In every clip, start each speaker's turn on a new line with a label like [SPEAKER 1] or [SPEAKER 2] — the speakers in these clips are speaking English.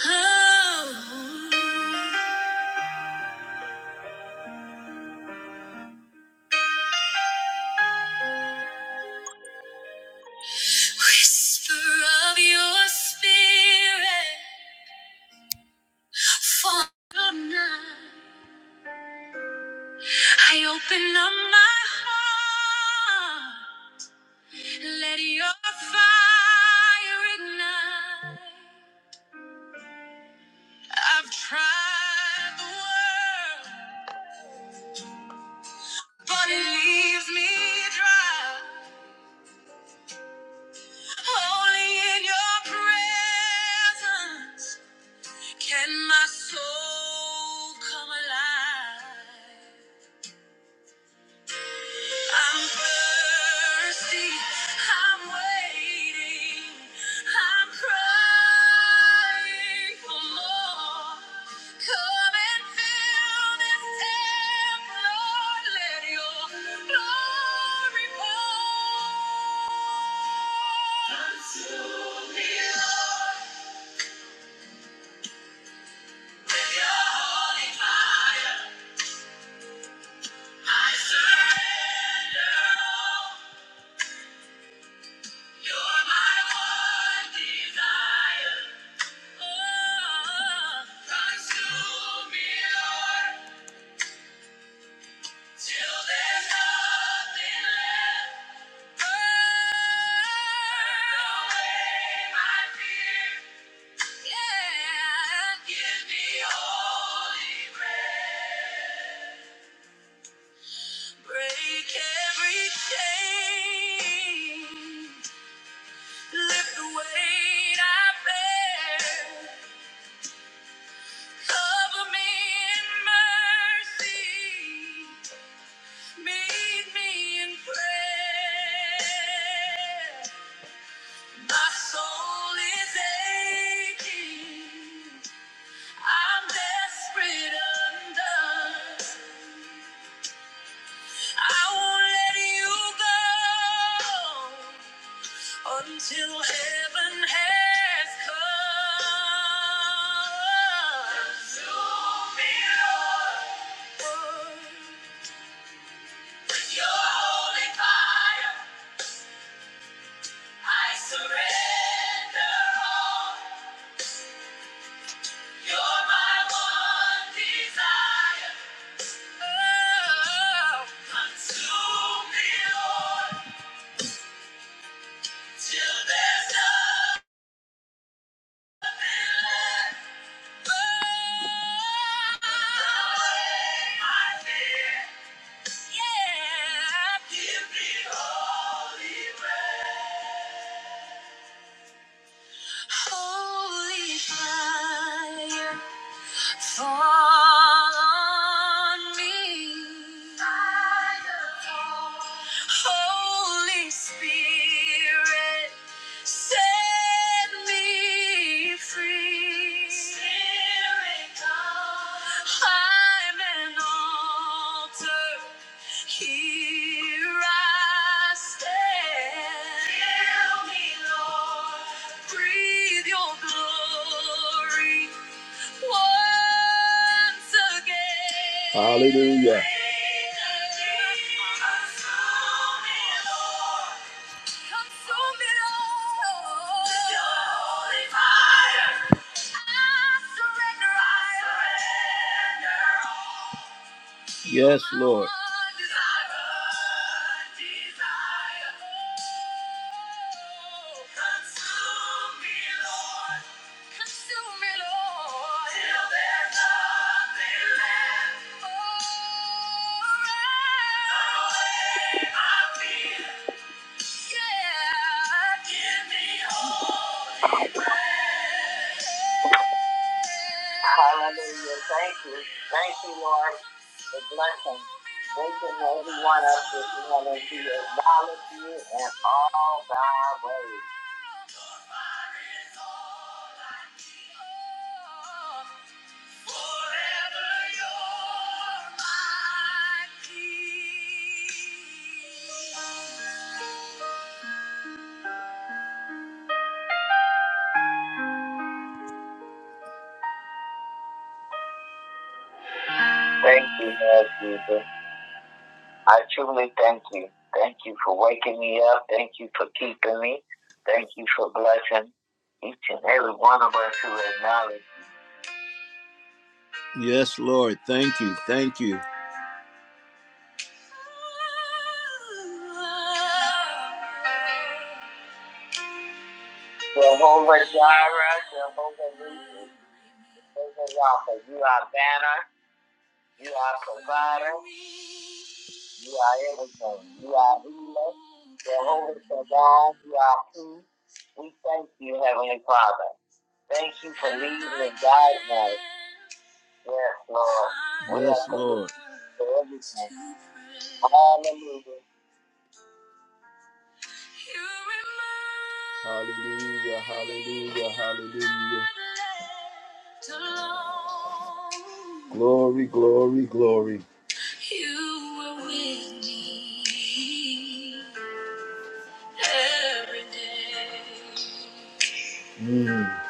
[SPEAKER 1] Oh, whisper of your spirit, fall on us. I open up my heart, let your fire ignite. I've tried the world, but it leaves me dry. Only in your presence. Can my soul come alive? I'm thirsty. I'm waiting. I'm crying for more. Come and fill this temple, Lord. Let your glory pour. Consume me with your holy fire. I surrender all. You're my one desire. Oh, consume me, Lord, till there's nothing left. Burn away my fear. Yeah. Give me holy grail. Break every chain. Lift the weight I bear. Cover me in mercy. Meet me in prayer. My soul is aching. I'm desperate undone. I won't let you go. until heaven has come. Consume me, Lord. With your holy fire, I surrender all. You're my one desire. Oh. Consume me, Lord, till there's nothing left. Holy fire, fall on me. Holy Spirit. Set me free. Spirit God. I'm an altar. Here I stand. Fill me, Lord. Breathe your glory once again. Hallelujah. Breathe again. Consume me, Lord. Yes, Lord. Hallelujah. Thank you. Thank you, Lord, for blessing. Waking every one up this morning to acknowledge you in all thy ways. Thank you, Lord Jesus. I truly thank you. Thank you for waking me up. Thank you for keeping me. Thank you for blessing each and every one of us who acknowledge. Yes, Lord. Thank you. Thank you. Jehovah Jireh, Jehovah Nissi, Jehovah Rapha, you are banner, you are provider, you are everything, you are healer, Jehovah Shalom, you are peace, We thank you, Heavenly Father. Thank you for leading and guiding us. Yes, Lord. We Yes, Lord. for everything. Hallelujah. Hallelujah, hallelujah, hallelujah. Glory, glory, glory. You were with me every day. Mm.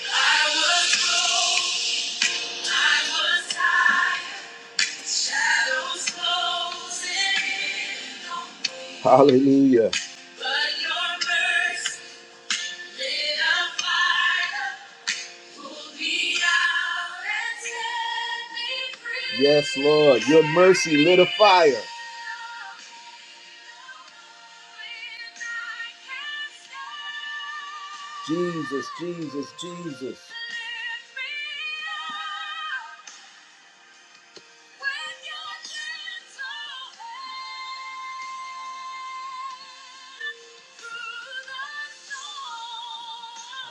[SPEAKER 1] I was I was tired, shadows closing in on me. Hallelujah. But your mercy lit a fire, pulled me out and set me free. Yes, Lord, your mercy lit a fire. Jesus, Jesus, Jesus.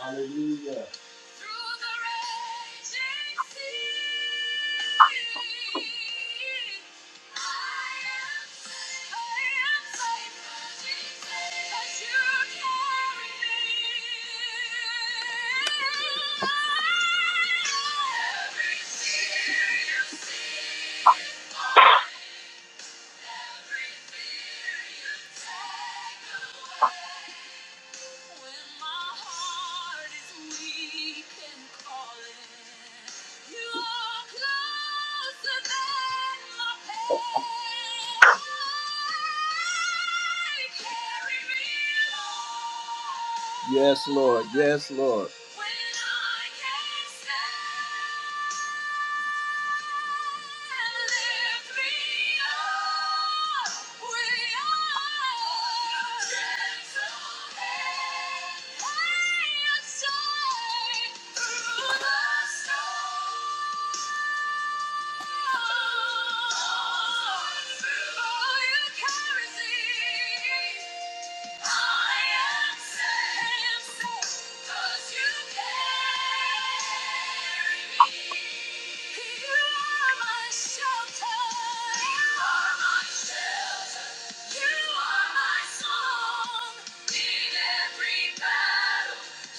[SPEAKER 1] Hallelujah. Through the raging sea. I Thank you. Yes, Lord. Yes, Lord through the storm.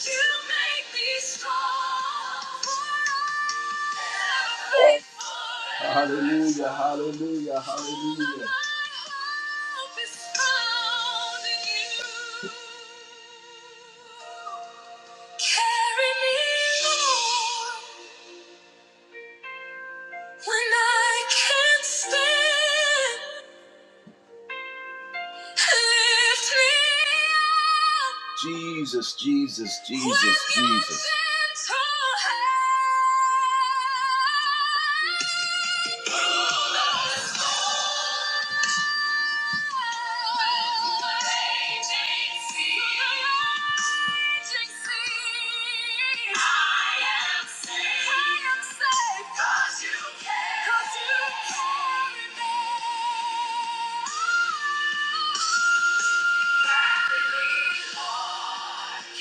[SPEAKER 1] You make me strong. for I Hallelujah, hallelujah, hallelujah. Carry me, Lord, when I can't stand. Jesus, Jesus, Jesus, Jesus.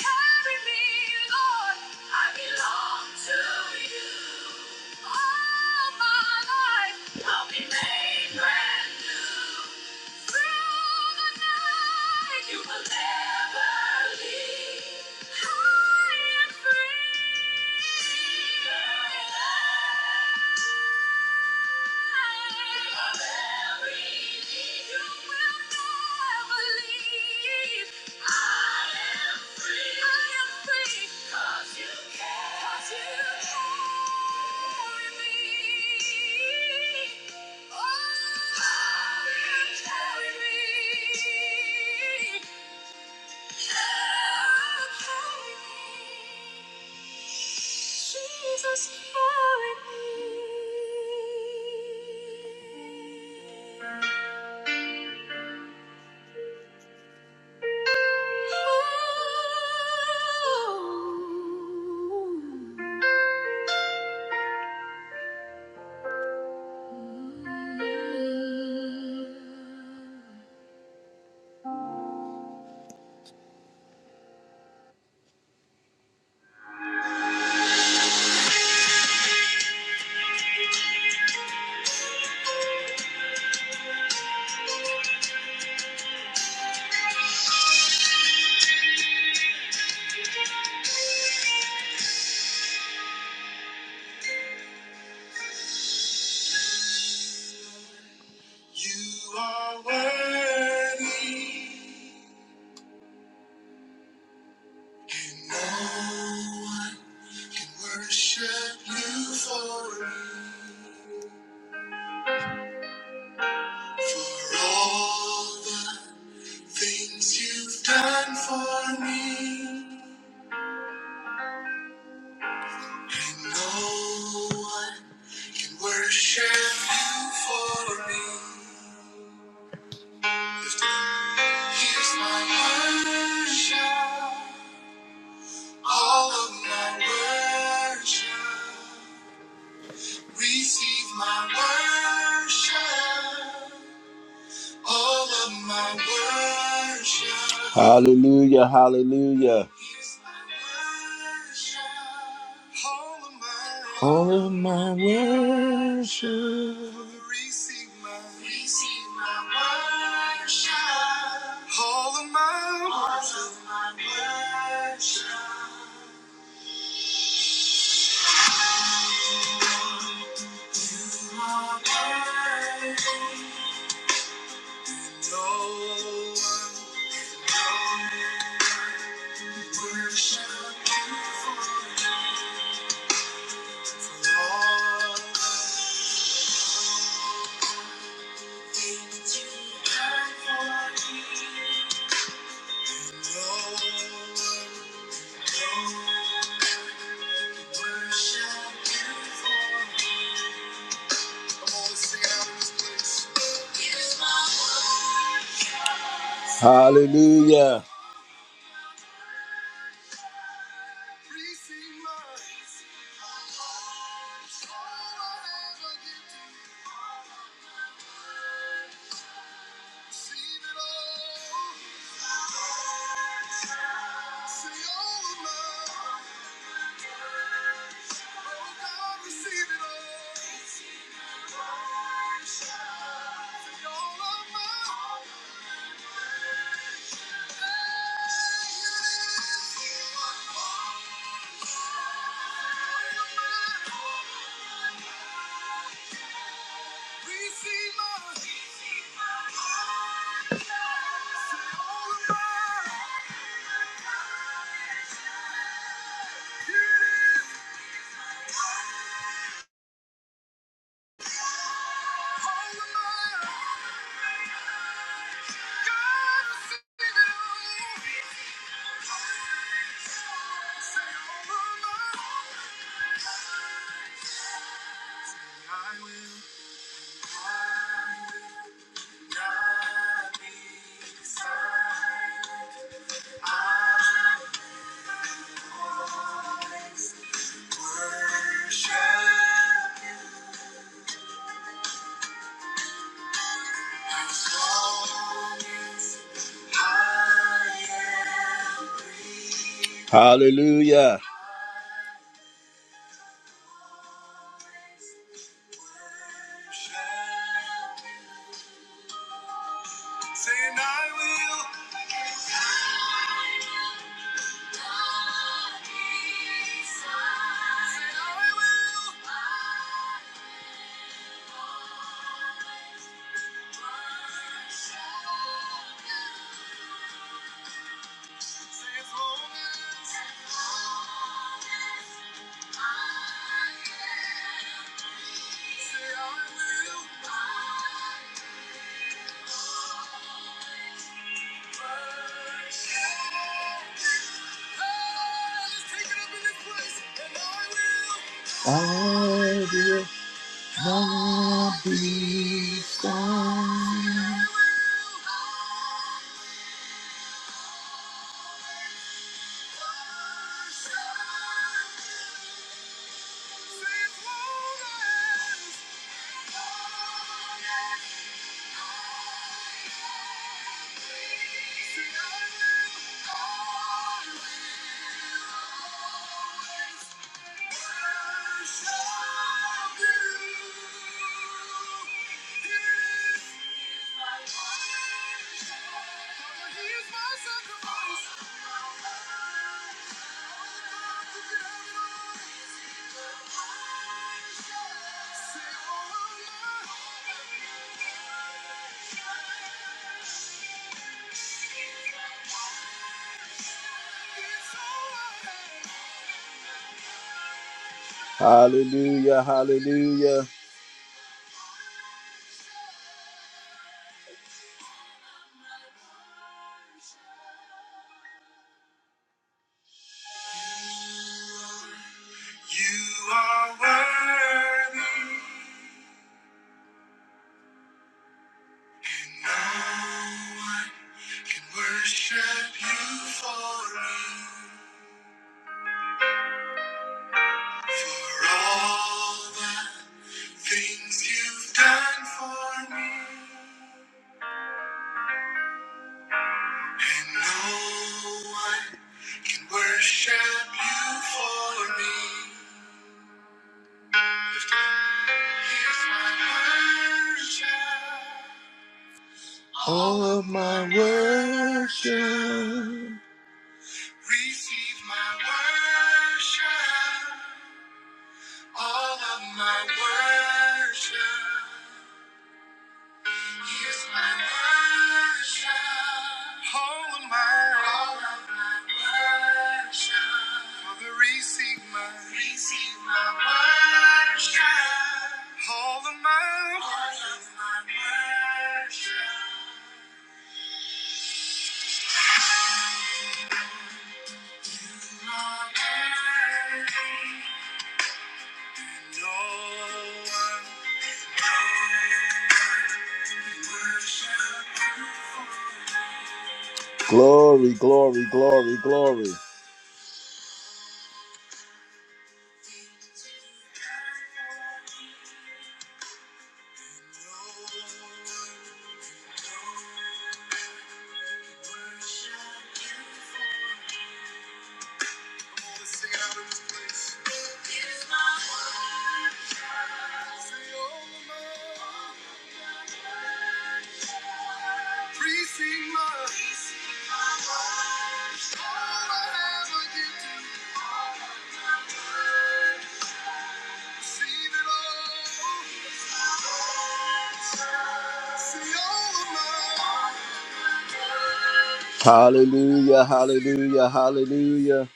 [SPEAKER 1] Carry me, Lord, I belong to you. All my life will be made brand new. Through the night, you will never leave. I am free. Of every need, you will never leave. Jesus, carry me. You are worthy. No one can worship you for for all the things you've done for me. No one can worship you for me. Lift it up. Here's my worship, all of my worship. Receive my worship. All of my worship. Hallelujah, hallelujah. Is my worship. All of my All of my worship. Receive my, receive my worship. All of my, All of my worship. My worship. No one worship you for all. Hallelujah. Receive it all. See all of love. Oh God, receive it all. See all of my. Hallelujah. Saying I will. Say as long as. I will not be silent. Thank you. Hallelujah, hallelujah. You are worthy, and no one can worship you for me. For all the things you've done for me, and no one can worship you for me. Lift it up. Here's my worship. All of my worship. Receive my worship. All of my worship. Here's my worship. All of my, all of my worship. Father, receive my, receive my worship. All of my, all of my worship. My worship. Glory, glory, glory, glory. Sing my Hallelujah, hallelujah, hallelujah.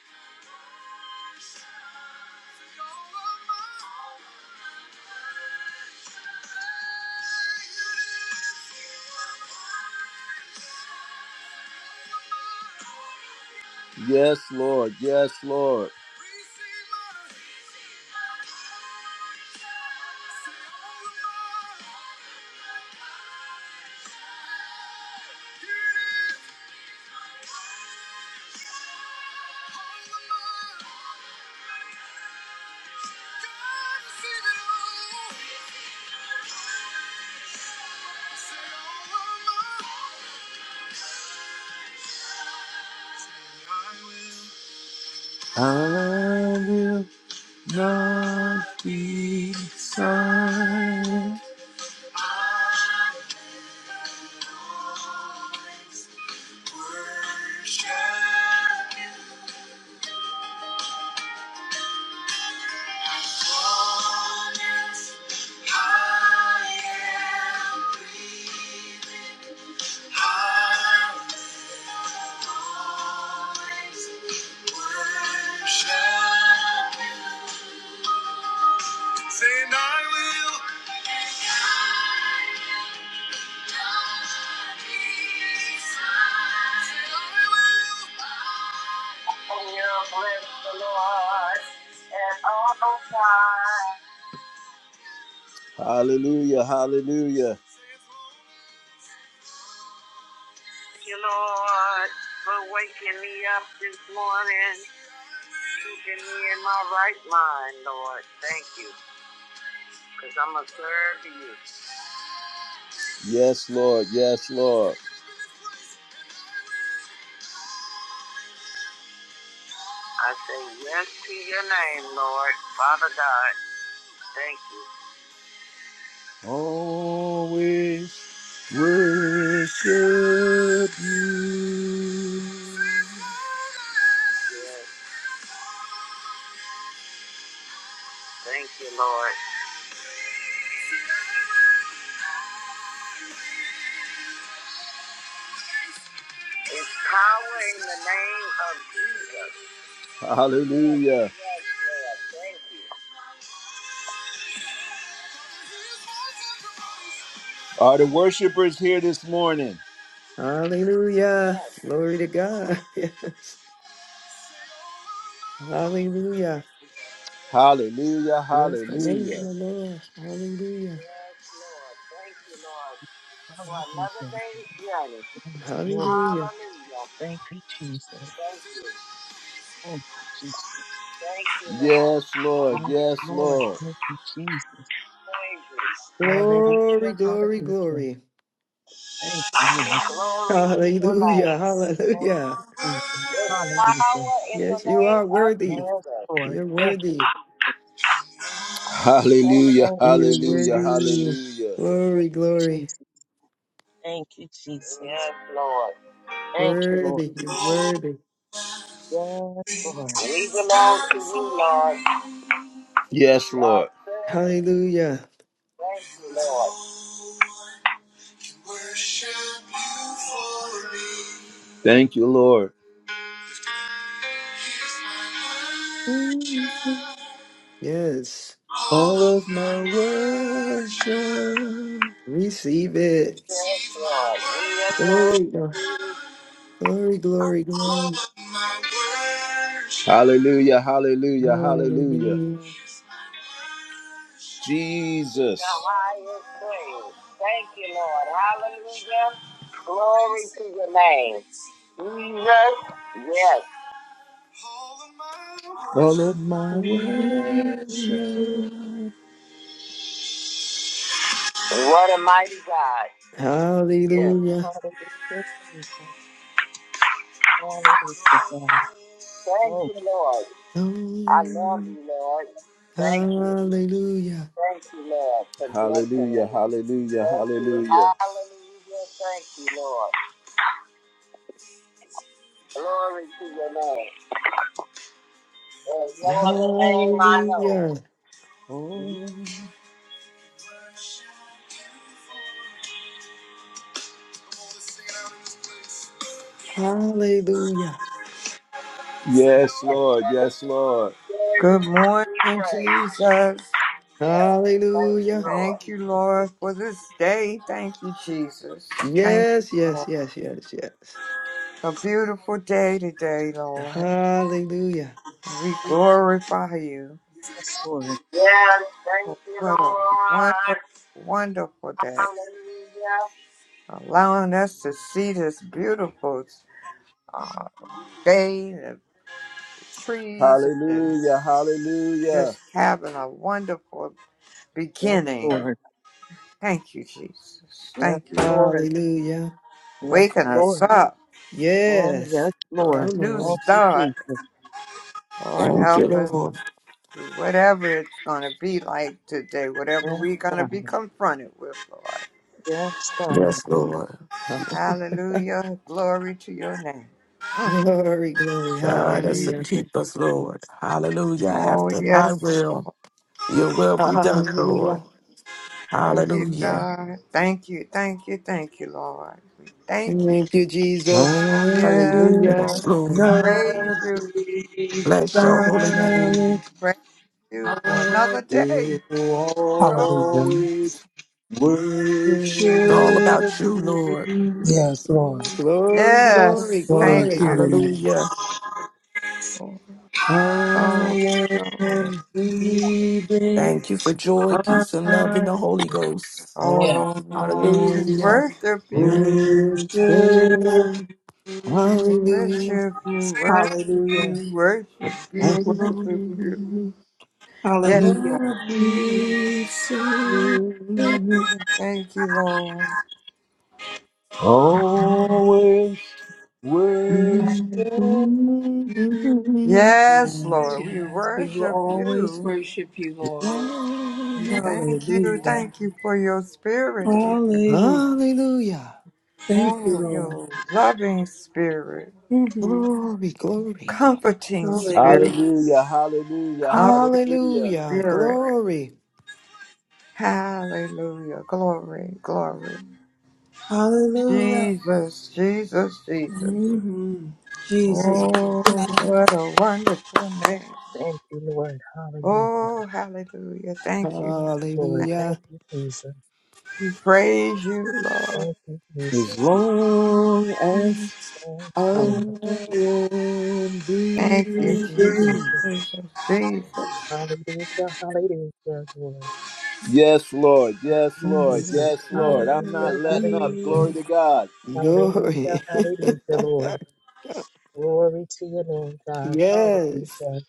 [SPEAKER 1] Yes, Lord, yes, Lord. I will not be silent. Saying I will. And I will. Hallelujah, hallelujah. Thank you, Lord, for waking me up this morning, keeping me in my right mind, Lord. Thank you, because I'm going to serve you. Yes, Lord, yes, Lord. I say yes to your name, Lord, Father God. Thank you. always worship you. Yes. Thank you, Lord. It's power in the name of Jesus. Yes, Hallelujah. yes, Lord. Thank you. Are the worshipers here this morning?
[SPEAKER 2] Hallelujah. Glory to God. Yes. Hallelujah.
[SPEAKER 1] Hallelujah,
[SPEAKER 2] Bless the name of
[SPEAKER 1] hallelujah.
[SPEAKER 2] the
[SPEAKER 1] Yes,
[SPEAKER 2] Lord. Hallelujah.
[SPEAKER 1] Lord. Thank you, Lord, for
[SPEAKER 3] Hallelujah.
[SPEAKER 1] another day's journey.
[SPEAKER 3] Praise the Lord.
[SPEAKER 2] Hallelujah.
[SPEAKER 1] Hallelujah.
[SPEAKER 3] Thank you, Jesus.
[SPEAKER 1] Thank you.
[SPEAKER 3] Thank you, Jesus.
[SPEAKER 1] Thank you, Lord. Yes, Lord,
[SPEAKER 3] Yes,
[SPEAKER 1] yes,
[SPEAKER 3] Lord.
[SPEAKER 1] Lord.
[SPEAKER 3] Thank you, Jesus.
[SPEAKER 1] Thank
[SPEAKER 3] Hallelujah.
[SPEAKER 1] you.
[SPEAKER 2] Glory, glory,
[SPEAKER 3] Hallelujah.
[SPEAKER 2] glory.
[SPEAKER 3] Thank you, Lord.
[SPEAKER 1] Thank you. Glory to your name.
[SPEAKER 2] Hallelujah.
[SPEAKER 3] Thank
[SPEAKER 2] Hallelujah.
[SPEAKER 3] you, Jesus.
[SPEAKER 1] There's
[SPEAKER 3] Hallelujah.
[SPEAKER 1] power in the
[SPEAKER 2] Yes, you
[SPEAKER 1] name
[SPEAKER 2] are
[SPEAKER 1] of
[SPEAKER 2] worthy.
[SPEAKER 1] Jesus.
[SPEAKER 3] Yes, Lord.
[SPEAKER 2] You're
[SPEAKER 3] Thank you.
[SPEAKER 2] worthy.
[SPEAKER 1] Thank Hallelujah,
[SPEAKER 3] Thank you,
[SPEAKER 2] You're
[SPEAKER 1] hallelujah,
[SPEAKER 3] Jesus.
[SPEAKER 2] worthy.
[SPEAKER 1] hallelujah.
[SPEAKER 3] Thank
[SPEAKER 2] Glory,
[SPEAKER 3] you,
[SPEAKER 2] glory.
[SPEAKER 3] Jesus. Thank you, Jesus.
[SPEAKER 1] Yes, Lord.
[SPEAKER 3] Thank you, Lord.
[SPEAKER 2] Worthy. You're worthy.
[SPEAKER 3] Yes, Lord.
[SPEAKER 1] We belong to you, Lord. Yes, Lord.
[SPEAKER 2] Hallelujah.
[SPEAKER 1] Thank you, Lord. Thank you, Lord.
[SPEAKER 2] Yes.
[SPEAKER 1] All of my worship.
[SPEAKER 2] Receive it.
[SPEAKER 1] Yes, Lord. We adore
[SPEAKER 2] Glory, glory, glory, glory.
[SPEAKER 1] you. Hallelujah, hallelujah, hallelujah.
[SPEAKER 2] Hallelujah.
[SPEAKER 1] Jesus. the highest praise. Thank you, Lord. Hallelujah. Glory to your name. Jesus, yes. All of my
[SPEAKER 2] Hallelujah.
[SPEAKER 1] worship. What a mighty God. Yes.
[SPEAKER 3] Lord.
[SPEAKER 2] Hallelujah.
[SPEAKER 3] Hallelujah, Jesus. Hallelujah, God.
[SPEAKER 1] Thank
[SPEAKER 3] Thank
[SPEAKER 1] you,
[SPEAKER 3] you,
[SPEAKER 1] Lord. I love
[SPEAKER 2] Glory.
[SPEAKER 1] you, Lord. Thank you.
[SPEAKER 2] Hallelujah.
[SPEAKER 1] Thank you, Lord, for Hallelujah. blessing Hallelujah, hallelujah, Thank you. hallelujah. Hallelujah. Thank you, Lord. Glory to your name. There's no other name I know.
[SPEAKER 2] Hallelujah.
[SPEAKER 1] Oh.
[SPEAKER 2] Hallelujah.
[SPEAKER 1] Yes, Lord. Yes, Lord. Yes,
[SPEAKER 4] Good
[SPEAKER 1] we
[SPEAKER 4] morning,
[SPEAKER 1] pray.
[SPEAKER 4] Jesus.
[SPEAKER 1] Yes, thank you,
[SPEAKER 2] Hallelujah.
[SPEAKER 1] Lord.
[SPEAKER 4] Thank you, Lord, for this day. Thank you, Jesus. Thank
[SPEAKER 2] Yes,
[SPEAKER 4] you,
[SPEAKER 2] yes,
[SPEAKER 4] Lord.
[SPEAKER 2] yes, yes, yes.
[SPEAKER 4] A beautiful day today, Lord.
[SPEAKER 2] Hallelujah.
[SPEAKER 4] And we glorify you
[SPEAKER 3] Yes, Lord.
[SPEAKER 1] Yes, thank
[SPEAKER 4] for
[SPEAKER 1] you,
[SPEAKER 4] what a wonderful,
[SPEAKER 1] Lord.
[SPEAKER 4] wonderful day. Allowing us to see this beautiful uh, day, the
[SPEAKER 1] Hallelujah.
[SPEAKER 4] trees, and
[SPEAKER 1] Hallelujah. Hallelujah.
[SPEAKER 4] just having a wonderful
[SPEAKER 3] Yes,
[SPEAKER 4] beginning.
[SPEAKER 3] Lord.
[SPEAKER 4] Thank you, Jesus.
[SPEAKER 3] Yes,
[SPEAKER 4] Thank you, Lord.
[SPEAKER 3] Lord.
[SPEAKER 2] Hallelujah.
[SPEAKER 3] Yes,
[SPEAKER 4] Waking us
[SPEAKER 3] Lord.
[SPEAKER 4] up
[SPEAKER 3] Oh, yes,
[SPEAKER 2] Yes.
[SPEAKER 4] to a
[SPEAKER 3] Lord.
[SPEAKER 2] Come
[SPEAKER 4] new
[SPEAKER 2] on.
[SPEAKER 3] Thank you,
[SPEAKER 4] start.
[SPEAKER 3] Jesus.
[SPEAKER 4] Lord,
[SPEAKER 5] Thank you,
[SPEAKER 4] help us
[SPEAKER 3] Yes,
[SPEAKER 5] Lord.
[SPEAKER 4] through whatever it's going to be like today, whatever
[SPEAKER 3] yes,
[SPEAKER 4] we're going to
[SPEAKER 3] God.
[SPEAKER 4] be confronted with, Lord.
[SPEAKER 3] Yes, God.
[SPEAKER 5] Yes, Lord.
[SPEAKER 4] Hallelujah. Glory to your name. Mm.
[SPEAKER 2] Glory, glory.
[SPEAKER 5] God us and
[SPEAKER 2] Hallelujah.
[SPEAKER 4] Jesus.
[SPEAKER 5] keep us, Lord. Hallelujah.
[SPEAKER 4] Oh,
[SPEAKER 5] After thy
[SPEAKER 4] yes.
[SPEAKER 5] will, your will be done, Lord.
[SPEAKER 2] Hallelujah.
[SPEAKER 4] Oh, dear
[SPEAKER 5] Hallelujah.
[SPEAKER 4] God. Thank you. Thank you. Thank you, Lord. We thank you.
[SPEAKER 2] Thank you, Jesus.
[SPEAKER 4] Oh, yes.
[SPEAKER 1] Hallelujah.
[SPEAKER 4] Oh,
[SPEAKER 2] Hallelujah.
[SPEAKER 5] Yes,
[SPEAKER 4] we
[SPEAKER 5] Lord.
[SPEAKER 4] praise
[SPEAKER 1] Not
[SPEAKER 4] you.
[SPEAKER 1] to be
[SPEAKER 5] Bless your holy
[SPEAKER 1] silent.
[SPEAKER 5] name.
[SPEAKER 4] Praise you for
[SPEAKER 1] I
[SPEAKER 4] another day.
[SPEAKER 1] will
[SPEAKER 4] Lord.
[SPEAKER 6] Hallelujah.
[SPEAKER 1] always
[SPEAKER 5] It's
[SPEAKER 2] Glory,
[SPEAKER 5] all
[SPEAKER 1] Worship
[SPEAKER 5] about you, Lord.
[SPEAKER 1] you.
[SPEAKER 6] Yes, Lord.
[SPEAKER 2] glory,
[SPEAKER 4] Yes.
[SPEAKER 6] Glory
[SPEAKER 4] Thank
[SPEAKER 6] to
[SPEAKER 2] glory.
[SPEAKER 4] you.
[SPEAKER 6] your name.
[SPEAKER 5] Hallelujah.
[SPEAKER 4] Oh, oh,
[SPEAKER 1] I
[SPEAKER 4] Lord.
[SPEAKER 1] am
[SPEAKER 2] Praise
[SPEAKER 6] Hallelujah.
[SPEAKER 1] breathing.
[SPEAKER 5] Thank you for joy, peace, and love in
[SPEAKER 1] I-
[SPEAKER 5] the Holy Ghost.
[SPEAKER 4] Oh,
[SPEAKER 6] Yes.
[SPEAKER 4] Lord. We just
[SPEAKER 5] Hallelujah.
[SPEAKER 4] worship you.
[SPEAKER 2] God.
[SPEAKER 4] We
[SPEAKER 2] Hallelujah.
[SPEAKER 4] Worship you, worship
[SPEAKER 6] Hallelujah.
[SPEAKER 4] you, worship you, worship you. Yes,
[SPEAKER 6] Hallelujah.
[SPEAKER 4] Lord.
[SPEAKER 2] Hallelujah.
[SPEAKER 4] Thank you, Lord. Yes,
[SPEAKER 6] Yes,
[SPEAKER 4] Lord. We
[SPEAKER 6] yes. We will
[SPEAKER 4] worship
[SPEAKER 6] always
[SPEAKER 4] you.
[SPEAKER 6] worship you, Lord.
[SPEAKER 4] We Thank you.
[SPEAKER 6] Hallelujah.
[SPEAKER 4] Thank you for your spirit. dear God.
[SPEAKER 6] Hallelujah. Thank you,
[SPEAKER 4] Oh,
[SPEAKER 6] Lord.
[SPEAKER 4] your loving spirit,
[SPEAKER 6] Mm-hmm.
[SPEAKER 2] Glory, glory, glory.
[SPEAKER 4] comforting spirit,
[SPEAKER 6] Hallelujah.
[SPEAKER 1] Hallelujah, hallelujah,
[SPEAKER 4] comfort
[SPEAKER 1] hallelujah.
[SPEAKER 2] Hallelujah.
[SPEAKER 4] spirit.
[SPEAKER 2] Glory.
[SPEAKER 4] Hallelujah. Glory, glory.
[SPEAKER 6] Hallelujah.
[SPEAKER 4] Jesus, Jesus, Jesus.
[SPEAKER 6] Mm-hmm. Jesus. bless your
[SPEAKER 4] Oh,
[SPEAKER 6] name.
[SPEAKER 4] what a wonderful name.
[SPEAKER 3] Thank you, Lord. Hallelujah.
[SPEAKER 4] Oh, hallelujah. Thank you.
[SPEAKER 3] Yes, Lord.
[SPEAKER 4] Thank
[SPEAKER 3] Thank you, Jesus.
[SPEAKER 4] you. Praise you, Lord.
[SPEAKER 3] Thank you,
[SPEAKER 1] As
[SPEAKER 3] Jesus.
[SPEAKER 1] long as.
[SPEAKER 2] Hallelujah.
[SPEAKER 3] Thanks, Lord.
[SPEAKER 4] Thank
[SPEAKER 3] Thank
[SPEAKER 4] you,
[SPEAKER 3] you,
[SPEAKER 4] Jesus.
[SPEAKER 3] Jesus.
[SPEAKER 4] Jesus. Jesus.
[SPEAKER 3] Hallelujah. Hallelujah, Lord.
[SPEAKER 1] Yes, Lord,
[SPEAKER 3] Thank
[SPEAKER 1] yes,
[SPEAKER 3] you,
[SPEAKER 2] Glory.
[SPEAKER 1] Lord, yes,
[SPEAKER 3] Jesus.
[SPEAKER 1] Lord.
[SPEAKER 3] Hallelujah.
[SPEAKER 1] I'm not letting up.
[SPEAKER 3] Hallelujah.
[SPEAKER 1] Glory to God.
[SPEAKER 3] Hallelujah. Hallelujah, Lord. Glory to your name, God.
[SPEAKER 2] yes.
[SPEAKER 3] Hallelujah.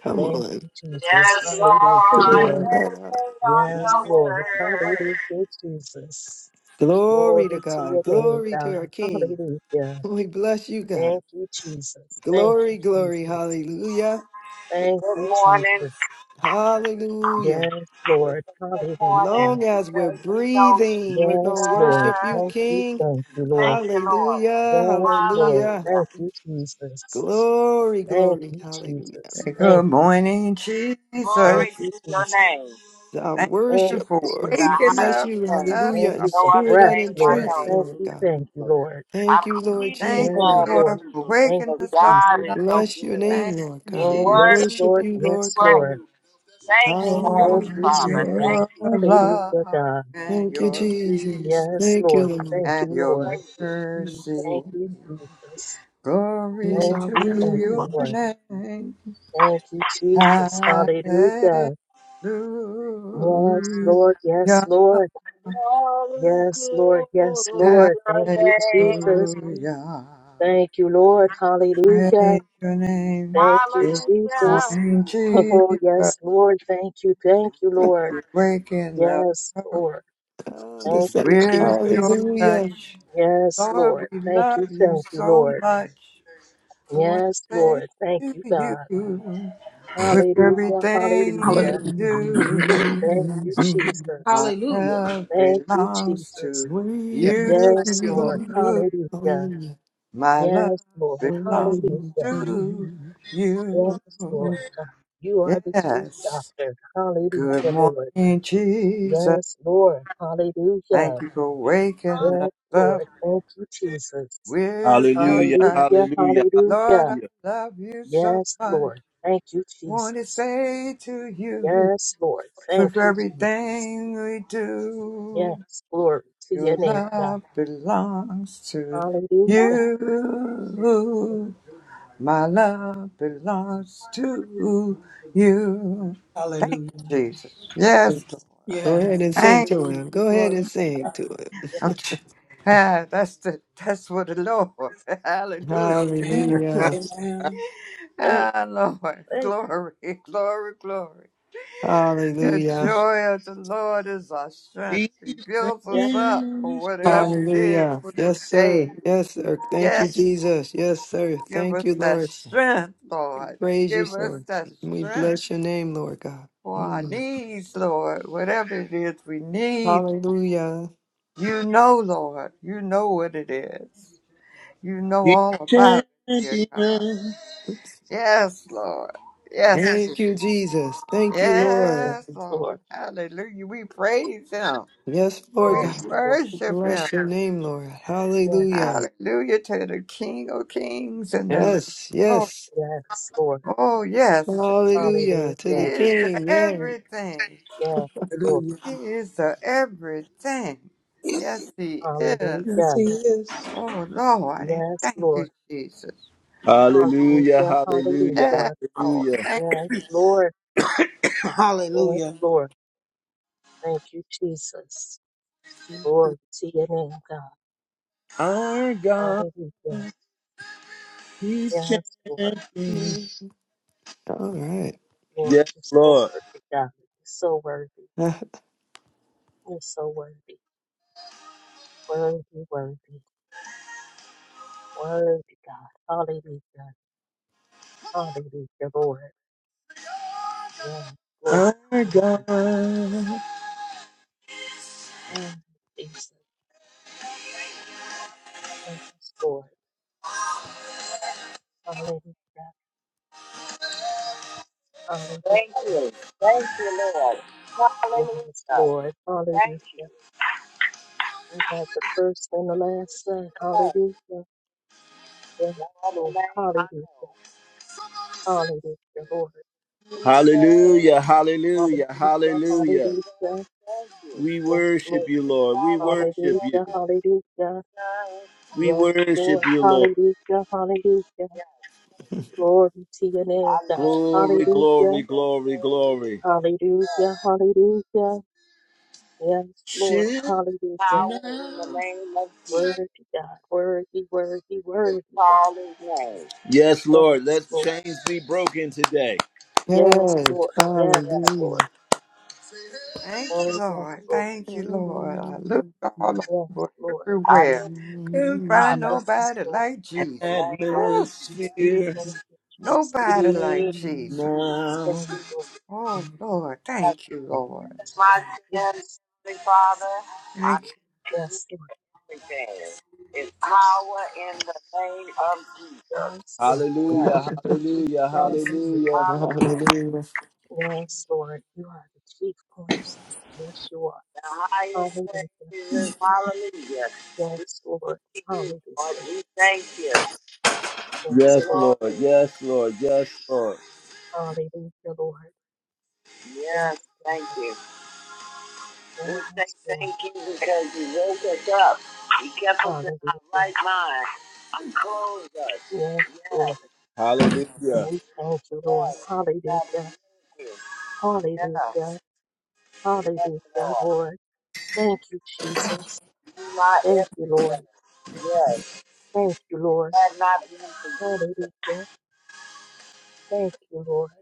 [SPEAKER 2] Come
[SPEAKER 3] Thank
[SPEAKER 2] on.
[SPEAKER 3] you, Jesus.
[SPEAKER 1] Yes,
[SPEAKER 3] Hallelujah,
[SPEAKER 2] Read
[SPEAKER 1] Lord,
[SPEAKER 2] all
[SPEAKER 3] Lord.
[SPEAKER 2] that out.
[SPEAKER 1] meditate on
[SPEAKER 3] Yes,
[SPEAKER 1] your
[SPEAKER 3] Lord.
[SPEAKER 1] word.
[SPEAKER 3] Hallelujah, Jesus.
[SPEAKER 2] Glory to
[SPEAKER 3] Glory to
[SPEAKER 2] God.
[SPEAKER 3] your name,
[SPEAKER 2] Glory to
[SPEAKER 3] God.
[SPEAKER 2] our King.
[SPEAKER 3] Hallelujah.
[SPEAKER 2] We bless you, God.
[SPEAKER 3] Thank you, Jesus. Thank you,
[SPEAKER 2] Glory, glory.
[SPEAKER 3] Jesus.
[SPEAKER 2] Hallelujah.
[SPEAKER 3] Thank you,
[SPEAKER 1] Good morning,
[SPEAKER 3] Jesus.
[SPEAKER 2] Hallelujah.
[SPEAKER 3] Yes, Lord.
[SPEAKER 1] good morning,
[SPEAKER 3] Hallelujah.
[SPEAKER 2] Long as we're
[SPEAKER 1] because we know
[SPEAKER 2] breathing, we're going to
[SPEAKER 3] Yes, Lord.
[SPEAKER 2] worship you,
[SPEAKER 1] Jesus.
[SPEAKER 3] Thank you,
[SPEAKER 2] King.
[SPEAKER 3] thank you, Lord.
[SPEAKER 1] Thank you, Lord.
[SPEAKER 2] Hallelujah.
[SPEAKER 3] Yes, Lord.
[SPEAKER 2] Hallelujah.
[SPEAKER 1] Hallelujah.
[SPEAKER 3] Thank you, Jesus.
[SPEAKER 2] Glory,
[SPEAKER 3] Thank
[SPEAKER 2] glory.
[SPEAKER 3] you,
[SPEAKER 2] Hallelujah.
[SPEAKER 3] Jesus.
[SPEAKER 4] Say, Good
[SPEAKER 3] Thank you.
[SPEAKER 4] morning,
[SPEAKER 3] Thank
[SPEAKER 4] Jesus.
[SPEAKER 1] Glory
[SPEAKER 3] you,
[SPEAKER 1] to your
[SPEAKER 3] Jesus.
[SPEAKER 1] name,
[SPEAKER 2] our
[SPEAKER 4] Thank
[SPEAKER 3] Thank
[SPEAKER 4] you
[SPEAKER 2] worship,
[SPEAKER 3] you,
[SPEAKER 4] for
[SPEAKER 2] Lord.
[SPEAKER 1] the
[SPEAKER 2] We
[SPEAKER 4] waking
[SPEAKER 3] Jesus.
[SPEAKER 2] bless
[SPEAKER 4] up
[SPEAKER 2] you,
[SPEAKER 1] highest name.
[SPEAKER 2] hallelujah,
[SPEAKER 3] Thank
[SPEAKER 4] us
[SPEAKER 2] in
[SPEAKER 3] you
[SPEAKER 4] up
[SPEAKER 1] No
[SPEAKER 3] for
[SPEAKER 1] other
[SPEAKER 2] spirit
[SPEAKER 3] breath,
[SPEAKER 2] and
[SPEAKER 1] name
[SPEAKER 2] in
[SPEAKER 1] I
[SPEAKER 3] Lord.
[SPEAKER 2] truth,
[SPEAKER 1] know
[SPEAKER 4] today.
[SPEAKER 3] Thank
[SPEAKER 2] Lord
[SPEAKER 3] you,
[SPEAKER 1] is
[SPEAKER 2] God.
[SPEAKER 3] thank you,
[SPEAKER 1] Jesus.
[SPEAKER 3] Lord.
[SPEAKER 1] I
[SPEAKER 2] Thank you, Lord
[SPEAKER 1] plead the
[SPEAKER 4] Thank
[SPEAKER 3] Yes,
[SPEAKER 4] you,
[SPEAKER 2] Jesus.
[SPEAKER 1] blood of
[SPEAKER 3] Lord.
[SPEAKER 4] Lord, for
[SPEAKER 1] Jesus
[SPEAKER 3] Thank
[SPEAKER 4] waking
[SPEAKER 1] because
[SPEAKER 3] you,
[SPEAKER 4] us up
[SPEAKER 1] God
[SPEAKER 2] We
[SPEAKER 3] Jesus.
[SPEAKER 1] is
[SPEAKER 4] another day.
[SPEAKER 1] so
[SPEAKER 2] bless your
[SPEAKER 1] good.
[SPEAKER 2] name,
[SPEAKER 4] Thank
[SPEAKER 2] Lord
[SPEAKER 4] you,
[SPEAKER 1] He's
[SPEAKER 2] God.
[SPEAKER 3] Oh,
[SPEAKER 2] We
[SPEAKER 4] Jesus,
[SPEAKER 3] yes,
[SPEAKER 1] worthy
[SPEAKER 2] worship
[SPEAKER 3] Lord.
[SPEAKER 1] to
[SPEAKER 2] you,
[SPEAKER 1] be
[SPEAKER 2] Lord
[SPEAKER 3] Yes,
[SPEAKER 2] God.
[SPEAKER 3] Lord.
[SPEAKER 1] praised. Thank you, Heavenly
[SPEAKER 3] Thank
[SPEAKER 4] for
[SPEAKER 3] you,
[SPEAKER 2] Hallelujah.
[SPEAKER 1] Father.
[SPEAKER 3] Jesus.
[SPEAKER 1] Thank
[SPEAKER 4] your
[SPEAKER 1] you.
[SPEAKER 3] Hallelujah,
[SPEAKER 4] love
[SPEAKER 3] God.
[SPEAKER 4] and
[SPEAKER 2] Thank you,
[SPEAKER 4] your peace
[SPEAKER 2] Jesus.
[SPEAKER 3] Yes,
[SPEAKER 2] Thank you,
[SPEAKER 3] Lord.
[SPEAKER 2] Lord.
[SPEAKER 3] Thank
[SPEAKER 4] and
[SPEAKER 3] you,
[SPEAKER 4] your
[SPEAKER 3] Lord.
[SPEAKER 1] Thank you.
[SPEAKER 3] Thank
[SPEAKER 4] mercy.
[SPEAKER 3] you, Jesus.
[SPEAKER 2] Yes,
[SPEAKER 4] Glory
[SPEAKER 3] Thank
[SPEAKER 2] I
[SPEAKER 4] to
[SPEAKER 3] you, thank you,
[SPEAKER 4] your
[SPEAKER 2] will.
[SPEAKER 3] Lord.
[SPEAKER 4] name.
[SPEAKER 3] Thank you, Jesus.
[SPEAKER 4] Hallelujah.
[SPEAKER 3] Hallelujah. Yes, Lord. Yes, Lord.
[SPEAKER 1] Glory
[SPEAKER 3] Yes,
[SPEAKER 1] to
[SPEAKER 3] Lord. Yes,
[SPEAKER 4] Hallelujah.
[SPEAKER 3] Lord.
[SPEAKER 1] your
[SPEAKER 3] Thank you,
[SPEAKER 1] name.
[SPEAKER 3] Jesus. Thank you, Lord. Hallelujah.
[SPEAKER 4] Praise your name.
[SPEAKER 3] Thank you,
[SPEAKER 4] Good
[SPEAKER 1] Hallelujah.
[SPEAKER 3] Jesus.
[SPEAKER 4] morning,
[SPEAKER 3] Oh,
[SPEAKER 4] Jesus.
[SPEAKER 3] yes,
[SPEAKER 4] You're
[SPEAKER 3] Lord. Thank you. Thank you, Lord.
[SPEAKER 4] waking us
[SPEAKER 3] Yes,
[SPEAKER 4] up
[SPEAKER 3] Lord.
[SPEAKER 2] God, the
[SPEAKER 3] Thank
[SPEAKER 2] same.
[SPEAKER 3] you,
[SPEAKER 4] with your
[SPEAKER 3] Jesus.
[SPEAKER 2] Hallelujah.
[SPEAKER 4] touch.
[SPEAKER 3] Yes, Lord.
[SPEAKER 4] Lord, we
[SPEAKER 3] Thank you,
[SPEAKER 4] love you
[SPEAKER 3] thank you,
[SPEAKER 4] so
[SPEAKER 3] Lord.
[SPEAKER 4] much. I want to
[SPEAKER 3] Yes,
[SPEAKER 4] say
[SPEAKER 3] Lord. Thank
[SPEAKER 4] to
[SPEAKER 3] you, God.
[SPEAKER 4] you with
[SPEAKER 3] Hallelujah,
[SPEAKER 4] everything you
[SPEAKER 3] hallelujah.
[SPEAKER 6] Hallelujah.
[SPEAKER 4] do.
[SPEAKER 3] Thank you, Jesus.
[SPEAKER 4] My
[SPEAKER 6] Hallelujah.
[SPEAKER 4] love
[SPEAKER 3] Thank you,
[SPEAKER 4] belongs
[SPEAKER 3] Jesus.
[SPEAKER 4] to
[SPEAKER 6] Yes.
[SPEAKER 4] you.
[SPEAKER 6] Thank
[SPEAKER 3] Yes,
[SPEAKER 6] you,
[SPEAKER 3] Lord.
[SPEAKER 6] Lord.
[SPEAKER 3] Hallelujah.
[SPEAKER 2] Hallelujah.
[SPEAKER 4] My love
[SPEAKER 3] Yes, Lord.
[SPEAKER 4] belongs
[SPEAKER 3] Hallelujah.
[SPEAKER 4] to you.
[SPEAKER 3] Yes, Lord. God, You are the chief
[SPEAKER 4] Yes.
[SPEAKER 3] doctor. Hallelujah,
[SPEAKER 4] Good
[SPEAKER 3] Lord.
[SPEAKER 4] morning, Jesus.
[SPEAKER 3] Yes, Lord.
[SPEAKER 4] Thank
[SPEAKER 3] Hallelujah.
[SPEAKER 4] you for waking
[SPEAKER 3] Yes,
[SPEAKER 4] us up
[SPEAKER 3] Lord. Thank you, Jesus.
[SPEAKER 4] with your
[SPEAKER 1] Hallelujah,
[SPEAKER 4] touch.
[SPEAKER 3] Hallelujah,
[SPEAKER 1] hallelujah,
[SPEAKER 4] Lord,
[SPEAKER 3] hallelujah.
[SPEAKER 4] I
[SPEAKER 1] hallelujah.
[SPEAKER 4] love you so
[SPEAKER 3] Yes,
[SPEAKER 4] much.
[SPEAKER 3] Lord. Thank you,
[SPEAKER 4] Want to
[SPEAKER 3] Jesus.
[SPEAKER 4] say to you
[SPEAKER 3] Yes, Lord. Thank
[SPEAKER 4] with
[SPEAKER 3] you, Jesus.
[SPEAKER 4] everything we do.
[SPEAKER 3] Yes, glory to
[SPEAKER 4] Your
[SPEAKER 3] your name, God.
[SPEAKER 4] love belongs to
[SPEAKER 3] Hallelujah.
[SPEAKER 4] you. My love belongs to you. Thank
[SPEAKER 6] Hallelujah.
[SPEAKER 4] you, Jesus. Yes, Lord.
[SPEAKER 2] Go
[SPEAKER 6] Yes.
[SPEAKER 2] ahead and sing
[SPEAKER 4] Thank
[SPEAKER 2] to
[SPEAKER 6] Hallelujah.
[SPEAKER 2] him. Go ahead
[SPEAKER 6] Glory
[SPEAKER 2] and
[SPEAKER 6] to
[SPEAKER 2] sing
[SPEAKER 3] Yes,
[SPEAKER 6] God.
[SPEAKER 2] to him.
[SPEAKER 3] yes.
[SPEAKER 4] okay. Ah, that's the that's what the Lord. Hallelujah.
[SPEAKER 6] Amen.
[SPEAKER 3] Mhm.
[SPEAKER 2] Hallelujah.
[SPEAKER 6] Amen.
[SPEAKER 3] Thank,
[SPEAKER 4] Ah, Lord.
[SPEAKER 3] thank
[SPEAKER 4] Glory, glory, glory.
[SPEAKER 3] you.
[SPEAKER 4] The
[SPEAKER 2] Hallelujah.
[SPEAKER 4] joy of the Lord is our strength. He builds
[SPEAKER 3] Yes,
[SPEAKER 4] us up
[SPEAKER 1] Jesus.
[SPEAKER 4] for
[SPEAKER 6] Yeah.
[SPEAKER 4] whatever it is
[SPEAKER 2] Hallelujah.
[SPEAKER 4] for
[SPEAKER 2] Yes,
[SPEAKER 4] this
[SPEAKER 2] sir.
[SPEAKER 4] day.
[SPEAKER 2] Yes, sir. Thank you,
[SPEAKER 4] Yes.
[SPEAKER 2] Jesus. Yes, sir.
[SPEAKER 4] Give
[SPEAKER 2] Thank you,
[SPEAKER 4] us that
[SPEAKER 2] Lord.
[SPEAKER 4] strength, Lord.
[SPEAKER 2] Praise you,
[SPEAKER 4] Give us
[SPEAKER 2] sir.
[SPEAKER 4] that
[SPEAKER 2] We
[SPEAKER 4] strength
[SPEAKER 2] bless your name, Lord God.
[SPEAKER 4] for our
[SPEAKER 2] Mm.
[SPEAKER 4] needs, Lord. Whatever it is we need,
[SPEAKER 2] Hallelujah.
[SPEAKER 4] you know, Lord. You know what it is. You know
[SPEAKER 1] He's
[SPEAKER 4] all about it, dear God.
[SPEAKER 1] champion.
[SPEAKER 4] Yes, Lord. Yes.
[SPEAKER 2] Thank
[SPEAKER 4] Jesus.
[SPEAKER 2] you, Jesus. Thank you, Lord.
[SPEAKER 3] yes,
[SPEAKER 4] Yes,
[SPEAKER 3] Lord.
[SPEAKER 4] Lord. Hallelujah. We praise Him.
[SPEAKER 2] Yes, Lord
[SPEAKER 3] Yes,
[SPEAKER 4] We
[SPEAKER 2] God.
[SPEAKER 3] Lord.
[SPEAKER 4] worship Him.
[SPEAKER 2] Bless your name, Lord. Hallelujah.
[SPEAKER 3] Yes,
[SPEAKER 4] Hallelujah to the King of Kings and the Lord.
[SPEAKER 2] Yes,
[SPEAKER 4] of Lords.
[SPEAKER 2] yes.
[SPEAKER 3] yes, Lord.
[SPEAKER 4] Oh, yes. He
[SPEAKER 2] Hallelujah to the
[SPEAKER 3] Hallelujah.
[SPEAKER 4] is
[SPEAKER 2] King. Yeah.
[SPEAKER 4] everything.
[SPEAKER 3] Yes, Lord.
[SPEAKER 6] Hallelujah.
[SPEAKER 4] He is the everything. Yes,
[SPEAKER 6] Yes,
[SPEAKER 4] He is.
[SPEAKER 6] yes, he
[SPEAKER 3] Hallelujah.
[SPEAKER 6] is.
[SPEAKER 4] Oh, Lord.
[SPEAKER 3] Yes,
[SPEAKER 4] Thank you,
[SPEAKER 3] Lord.
[SPEAKER 4] Jesus.
[SPEAKER 1] Hallelujah,
[SPEAKER 3] Hallelujah,
[SPEAKER 1] hallelujah,
[SPEAKER 4] Yes,
[SPEAKER 3] hallelujah.
[SPEAKER 4] Lord.
[SPEAKER 1] hallelujah.
[SPEAKER 4] Thank,
[SPEAKER 3] Yes, Lord. Yes,
[SPEAKER 6] Hallelujah.
[SPEAKER 3] Lord. Thank you, Jesus. Glory to your name, God.
[SPEAKER 1] Our God,
[SPEAKER 3] Hallelujah.
[SPEAKER 1] he's
[SPEAKER 3] Yes, Lord.
[SPEAKER 1] champion.
[SPEAKER 2] Mm. All right.
[SPEAKER 3] Lord,
[SPEAKER 1] Yes,
[SPEAKER 3] you're so
[SPEAKER 1] Lord.
[SPEAKER 3] worthy, God. You're so worthy. You're so worthy. Worthy, worthy. Worthy, God. Hallelujah. Hallelujah, Lord. Yes, Lord.
[SPEAKER 1] Our
[SPEAKER 3] Hallelujah.
[SPEAKER 1] God.
[SPEAKER 3] Mm, Jesus. Yes, Lord. Hallelujah. Hallelujah.
[SPEAKER 1] Thank you. Thank you, Lord.
[SPEAKER 3] Yes,
[SPEAKER 1] Hallelujah.
[SPEAKER 3] Lord. Hallelujah.
[SPEAKER 1] Thank you.
[SPEAKER 3] We got the first and the last. Say,
[SPEAKER 1] Lord,
[SPEAKER 3] hallelujah. Yes,
[SPEAKER 1] all the
[SPEAKER 3] Lord.
[SPEAKER 1] name I
[SPEAKER 3] Hallelujah.
[SPEAKER 1] know.
[SPEAKER 3] Hallelujah, Lord.
[SPEAKER 1] Hallelujah, hallelujah,
[SPEAKER 3] Hallelujah,
[SPEAKER 1] hallelujah.
[SPEAKER 3] hallelujah.
[SPEAKER 1] Thank you. We
[SPEAKER 3] Yes,
[SPEAKER 1] worship
[SPEAKER 3] Lord.
[SPEAKER 1] you, Lord. We worship you.
[SPEAKER 3] Hallelujah, hallelujah.
[SPEAKER 1] We
[SPEAKER 3] Yes, Lord.
[SPEAKER 1] worship you, Lord.
[SPEAKER 3] Hallelujah, hallelujah. Glory to your name, God.
[SPEAKER 1] Glory,
[SPEAKER 3] Hallelujah,
[SPEAKER 1] glory, glory, glory.
[SPEAKER 3] hallelujah, hallelujah. Yes, Lord.
[SPEAKER 1] Should
[SPEAKER 3] Hallelujah.
[SPEAKER 1] Power in the not. name of Jesus.
[SPEAKER 3] Worthy, God. Worthy, worthy, worthy, God.
[SPEAKER 1] Call his name. Yes, Lord,
[SPEAKER 3] Yes,
[SPEAKER 1] let
[SPEAKER 3] Lord.
[SPEAKER 1] chains be broken today.
[SPEAKER 3] Yes,
[SPEAKER 2] Yes,
[SPEAKER 3] Lord. Yes,
[SPEAKER 1] Yes.
[SPEAKER 3] Lord.
[SPEAKER 2] hallelujah.
[SPEAKER 4] thank you,
[SPEAKER 3] Oh, yes,
[SPEAKER 4] Lord.
[SPEAKER 3] Lord.
[SPEAKER 4] Thank
[SPEAKER 2] Yes,
[SPEAKER 4] you, Lord. I
[SPEAKER 2] hallelujah.
[SPEAKER 4] looked all
[SPEAKER 3] Yes,
[SPEAKER 4] over
[SPEAKER 3] Lord.
[SPEAKER 1] I knew,
[SPEAKER 4] everywhere. Couldn't find
[SPEAKER 2] Hallelujah.
[SPEAKER 1] Father,
[SPEAKER 3] Yes,
[SPEAKER 4] nobody
[SPEAKER 3] Lord.
[SPEAKER 4] like
[SPEAKER 1] in
[SPEAKER 4] Jesus.
[SPEAKER 1] the name of
[SPEAKER 4] Ooh,
[SPEAKER 1] Atmosphere
[SPEAKER 3] Thank you, Jesus.
[SPEAKER 4] nobody like
[SPEAKER 1] shift
[SPEAKER 4] Jesus.
[SPEAKER 1] now.
[SPEAKER 3] Yes,
[SPEAKER 1] Jesus.
[SPEAKER 3] Lord.
[SPEAKER 4] Oh, Lord.
[SPEAKER 1] I
[SPEAKER 4] Thank you, Lord.
[SPEAKER 1] forgive
[SPEAKER 3] Yes,
[SPEAKER 1] My
[SPEAKER 3] God.
[SPEAKER 1] sin,
[SPEAKER 3] Yes.
[SPEAKER 1] Heavenly Father,
[SPEAKER 4] Thank you.
[SPEAKER 1] I
[SPEAKER 3] Yes,
[SPEAKER 1] everything is power in the name of Jesus. Yes.
[SPEAKER 3] Yes, yes.
[SPEAKER 1] Hallelujah, hallelujah, hallelujah.
[SPEAKER 3] Hallelujah.
[SPEAKER 1] Hallelujah.
[SPEAKER 3] Yes, Lord. You are the chief cornerstone. Yes, you are.
[SPEAKER 1] The highest thing
[SPEAKER 3] Hallelujah.
[SPEAKER 1] is hallelujah. We
[SPEAKER 3] Yes, Lord.
[SPEAKER 1] give you,
[SPEAKER 3] Hallelujah.
[SPEAKER 1] Lord. We thank you.
[SPEAKER 3] Yes,
[SPEAKER 1] Yes,
[SPEAKER 3] Lord.
[SPEAKER 1] Lord. Glory. Yes, Lord. Yes, Lord.
[SPEAKER 3] Hallelujah, Lord. Yes,
[SPEAKER 1] Yes, thank you. We
[SPEAKER 3] Lord.
[SPEAKER 1] say
[SPEAKER 3] Yes, Lord.
[SPEAKER 1] thank you because you woke us up. You kept us in our
[SPEAKER 3] Hallelujah.
[SPEAKER 1] right
[SPEAKER 3] Yes,
[SPEAKER 1] mind. You closed us.
[SPEAKER 3] Lord.
[SPEAKER 1] Yes, Hallelujah.
[SPEAKER 3] And we thank you, Lord.
[SPEAKER 1] yes. We
[SPEAKER 3] Hallelujah.
[SPEAKER 1] got to thank you. Yeah.
[SPEAKER 3] Hallelujah.
[SPEAKER 1] Yes,
[SPEAKER 3] Hallelujah,
[SPEAKER 1] Lord.
[SPEAKER 3] Lord. Thank you, Jesus.
[SPEAKER 1] You my
[SPEAKER 3] Thank you,
[SPEAKER 1] everything.
[SPEAKER 3] Lord.
[SPEAKER 1] Yes.
[SPEAKER 3] Thank you, Lord.
[SPEAKER 1] Had not been for you.
[SPEAKER 3] Hallelujah. Thank you, Lord.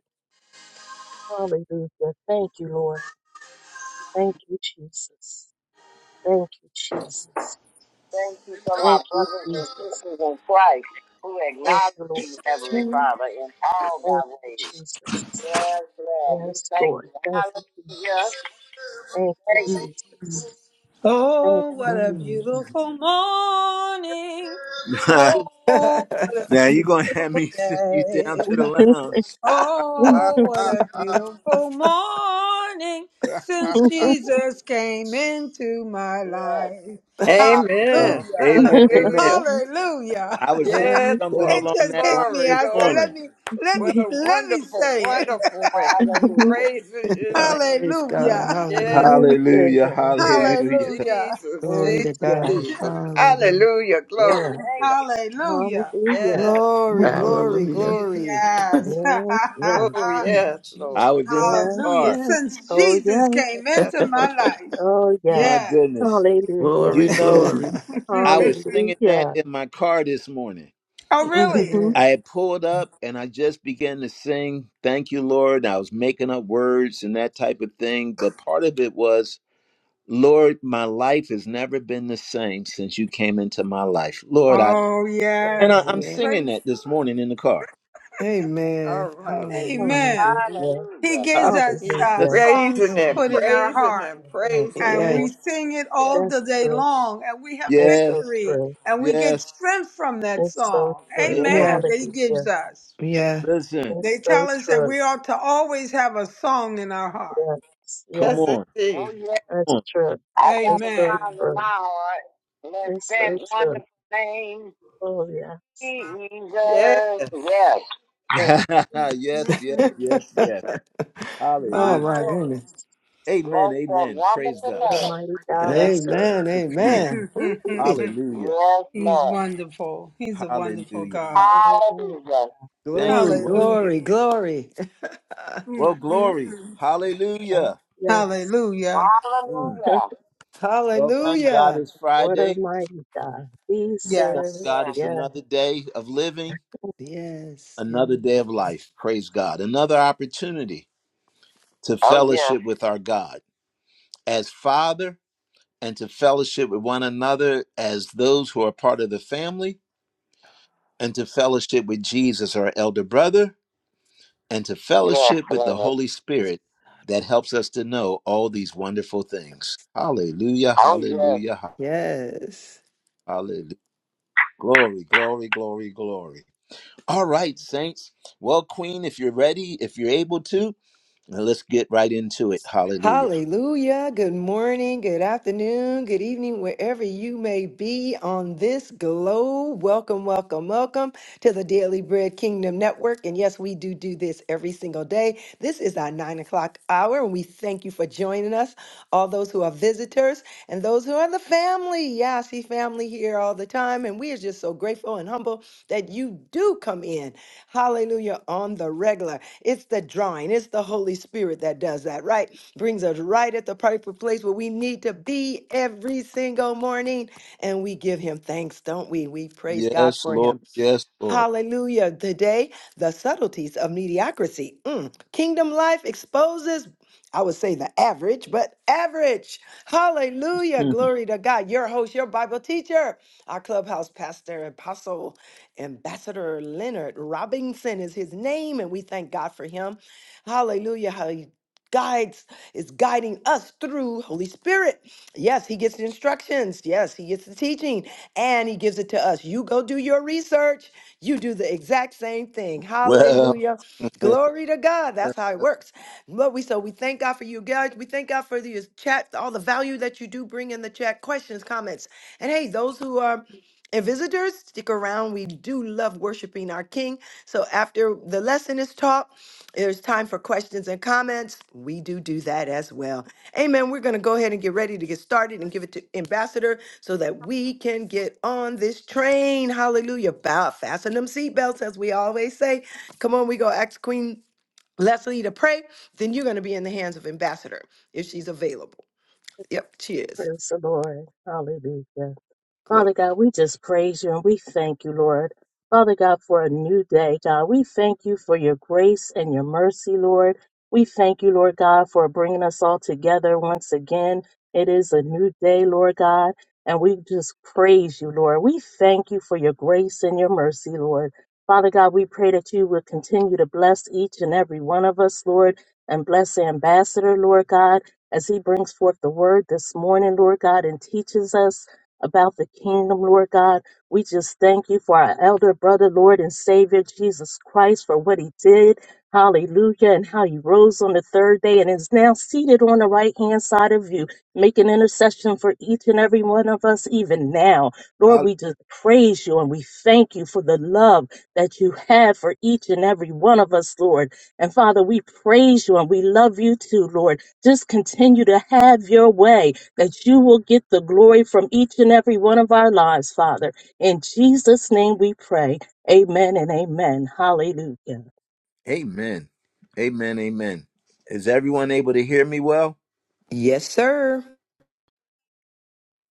[SPEAKER 3] Hallelujah. Thank you, Lord. Thank you, Jesus. Thank you, Jesus.
[SPEAKER 1] Thank you for my
[SPEAKER 3] Thank you,
[SPEAKER 1] brothers and
[SPEAKER 3] Jesus.
[SPEAKER 1] sisters in Christ who
[SPEAKER 3] Thank
[SPEAKER 1] acknowledge
[SPEAKER 3] you, Lord.
[SPEAKER 1] you, Heavenly Father, in all
[SPEAKER 3] Thank
[SPEAKER 1] thy
[SPEAKER 3] you,
[SPEAKER 1] ways.
[SPEAKER 3] Jesus.
[SPEAKER 1] Yes, Lord. We
[SPEAKER 3] Yes,
[SPEAKER 1] thank
[SPEAKER 3] Lord.
[SPEAKER 1] you.
[SPEAKER 3] Thank you,
[SPEAKER 1] Hallelujah.
[SPEAKER 3] Jesus. Thank you, Jesus. Thank
[SPEAKER 6] Oh,
[SPEAKER 3] you,
[SPEAKER 6] what a
[SPEAKER 3] Jesus.
[SPEAKER 6] beautiful morning.
[SPEAKER 1] Thank you.
[SPEAKER 6] Oh, what a
[SPEAKER 1] now you're going to have
[SPEAKER 6] beautiful
[SPEAKER 1] me send you down
[SPEAKER 6] day.
[SPEAKER 1] to the lounge. Ah,
[SPEAKER 3] Jesus.
[SPEAKER 6] Oh, what
[SPEAKER 1] ah,
[SPEAKER 6] a
[SPEAKER 1] ah,
[SPEAKER 6] beautiful morning
[SPEAKER 1] ah.
[SPEAKER 6] since Jesus came into my life.
[SPEAKER 3] Oh, now.
[SPEAKER 4] Amen.
[SPEAKER 6] Hallelujah.
[SPEAKER 1] amen,
[SPEAKER 3] okay.
[SPEAKER 1] amen.
[SPEAKER 4] Hallelujah.
[SPEAKER 6] Hallelujah.
[SPEAKER 1] I was singing
[SPEAKER 4] Yes,
[SPEAKER 3] Yes,
[SPEAKER 1] something
[SPEAKER 3] yes.
[SPEAKER 6] It
[SPEAKER 4] Lord.
[SPEAKER 1] along
[SPEAKER 6] just
[SPEAKER 1] that line
[SPEAKER 6] hit me.
[SPEAKER 4] Glory,
[SPEAKER 1] this
[SPEAKER 6] I said,
[SPEAKER 4] glory.
[SPEAKER 1] morning.
[SPEAKER 6] let me let
[SPEAKER 4] What
[SPEAKER 6] me
[SPEAKER 4] a
[SPEAKER 6] let me
[SPEAKER 4] wonderful,
[SPEAKER 6] say it.
[SPEAKER 4] wonderful way. Praising his
[SPEAKER 2] Yeah,
[SPEAKER 4] name.
[SPEAKER 2] Praise God.
[SPEAKER 6] Hallelujah.
[SPEAKER 4] Yes,
[SPEAKER 2] Hallelujah.
[SPEAKER 3] Very
[SPEAKER 4] yes,
[SPEAKER 3] good
[SPEAKER 1] Hallelujah,
[SPEAKER 3] now.
[SPEAKER 4] yes.
[SPEAKER 1] hallelujah.
[SPEAKER 6] Hallelujah.
[SPEAKER 4] Jesus,
[SPEAKER 2] Glory
[SPEAKER 3] Yes,
[SPEAKER 4] Jesus,
[SPEAKER 2] to
[SPEAKER 3] yes,
[SPEAKER 2] God.
[SPEAKER 4] Jesus.
[SPEAKER 2] Hallelujah.
[SPEAKER 4] Hallelujah, glory
[SPEAKER 3] yes.
[SPEAKER 4] to God.
[SPEAKER 3] Hallelujah.
[SPEAKER 6] Hallelujah.
[SPEAKER 4] Yes,
[SPEAKER 2] Glory, glory,
[SPEAKER 5] Hallelujah.
[SPEAKER 4] Jesus.
[SPEAKER 2] glory.
[SPEAKER 6] Yes.
[SPEAKER 3] Yes, yes.
[SPEAKER 4] Oh, yes,
[SPEAKER 2] Jeez.
[SPEAKER 1] I
[SPEAKER 4] Lord.
[SPEAKER 1] was in my
[SPEAKER 3] Yes,
[SPEAKER 6] Hallelujah.
[SPEAKER 1] car.
[SPEAKER 3] yes.
[SPEAKER 6] Since
[SPEAKER 3] Oh,
[SPEAKER 6] Jesus
[SPEAKER 3] yes.
[SPEAKER 6] came
[SPEAKER 4] Yes,
[SPEAKER 6] into
[SPEAKER 4] Lord.
[SPEAKER 6] my life.
[SPEAKER 3] Oh, yes.
[SPEAKER 1] My
[SPEAKER 6] Yes.
[SPEAKER 1] goodness.
[SPEAKER 3] Hallelujah.
[SPEAKER 1] You
[SPEAKER 5] Glory,
[SPEAKER 1] know,
[SPEAKER 5] glory.
[SPEAKER 1] I was singing that
[SPEAKER 3] Hallelujah.
[SPEAKER 1] in my car this morning.
[SPEAKER 6] Oh, really?
[SPEAKER 3] Mm-hmm.
[SPEAKER 1] I
[SPEAKER 2] Amen.
[SPEAKER 1] had pulled up and I just began to sing, Thank you, Lord. I was making up words and that type of thing. But part of it was, Lord, my life has never been the same since you came into my life. Lord, I.
[SPEAKER 6] Oh,
[SPEAKER 1] And I,
[SPEAKER 6] yes.
[SPEAKER 1] I'm
[SPEAKER 3] Amen.
[SPEAKER 2] Yeah.
[SPEAKER 1] singing
[SPEAKER 6] Praise
[SPEAKER 1] that this
[SPEAKER 6] God.
[SPEAKER 1] morning in the car.
[SPEAKER 4] All
[SPEAKER 2] Amen.
[SPEAKER 4] right.
[SPEAKER 2] Hallelujah.
[SPEAKER 6] Amen.
[SPEAKER 4] He's
[SPEAKER 3] Hallelujah.
[SPEAKER 6] He
[SPEAKER 1] Hallelujah. Ah,
[SPEAKER 6] gives us
[SPEAKER 4] he's
[SPEAKER 6] uh,
[SPEAKER 3] Hallelujah.
[SPEAKER 6] songs
[SPEAKER 4] praising
[SPEAKER 6] to
[SPEAKER 4] him,
[SPEAKER 6] put in our
[SPEAKER 4] praising
[SPEAKER 6] heart,
[SPEAKER 4] him,
[SPEAKER 3] Yes,
[SPEAKER 4] praising
[SPEAKER 6] and
[SPEAKER 2] Yeah,
[SPEAKER 4] him.
[SPEAKER 6] we
[SPEAKER 3] Lord.
[SPEAKER 6] sing it all
[SPEAKER 3] That's
[SPEAKER 6] the day
[SPEAKER 3] true.
[SPEAKER 6] long, and we have
[SPEAKER 3] That's so
[SPEAKER 1] yes,
[SPEAKER 6] victory,
[SPEAKER 3] true.
[SPEAKER 6] and we get
[SPEAKER 1] yes,
[SPEAKER 6] strength from that
[SPEAKER 3] That's so
[SPEAKER 6] song.
[SPEAKER 3] true.
[SPEAKER 1] yes.
[SPEAKER 6] Amen.
[SPEAKER 2] yeah,
[SPEAKER 6] That He gives
[SPEAKER 3] Hallelujah.
[SPEAKER 6] us.
[SPEAKER 2] yeah.
[SPEAKER 1] Listen,
[SPEAKER 3] That's
[SPEAKER 6] They
[SPEAKER 3] so
[SPEAKER 6] tell us that
[SPEAKER 3] true.
[SPEAKER 6] we ought to always have a song in our heart.
[SPEAKER 3] Yes.
[SPEAKER 1] come
[SPEAKER 3] Yeah.
[SPEAKER 4] Yes,
[SPEAKER 1] on.
[SPEAKER 4] indeed.
[SPEAKER 1] Oh, yeah.
[SPEAKER 3] That's true.
[SPEAKER 1] I got
[SPEAKER 3] It's
[SPEAKER 1] a
[SPEAKER 3] so
[SPEAKER 6] Amen.
[SPEAKER 1] song in my
[SPEAKER 3] true.
[SPEAKER 1] heart. Bless
[SPEAKER 3] It's
[SPEAKER 1] that
[SPEAKER 3] so true.
[SPEAKER 1] wonderful name,
[SPEAKER 3] Oh, yes.
[SPEAKER 4] Yes.
[SPEAKER 1] Jesus. Yes.
[SPEAKER 3] Yes,
[SPEAKER 1] yes, yes,
[SPEAKER 6] Mm-mm.
[SPEAKER 1] yes, yes.
[SPEAKER 6] My
[SPEAKER 2] oh
[SPEAKER 1] Hallelujah.
[SPEAKER 2] my
[SPEAKER 3] yes.
[SPEAKER 6] Lord.
[SPEAKER 2] goodness.
[SPEAKER 1] Amen. Bless that Amen. Praise wonderful
[SPEAKER 3] What
[SPEAKER 1] God.
[SPEAKER 3] a
[SPEAKER 1] name.
[SPEAKER 3] mighty God
[SPEAKER 1] Bless
[SPEAKER 3] we serve.
[SPEAKER 2] Amen,
[SPEAKER 1] the wonderful name.
[SPEAKER 2] amen. Ooh-wee.
[SPEAKER 1] Hallelujah. Yes,
[SPEAKER 6] He's
[SPEAKER 1] Lord.
[SPEAKER 6] wonderful. He's a wonderful
[SPEAKER 1] Hallelujah.
[SPEAKER 6] God.
[SPEAKER 3] What a mighty
[SPEAKER 1] Hallelujah.
[SPEAKER 3] we
[SPEAKER 1] Thank you,
[SPEAKER 2] Glory,
[SPEAKER 1] Lord.
[SPEAKER 3] serve.
[SPEAKER 6] Hallelujah.
[SPEAKER 2] glory, glory.
[SPEAKER 1] Well, glory.
[SPEAKER 6] Mm-mm-mm.
[SPEAKER 3] Oh,
[SPEAKER 1] Hallelujah.
[SPEAKER 3] Yes.
[SPEAKER 1] Mm.
[SPEAKER 6] Hallelujah.
[SPEAKER 1] Hallelujah. Well, thank God
[SPEAKER 2] Hallelujah.
[SPEAKER 1] it's
[SPEAKER 3] What a
[SPEAKER 1] Friday.
[SPEAKER 3] mighty God we
[SPEAKER 1] Thank
[SPEAKER 3] serve.
[SPEAKER 6] Yes.
[SPEAKER 1] God Yes. it's
[SPEAKER 3] Yes.
[SPEAKER 1] another day of living.
[SPEAKER 2] Yes,
[SPEAKER 1] another
[SPEAKER 2] yes,
[SPEAKER 1] day of life. Praise God. Another opportunity to Oh, yeah. fellowship with our God as Father and to fellowship with one another as those who are part of the family and to fellowship with Jesus, our elder brother, and to Yes, fellowship with the Lord. Holy Spirit that helps us to know all these wonderful things. Hallelujah, Oh, yes. hallelujah, ha-
[SPEAKER 2] yes.
[SPEAKER 1] hallelujah. Glory, glory, glory, glory. All right, saints. Well, Queen, if you're ready, if you're able to, now let's get right into it. Hallelujah.
[SPEAKER 2] Hallelujah. Good morning, good afternoon, good evening, wherever you may be on this globe. Welcome, welcome, welcome to the Daily Bread Kingdom Network. And yes, we do do this every single day. This is our nine o'clock hour, and we thank you for joining us, all those who are visitors and those who are the family. Yeah, I see family here all the time, and we are just so grateful and humble that you do come in. Hallelujah, on the regular. It's the drawing, it's the Holy Spirit that does that, right? brings us right at the perfect place where we need to be every single morning. And we give him thanks, don't we? We praise God
[SPEAKER 1] Yes,
[SPEAKER 2] for
[SPEAKER 1] Lord.
[SPEAKER 2] him.
[SPEAKER 1] Yes, Lord.
[SPEAKER 2] Hallelujah. Today, the subtleties of mediocrity. Mm. Kingdom life exposes, I would say the average, but average. Hallelujah. Glory to God. Your host, your Bible teacher, our clubhouse pastor, apostle, ambassador Leonard Robinson is his name, and we thank God for him. Hallelujah. How he guides, is guiding us through Holy Spirit. Yes, he gets the instructions. Yes, he gets the teaching and he gives it to us. You go do your research. You do the exact same thing.
[SPEAKER 1] Well,
[SPEAKER 2] Hallelujah. Glory to God. That's how it works. But we so we thank God for you guys. We thank God for your chat, all the value that you do bring in the chat, questions, comments. And hey, those who are and visitors, stick around. We do love worshiping our King. So after the lesson is taught, there's time for questions and comments. We do do that as well. Amen. We're going to go ahead and get ready to get started and give it to Ambassador so that we can get on this train. Hallelujah. Bow, fasten them seatbelts, as we always say. Come on, we go ask Queen Leslie to pray. Then you're going to be in the hands of Ambassador if she's available. Yep, she is.
[SPEAKER 3] Praise the Lord. Hallelujah.
[SPEAKER 2] Glory.
[SPEAKER 3] Father God, we just praise you and we thank you, Lord. Father God, for a new day, God. We thank you for your grace and your mercy, Lord. We thank you, Lord God, for bringing us all together once again. It is a new day, Lord God, and we just praise you, Lord. We thank you for your grace and your mercy, Lord. Father God, we pray that you will continue to bless each and every one of us, Lord, and bless the ambassador, Lord God, as he brings forth the word this morning, Lord God, and teaches us about the kingdom, Lord God. We just thank you for our elder brother, Lord and Savior Jesus Christ, for what he did. Hallelujah. And how he rose on the third day and is now seated on the right hand side of you, making intercession for each and every one of us, even now. Lord,
[SPEAKER 1] I'll-
[SPEAKER 3] we just praise you and we thank you for the love that you have for each and every one of us, Lord. And Father, we praise you and we love you too, Lord. Just continue to have your way that you will get the glory from each and every one of our lives, Father. In Jesus' name we pray. Amen and amen. Hallelujah.
[SPEAKER 1] amen. Amen. Amen. Is everyone able to hear me well?
[SPEAKER 2] Yes, sir.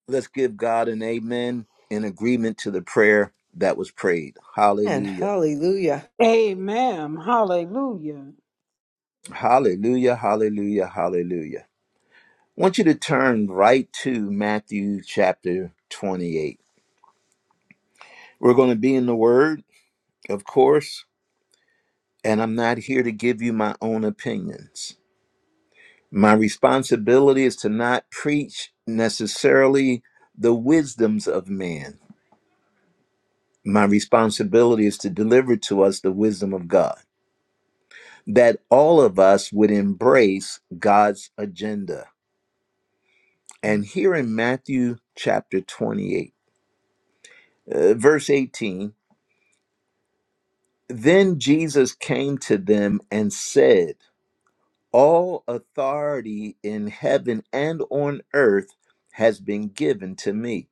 [SPEAKER 1] Let's give God an amen in agreement to the prayer that was prayed.
[SPEAKER 2] And
[SPEAKER 1] Hallelujah.
[SPEAKER 2] hallelujah.
[SPEAKER 6] Amen. Hallelujah.
[SPEAKER 1] Hallelujah. Hallelujah. Hallelujah. I want you to turn right to Matthew chapter 28. We're going to be in the Word, of course, and I'm not here to give you my own opinions. My responsibility is to not preach necessarily the wisdoms of man. My responsibility is to deliver to us the wisdom of God, that all of us would embrace God's agenda. And here in Matthew chapter 28, uh, verse 18, then Jesus came to them and said, All authority in heaven and on earth has been given to me.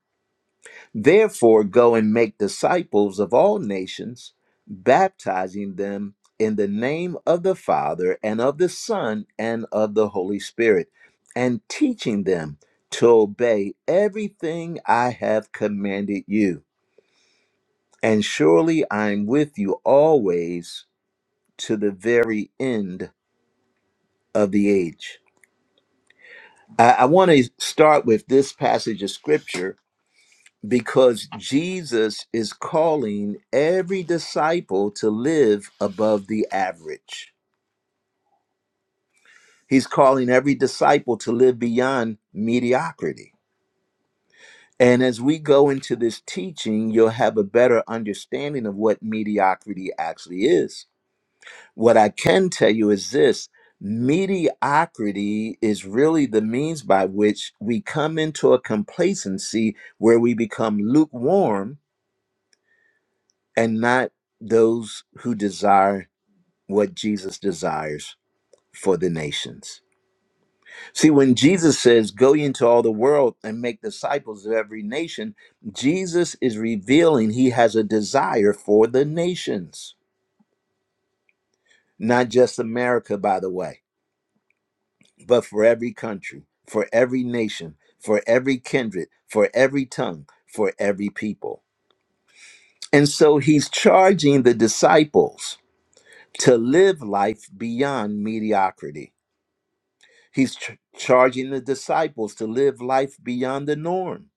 [SPEAKER 1] Therefore, go and make disciples of all nations, baptizing them in the name of the Father and of the Son and of the Holy Spirit, and teaching them to obey everything I have commanded you. And surely I am with you always to the very end of the age. I, I want to start with this passage of scripture because Jesus is calling every disciple to live above the average. He's calling every disciple to live beyond mediocrity. And as we go into this teaching, you'll have a better understanding of what mediocrity actually is. What I can tell you is this mediocrity is really the means by which we come into a complacency where we become lukewarm and not those who desire what Jesus desires for the nations. See, when Jesus says, Go ye into all the world and make disciples of every nation, Jesus is revealing he has a desire for the nations, not just America, by the way, but for every country, for every nation, for every kindred, for every tongue, for every people. And so he's charging the disciples to live life beyond mediocrity. He's ch- charging the disciples to live life beyond the norm.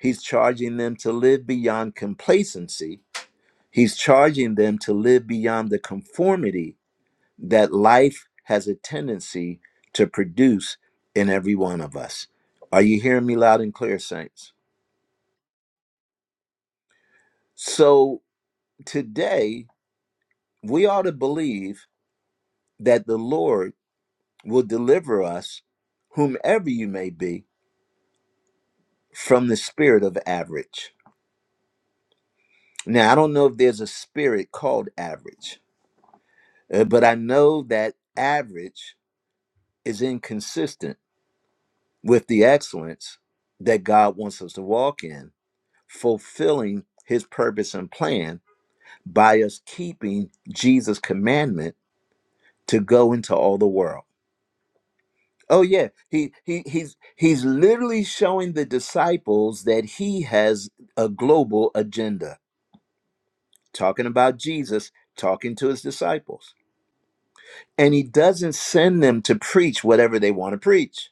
[SPEAKER 1] He's charging them to live beyond complacency. He's charging them to live beyond the conformity that life has a tendency to produce in every one of us. Are you hearing me loud and clear, saints? So today, we ought to believe that the Lord will deliver us, whomever you may be, from the spirit of average Now, I don't know if there's a spirit called average, uh, but I know that average is inconsistent with the excellence that God wants us to walk in, fulfilling his purpose and plan by us keeping Jesus' commandment to go into all the world. Oh yeah, he he he's he's literally showing the disciples that he has a global agenda. Talking about Jesus, talking to his disciples And he doesn't send them to preach whatever they want to preach.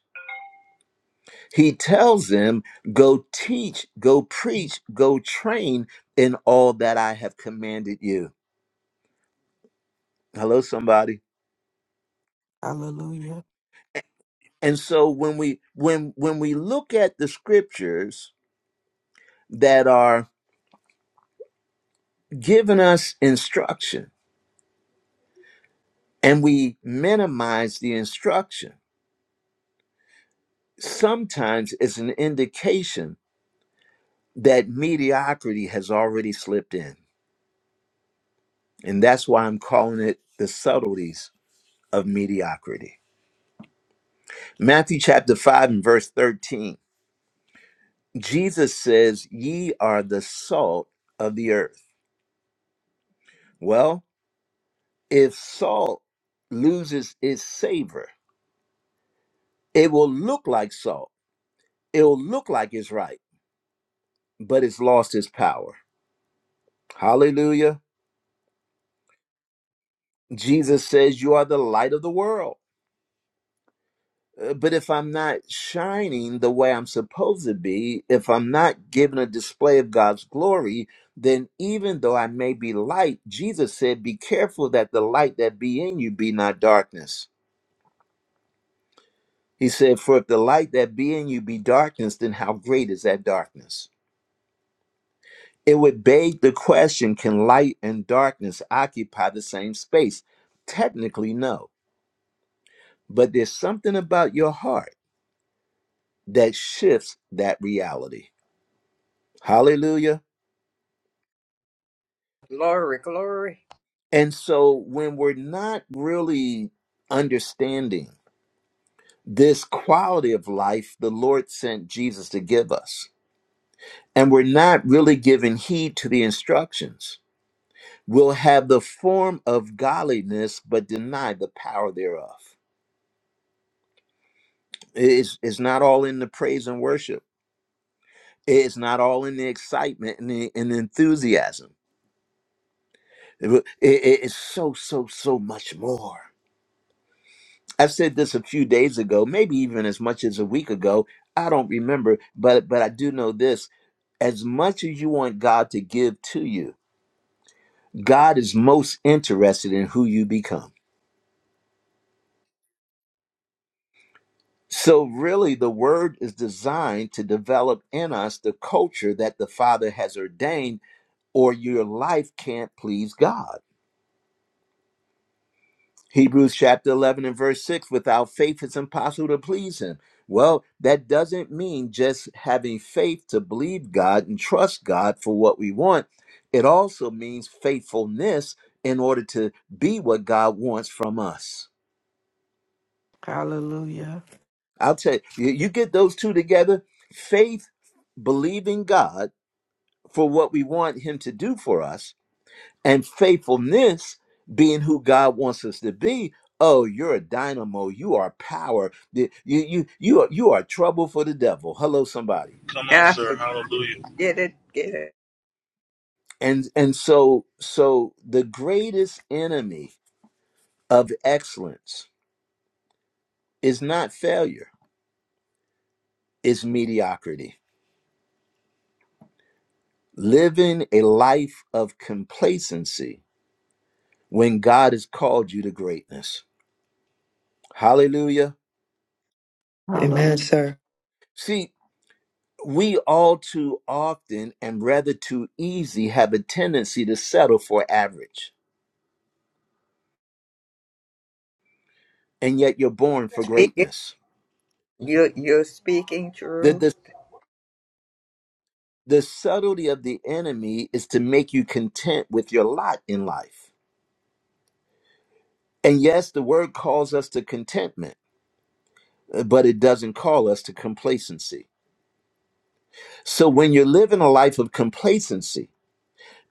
[SPEAKER 1] He tells them, Go teach, go preach, go train in all that I have commanded you. Hello, somebody.
[SPEAKER 5] Hallelujah.
[SPEAKER 1] And so when we when when we look at the scriptures that are giving us instruction and we minimize the instruction, sometimes it's an indication that mediocrity has already slipped in. And that's why I'm calling it the subtleties of mediocrity. Matthew chapter 5 and verse 13. Jesus says, Ye are the salt of the earth. Well, if salt loses its savor, it will look like salt. It'll look like it's right, but it's lost its power. Hallelujah. Jesus says, You are the light of the world. Uh, But if I'm not shining the way I'm supposed to be, if I'm not giving a display of God's glory, then even though I may be light, Jesus said, Be careful that the light that be in you be not darkness. He said, For if the light that be in you be darkness, then how great is that darkness? It would beg the question Can light and darkness occupy the same space? Technically, no. But there's something about your heart that shifts that reality. Hallelujah.
[SPEAKER 4] Glory, glory.
[SPEAKER 1] And so when we're not really understanding this quality of life the Lord sent Jesus to give us, and we're not really giving heed to the instructions, we'll have the form of godliness but deny the power thereof. It's, it's not all in the praise and worship. It's not all in the excitement and the, and the enthusiasm. It- it- it's so, so, so much more. I've said this a few days ago, maybe even as much as a week ago. I don't remember, but but I do know this. As much as you want God to give to you, God is most interested in who you become. So really the word is designed to develop in us the culture that the Father has ordained or your life can't please God. Hebrews chapter 11 and verse 6 without faith, it's impossible to please Him. Well, that doesn't mean just having faith to believe God and trust God for what we want. It also means faithfulness in order to be what God wants from us.
[SPEAKER 5] Hallelujah.
[SPEAKER 1] I'll tell you, you you get those two together faith, believing God for what we want Him to do for us, and faithfulness being who God wants us to be. Oh, you're a dynamo. You are power. The- You you you are you are trouble for the devil. Hello, somebody.
[SPEAKER 7] Come on,
[SPEAKER 4] I
[SPEAKER 7] sir.
[SPEAKER 4] forget
[SPEAKER 7] Hallelujah.
[SPEAKER 4] it, get it.
[SPEAKER 1] And and so so the greatest enemy of excellence is not failure. It's mediocrity. Living a life of complacency when God has called you to greatness. Hallelujah.
[SPEAKER 2] Amen,
[SPEAKER 5] Hallelujah.
[SPEAKER 2] sir.
[SPEAKER 1] See. we all too often and rather too easy have a tendency to settle for average, and yet you're born for
[SPEAKER 4] Speak it.
[SPEAKER 1] greatness.
[SPEAKER 4] You, you're speaking
[SPEAKER 1] The,
[SPEAKER 4] true.
[SPEAKER 1] the, the subtlety of the enemy is to make you content with your lot in life. And yes, the word calls us to contentment, uh, but it doesn't call us to complacency. So when you're living a life of complacency,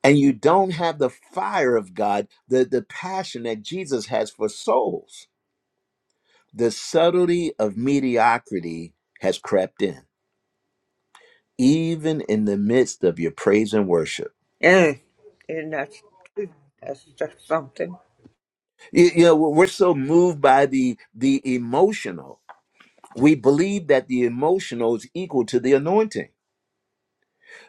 [SPEAKER 1] and you don't have the fire of God, the, the passion that Jesus has for souls, The subtlety of mediocrity has crept in, even in the midst of your praise and worship.
[SPEAKER 4] And, and that's, that's just something.
[SPEAKER 1] You, you know, we're so moved by the the emotional. We believe that the emotional is equal to the anointing.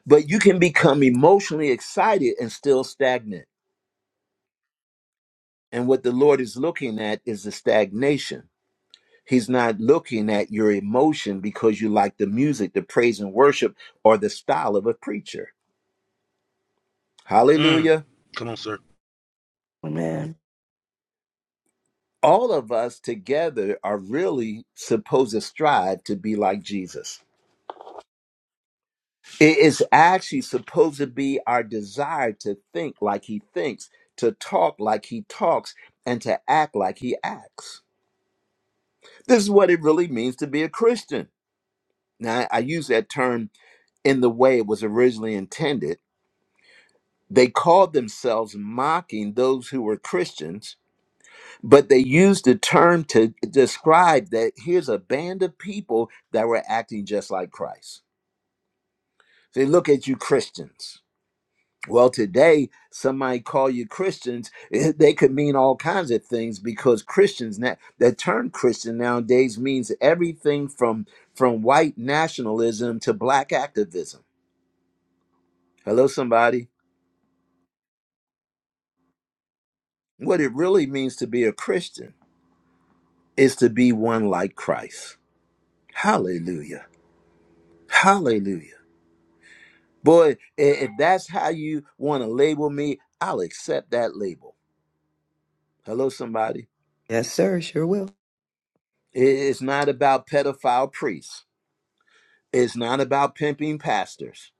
[SPEAKER 1] But you can become emotionally excited and still stagnant. And what the Lord is looking at is the stagnation. He's not looking at your emotion because you like the music, the praise and worship, or the style of a preacher.
[SPEAKER 7] Mm.
[SPEAKER 1] Hallelujah.
[SPEAKER 7] Come on, sir.
[SPEAKER 5] Amen.
[SPEAKER 1] all of us together are really supposed to strive to be like Jesus. It is actually supposed to be our desire to think like he thinks, to talk like he talks, and to act like he acts. This is what it really means to be a Christian. Now, I use that term in the way it was originally intended. They called themselves mocking those who were Christians but they used the term to describe that here's a band of people that were acting just like Christ. They look at you Christians. Well, today, somebody call you Christians, eh, they could mean all kinds of things because Christians, now, the term Christian nowadays means everything from, from white nationalism to black activism. Hello, somebody. What it really means to be a Christian is to be one like Christ. Hallelujah. Hallelujah. Boy, i- if that's how you want to label me, I'll accept that label. Hello, somebody.
[SPEAKER 2] Yes, sir. Sure will.
[SPEAKER 1] I- It's not about pedophile priests. It's not about pimping pastors.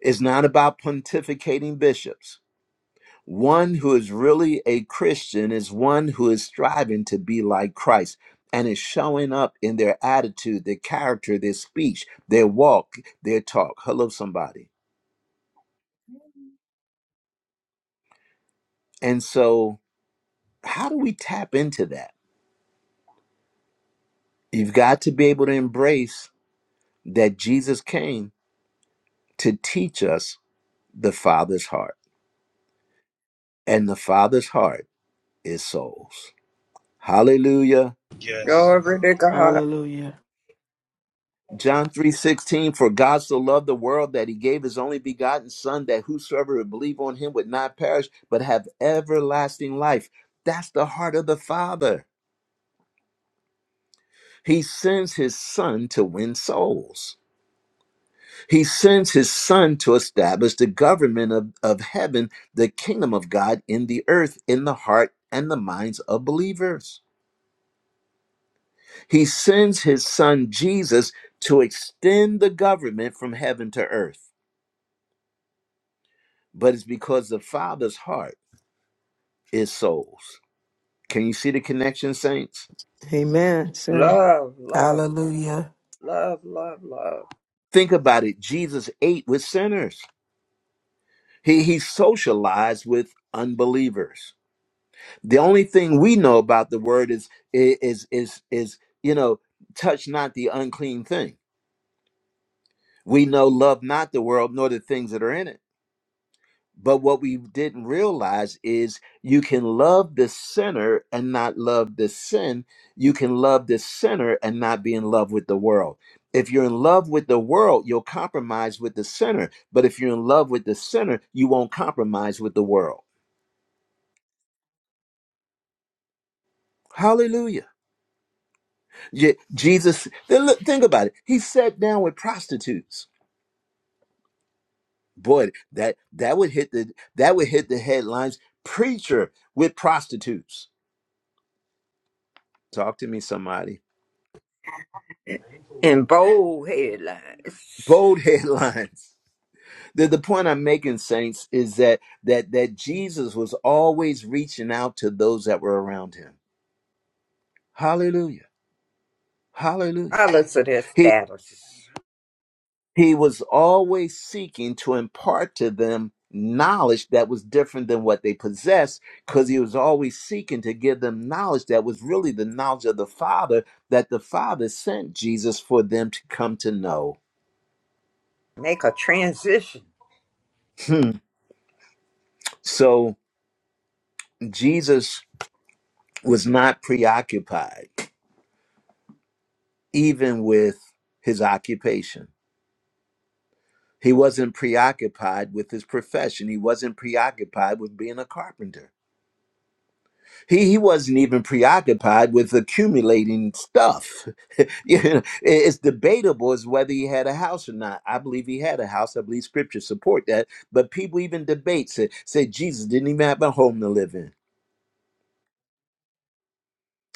[SPEAKER 1] It's not about pontificating bishops. One who is really a Christian is one who is striving to be like Christ and is showing up in their attitude, their character, their speech, their walk, their talk. Hello, somebody. And so, how do we tap into that? You've got to be able to embrace that Jesus came to teach us the Father's heart, and the Father's heart is souls. Hallelujah.
[SPEAKER 7] Yes.
[SPEAKER 4] Glory to God.
[SPEAKER 5] Hallelujah.
[SPEAKER 1] John 3:16 For God so loved the world that he gave his only begotten son that whosoever would believe on him would not perish but have everlasting life. That's the heart of the Father. He sends his son to win souls. He sends his son to establish the government of, of heaven, the kingdom of God in the earth, in the heart and the minds of believers. He sends his son Jesus to extend the government from heaven to earth. But it's because the Father's heart is souls. Can you see the connection, saints?
[SPEAKER 2] Amen, sir.
[SPEAKER 4] Love, love,
[SPEAKER 5] Hallelujah.
[SPEAKER 4] love, love, love.
[SPEAKER 1] Think about it. Jesus ate with sinners, he, he socialized with unbelievers. The only thing we know about the word is is is is you know, touch not the unclean thing. We know love not the world nor the things that are in it. But what we didn't realize is you can love the sinner and not love the sin. You can love the sinner and not be in love with the world. If you're in love with the world, you'll compromise with the sinner. But if you're in love with the sinner, you won't compromise with the world. Hallelujah. Ye- Jesus, then look, think about it. He sat down with prostitutes. Boy, that that would hit the that would hit the headlines. Preacher with prostitutes. Talk to me, somebody.
[SPEAKER 4] In bold headlines.
[SPEAKER 1] Bold headlines. The, the point I'm making, saints, is that that that Jesus was always reaching out to those that were around him. Hallelujah. Hallelujah.
[SPEAKER 4] Regardless of their status.
[SPEAKER 1] He was always seeking to impart to them knowledge that was different than what they possessed, because he was always seeking to give them knowledge that was really the knowledge of the Father that the Father sent Jesus for them to come to know.
[SPEAKER 4] Make a transition.
[SPEAKER 1] Hmm. So Jesus was not preoccupied even with his occupation. He wasn't preoccupied with his profession. He wasn't preoccupied with being a carpenter He, he wasn't even preoccupied with accumulating stuff. You know, it- it's debatable as whether he had a house or not. I believe he had a house. I believe scripture support that. But people even debate say, say Jesus didn't even have a home to live in.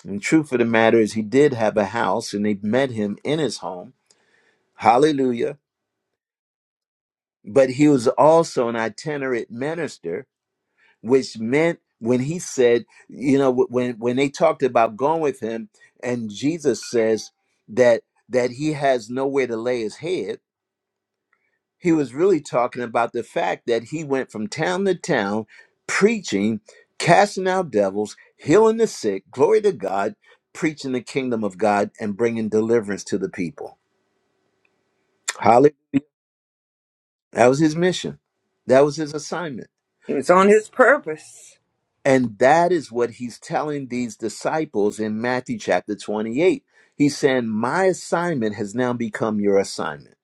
[SPEAKER 1] And truth of the matter is he did have a house and they met him in his home. Hallelujah. But he was also an itinerant minister which meant when he said, you know, wh- when when they talked about going with him, and Jesus says that that he has nowhere to lay his head, he was really talking about the fact that he went from town to town preaching, casting out devils, healing the sick, glory to God, preaching the kingdom of God and bringing deliverance to the people. Hallelujah. That was his mission. That was his assignment.
[SPEAKER 4] He was on his purpose.
[SPEAKER 1] And that is what he's telling these disciples in Matthew chapter 28. He's saying, My assignment has now become your assignment.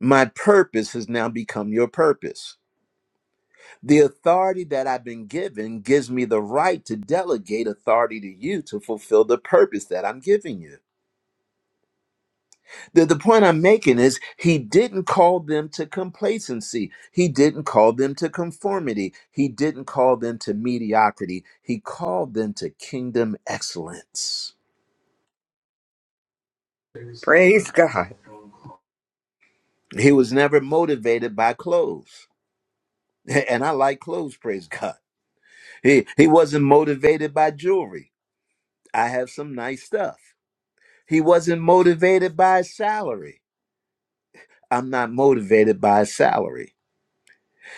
[SPEAKER 1] My purpose has now become your purpose. The authority that I've been given gives me the right to delegate authority to you to fulfill the purpose that I'm giving you. The, the point I'm making is he didn't call them to complacency. He didn't call them to conformity. He didn't call them to mediocrity. He called them to kingdom excellence.
[SPEAKER 4] Praise God.
[SPEAKER 1] He was never motivated by clothes. And I like clothes, praise God. He he wasn't motivated by jewelry. I have some nice stuff. He wasn't motivated by a salary. I'm not motivated by a salary.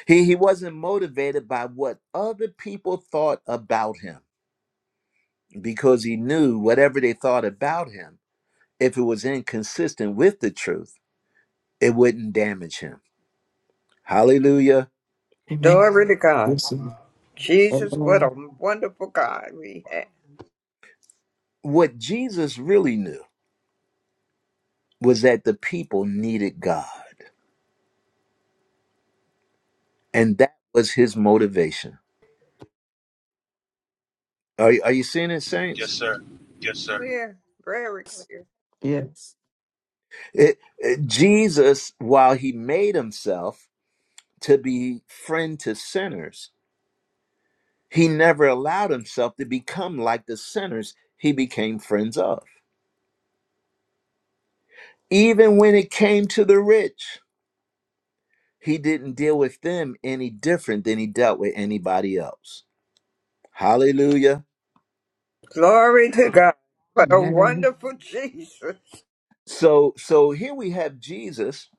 [SPEAKER 1] He he wasn't motivated by what other people thought about him. because he knew whatever they thought about him, if it was inconsistent with the truth, it wouldn't damage him. Hallelujah.
[SPEAKER 2] Amen.
[SPEAKER 4] Glory to God. Jesus, what
[SPEAKER 5] Amen.
[SPEAKER 4] a wonderful God we have.
[SPEAKER 1] What Jesus really knew was that the people needed God, and that was his motivation. Are, are you seeing it,
[SPEAKER 7] Yes,
[SPEAKER 1] saints?
[SPEAKER 7] sir. Yes, sir.
[SPEAKER 4] Clear, very clear.
[SPEAKER 5] Yes.
[SPEAKER 1] It- it- Jesus, while he made himself to be friend to sinners, he never allowed himself to become like the sinners he became friends of. Even when it came to the rich, He didn't deal with them any different than he dealt with anybody else. Hallelujah.
[SPEAKER 4] Glory to God. What a
[SPEAKER 5] Amen.
[SPEAKER 4] wonderful Jesus.
[SPEAKER 1] So so here we have Jesus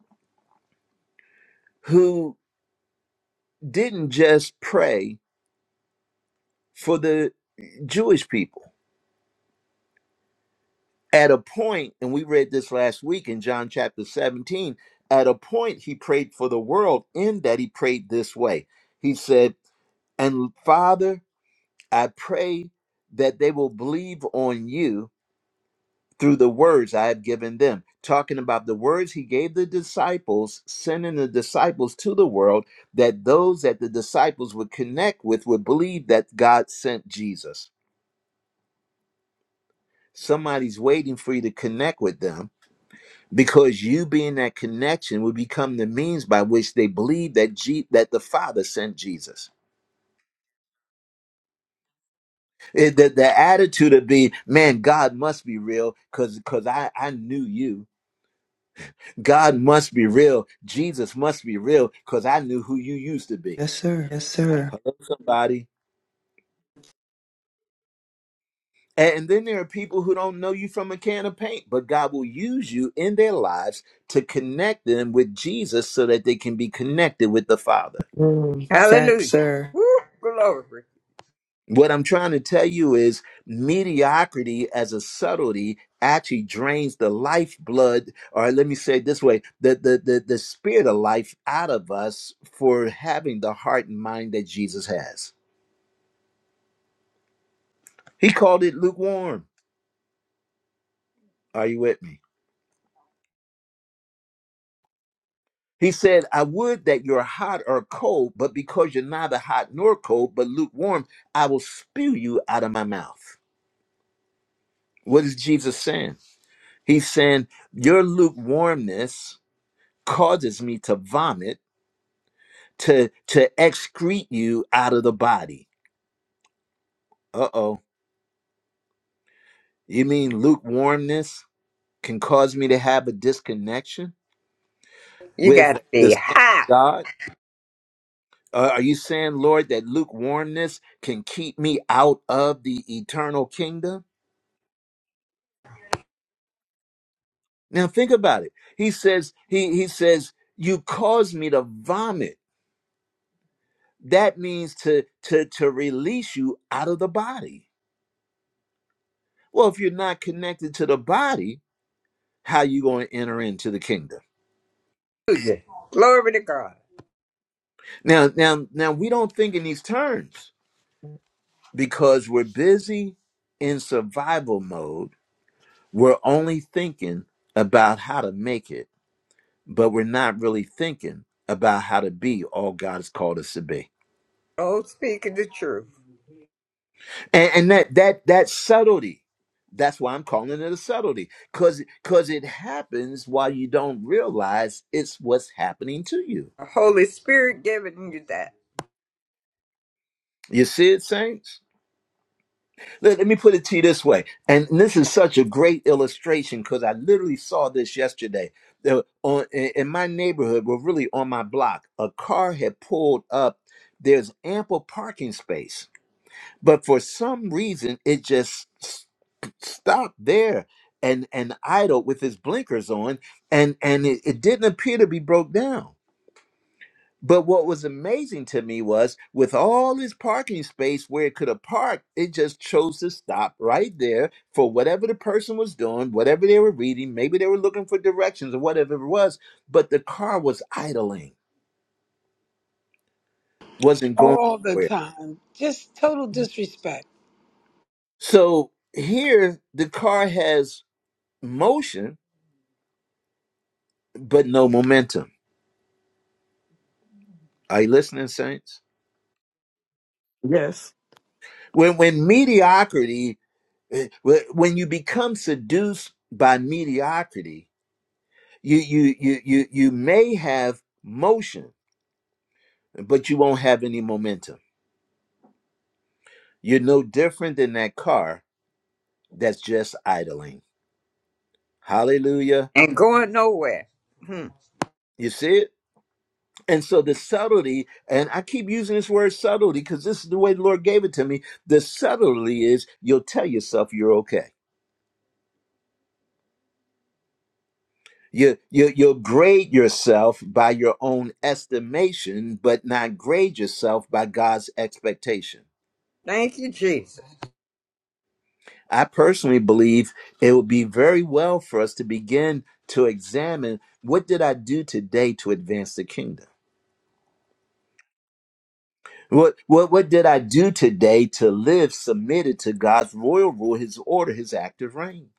[SPEAKER 1] who didn't just pray for the Jewish people. At a point, and we read this last week in John chapter 17, at a point he prayed for the world in that he prayed this way. He said, "And Father, I pray that they will believe on you." through the words I have given them. Talking about the words he gave the disciples, sending the disciples to the world, that those that the disciples would connect with would believe that God sent Jesus. Somebody's waiting for you to connect with them because you being that connection would become the means by which they believe that G- that the Father sent Jesus. It, the, the attitude of being, man, God must be real because because I, I knew you. God must be real. Jesus must be real because I knew who you used to be.
[SPEAKER 2] Yes, sir. Yes, sir.
[SPEAKER 1] Somebody. And then there are people who don't know you from a can of paint, but God will use you in their lives to connect them with Jesus so that they can be connected with the Father.
[SPEAKER 2] Mm. Facts,
[SPEAKER 4] Hallelujah.
[SPEAKER 2] sir.
[SPEAKER 4] Woo, glory.
[SPEAKER 1] What I'm trying to tell you is mediocrity as a subtlety actually drains the lifeblood, or let me say it this way the, the, the, the spirit of life out of us for having the heart and mind that Jesus has. He called it lukewarm. Are you with me? He said, I would that you're hot or cold, but because you're neither hot nor cold, but lukewarm, I will spew you out of my mouth. What is Jesus saying? He's saying, Your lukewarmness causes me to vomit, to, to excrete you out of the body. Uh oh. You mean lukewarmness can cause me to have a disconnection
[SPEAKER 4] You
[SPEAKER 1] with
[SPEAKER 4] gotta
[SPEAKER 1] the
[SPEAKER 4] be
[SPEAKER 1] Son of
[SPEAKER 4] hot.
[SPEAKER 1] God? Uh, are you saying, Lord, that lukewarmness can keep me out of the eternal kingdom? Now think about it. He says, he he says, you cause me to vomit. That means to to to release you out of the body. Well, if you're not connected to the body, how you going to enter into the kingdom?
[SPEAKER 4] Hallelujah. Glory to God.
[SPEAKER 1] Now, now, now we don't think in these terms because we're busy in survival mode. We're only thinking about how to make it but we're not really thinking about how to be all God has called us to be.
[SPEAKER 4] Oh, speaking the truth.
[SPEAKER 1] And, and that that that subtlety, that's why I'm calling it a subtlety, cause cause it happens while you don't realize it's what's happening to you.
[SPEAKER 4] The Holy Spirit giving you that.
[SPEAKER 1] You see it, saints? Let, let me put it to you this way. And this is such a great illustration because I literally saw this yesterday. There on, in in my neighborhood, well, really on my block, a car had pulled up. There's ample parking space but for some reason it just s- stopped there and and idled with his blinkers on and and it, it didn't appear to be broke down but what was amazing to me was with all his parking space where it could have parked it just chose to stop right there for whatever the person was doing whatever they were reading maybe they were looking for directions or whatever it was but the car was idling wasn't going
[SPEAKER 6] All the
[SPEAKER 1] anywhere
[SPEAKER 6] time. Just total disrespect.
[SPEAKER 1] so here the car has motion but no momentum. Are you listening, saints?
[SPEAKER 5] Yes.
[SPEAKER 1] When when mediocrity, eh, wh- when you become seduced by mediocrity, you you you you you may have motion, but you won't have any momentum. You're no different than that car that's just idling. Hallelujah.
[SPEAKER 4] And going nowhere. Hmm.
[SPEAKER 1] You see it? And so the subtlety, and I keep using this word subtlety because this is the way the Lord gave it to me. The subtlety is you'll tell yourself you're okay. You, you, you'll grade yourself by your own estimation, but not grade yourself by God's expectation.
[SPEAKER 4] Thank you, Jesus.
[SPEAKER 1] I personally believe it would be very well for us to begin to examine what did I do today to advance the kingdom? What, what, what did I do today to live submitted to God's royal rule, his order, his active reign?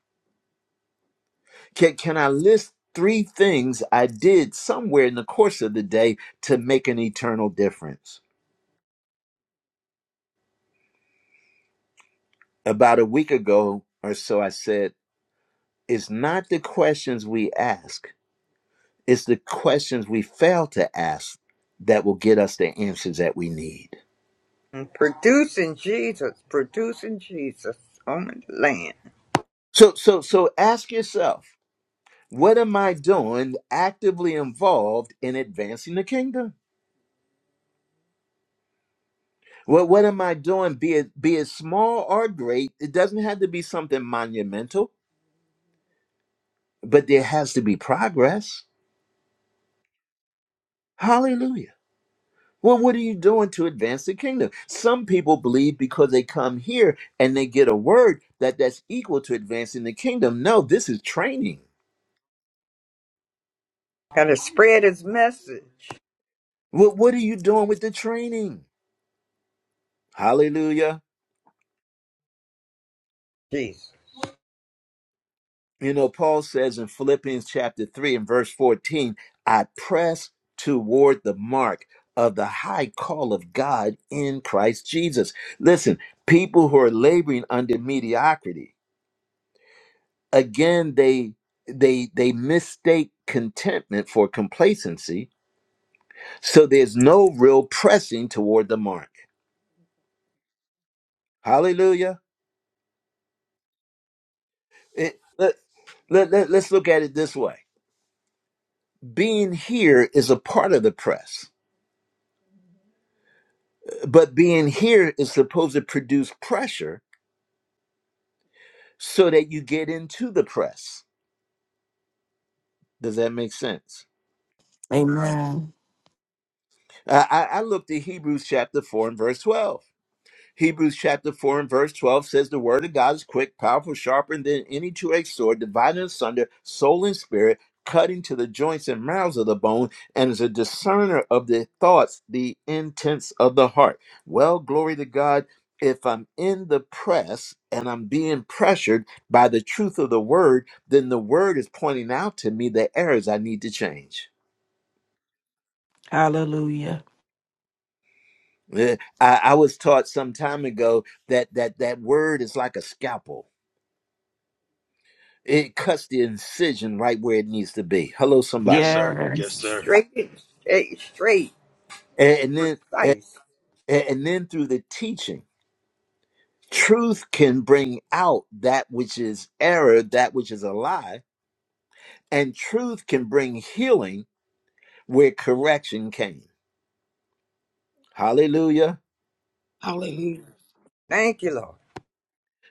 [SPEAKER 1] Can, can I list three things I did somewhere in the course of the day to make an eternal difference? about a week ago or so, I said, it's not the questions we ask, it's the questions we fail to ask that will get us the answers that we need.
[SPEAKER 4] And producing Jesus. Producing Jesus on the land.
[SPEAKER 1] So, so, so ask yourself, what am I doing actively involved in advancing the kingdom? Well, what am I doing? Be it, be it small or great, it doesn't have to be something monumental, but there has to be progress. Hallelujah. Well, what are you doing to advance the kingdom? Some people believe because they come here and they get a word that that's equal to advancing the kingdom. No, this is training.
[SPEAKER 4] Gotta spread his message.
[SPEAKER 1] What what are you doing with the training? Hallelujah.
[SPEAKER 4] Jesus.
[SPEAKER 1] You know, Paul says in Philippians chapter 3 and verse 14, I press toward the mark of the high call of God in Christ Jesus. Listen, people who are laboring under mediocrity again they they they mistake contentment for complacency so there's no real pressing toward the mark hallelujah It- let, let, let, let's look at it this way being here is a part of the press but being here is supposed to produce pressure so that you get into the press does that make sense
[SPEAKER 5] Amen.
[SPEAKER 1] i, I I looked at hebrews chapter 4 and verse 12 Hebrews chapter 4 and verse 12 says, The word of God is quick, powerful, sharper than any two edged sword, dividing asunder soul and spirit, cutting to the joints and mouths of the bone, and is a discerner of the thoughts, the intents of the heart. Well, glory to God. If I'm in the press and I'm being pressured by the truth of the word, then the word is pointing out to me the errors I need to change.
[SPEAKER 5] Hallelujah.
[SPEAKER 1] Eh, I, I was taught some time ago that that that word is like a scalpel It cuts the incision right where it needs to be. Hello,
[SPEAKER 7] Yes,
[SPEAKER 1] somebody.
[SPEAKER 7] sir. Yes,
[SPEAKER 5] Yes.
[SPEAKER 7] sir.
[SPEAKER 4] Straight, straight, straight,
[SPEAKER 1] And, and then
[SPEAKER 4] precise.
[SPEAKER 1] and, and then through the teaching, truth can bring out that which is error, that which is a lie, and truth can bring healing where correction came. Hallelujah.
[SPEAKER 6] Hallelujah.
[SPEAKER 4] Thank you, Lord.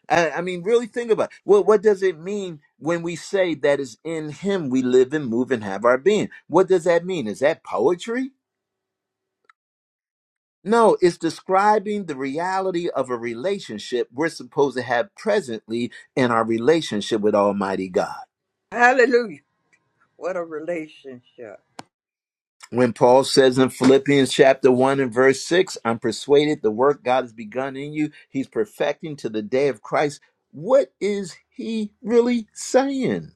[SPEAKER 1] I, I mean, really think about it. Well, what does it mean when we say that is in him we live and move and have our being? What does that mean? Is that poetry? No, it's describing the reality of a relationship we're supposed to have presently in our relationship with Almighty God.
[SPEAKER 4] Hallelujah. What a relationship.
[SPEAKER 1] When Paul says in Philippians chapter 1 and verse 6, I'm persuaded the work God has begun in you, he's perfecting to the day of Christ. What is he really saying?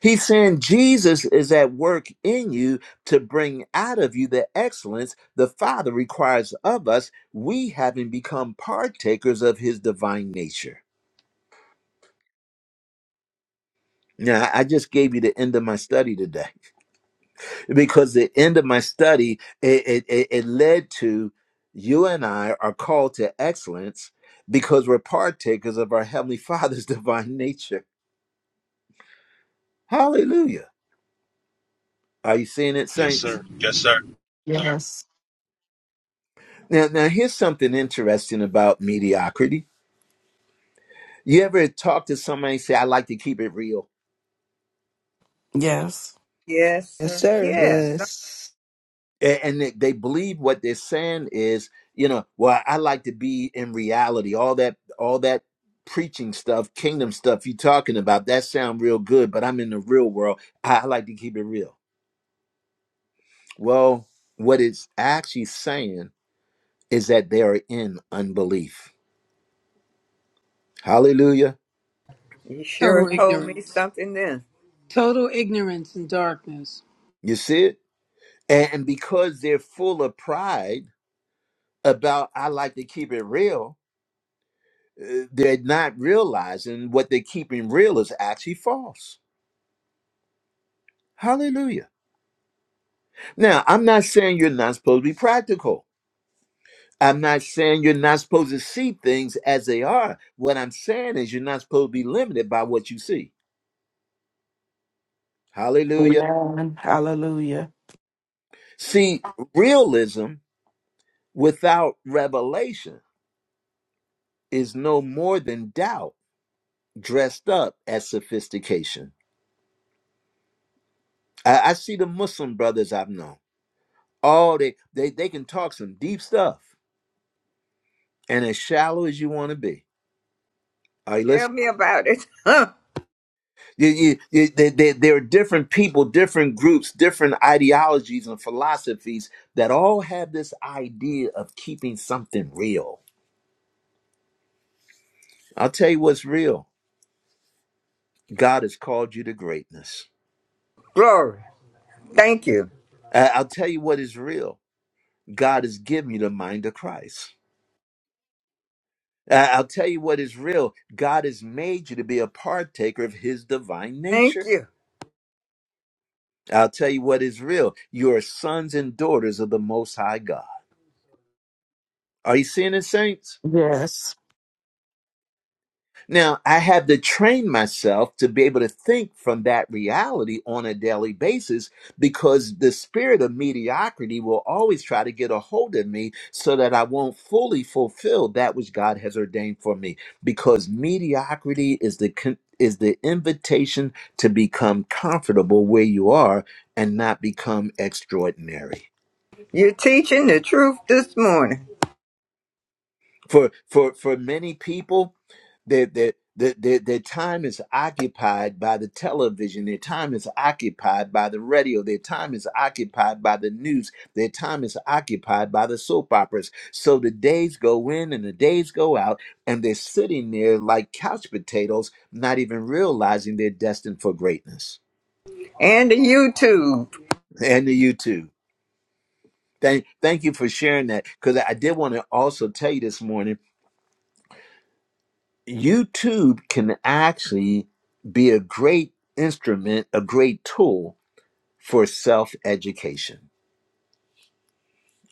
[SPEAKER 1] He's saying Jesus is at work in you to bring out of you the excellence the Father requires of us, we having become partakers of his divine nature. Yeah, I I just gave you the end of my study today because the end of my study it, it, it it led to you and I are called to excellence because we're partakers of our heavenly Father's divine nature. Hallelujah! Are you seeing it,
[SPEAKER 7] Yes,
[SPEAKER 1] saints?
[SPEAKER 7] sir. Yes, sir.
[SPEAKER 5] Yes.
[SPEAKER 1] Now, now here's something interesting about mediocrity. You ever talk to somebody and say, "I like to keep it real"?
[SPEAKER 5] Yes.
[SPEAKER 4] Yes,
[SPEAKER 2] Yes,
[SPEAKER 4] sir.
[SPEAKER 2] sir.
[SPEAKER 4] Yes.
[SPEAKER 2] Yes.
[SPEAKER 1] A- and they, they believe what they're saying is you know well i like to be in reality all that all that preaching stuff kingdom stuff you talking about that sound real good but i'm in the real world i, I like to keep it real well what it's actually saying is that they are in unbelief hallelujah
[SPEAKER 4] You sure
[SPEAKER 6] Total
[SPEAKER 4] told me
[SPEAKER 6] ignorance.
[SPEAKER 4] something then.
[SPEAKER 6] Total ignorance and darkness.
[SPEAKER 1] you see it and, and because they're full of pride about i like to keep it real uh, they're not realizing what they're keeping real is actually false hallelujah Now, I'm not saying you're not supposed to be practical. I'm not saying you're not supposed to see things as they are. What I'm saying is you're not supposed to be limited by what you see. Hallelujah.
[SPEAKER 5] Amen. Hallelujah.
[SPEAKER 1] See, realism without revelation is no more than doubt dressed up as sophistication. I, I see the Muslim brothers I've known. All they, they they can talk some deep stuff and as shallow as you want to be. Are you listening?
[SPEAKER 4] Tell me about it.
[SPEAKER 1] You, you, you, there, there there are different people, different groups, different ideologies and philosophies that all have this idea of keeping something real. I'll tell you what's real. God has called you to greatness.
[SPEAKER 4] Glory. Thank you.
[SPEAKER 1] I- I'll tell you what is real. God has given you the mind of Christ. I- I'll tell you what is real. God has made you to be a partaker of his divine
[SPEAKER 4] Thank
[SPEAKER 1] nature.
[SPEAKER 4] you.
[SPEAKER 1] I'll tell you what is real. You are sons and daughters of the Most High God. Are you seeing it, saints?
[SPEAKER 5] Yes.
[SPEAKER 1] Now, I had to train myself to be able to think from that reality on a daily basis because the spirit of mediocrity will always try to get a hold of me so that I won't fully fulfill that which God has ordained for me because mediocrity is the con- is the invitation to become comfortable where you are and not become extraordinary.
[SPEAKER 4] You're teaching the truth this morning
[SPEAKER 1] for for for many people their their their, their, their time is occupied by the television. Their time is occupied by the radio. Their time is occupied by the news. Their time is occupied by the soap operas. So the days go in and the days go out, and they're sitting there like couch potatoes, not even realizing they're destined for greatness.
[SPEAKER 4] and the YouTube
[SPEAKER 1] And to you too. Thank, thank you for sharing that because I did want to also tell you this morning YouTube can actually be a great instrument, a great tool for self education.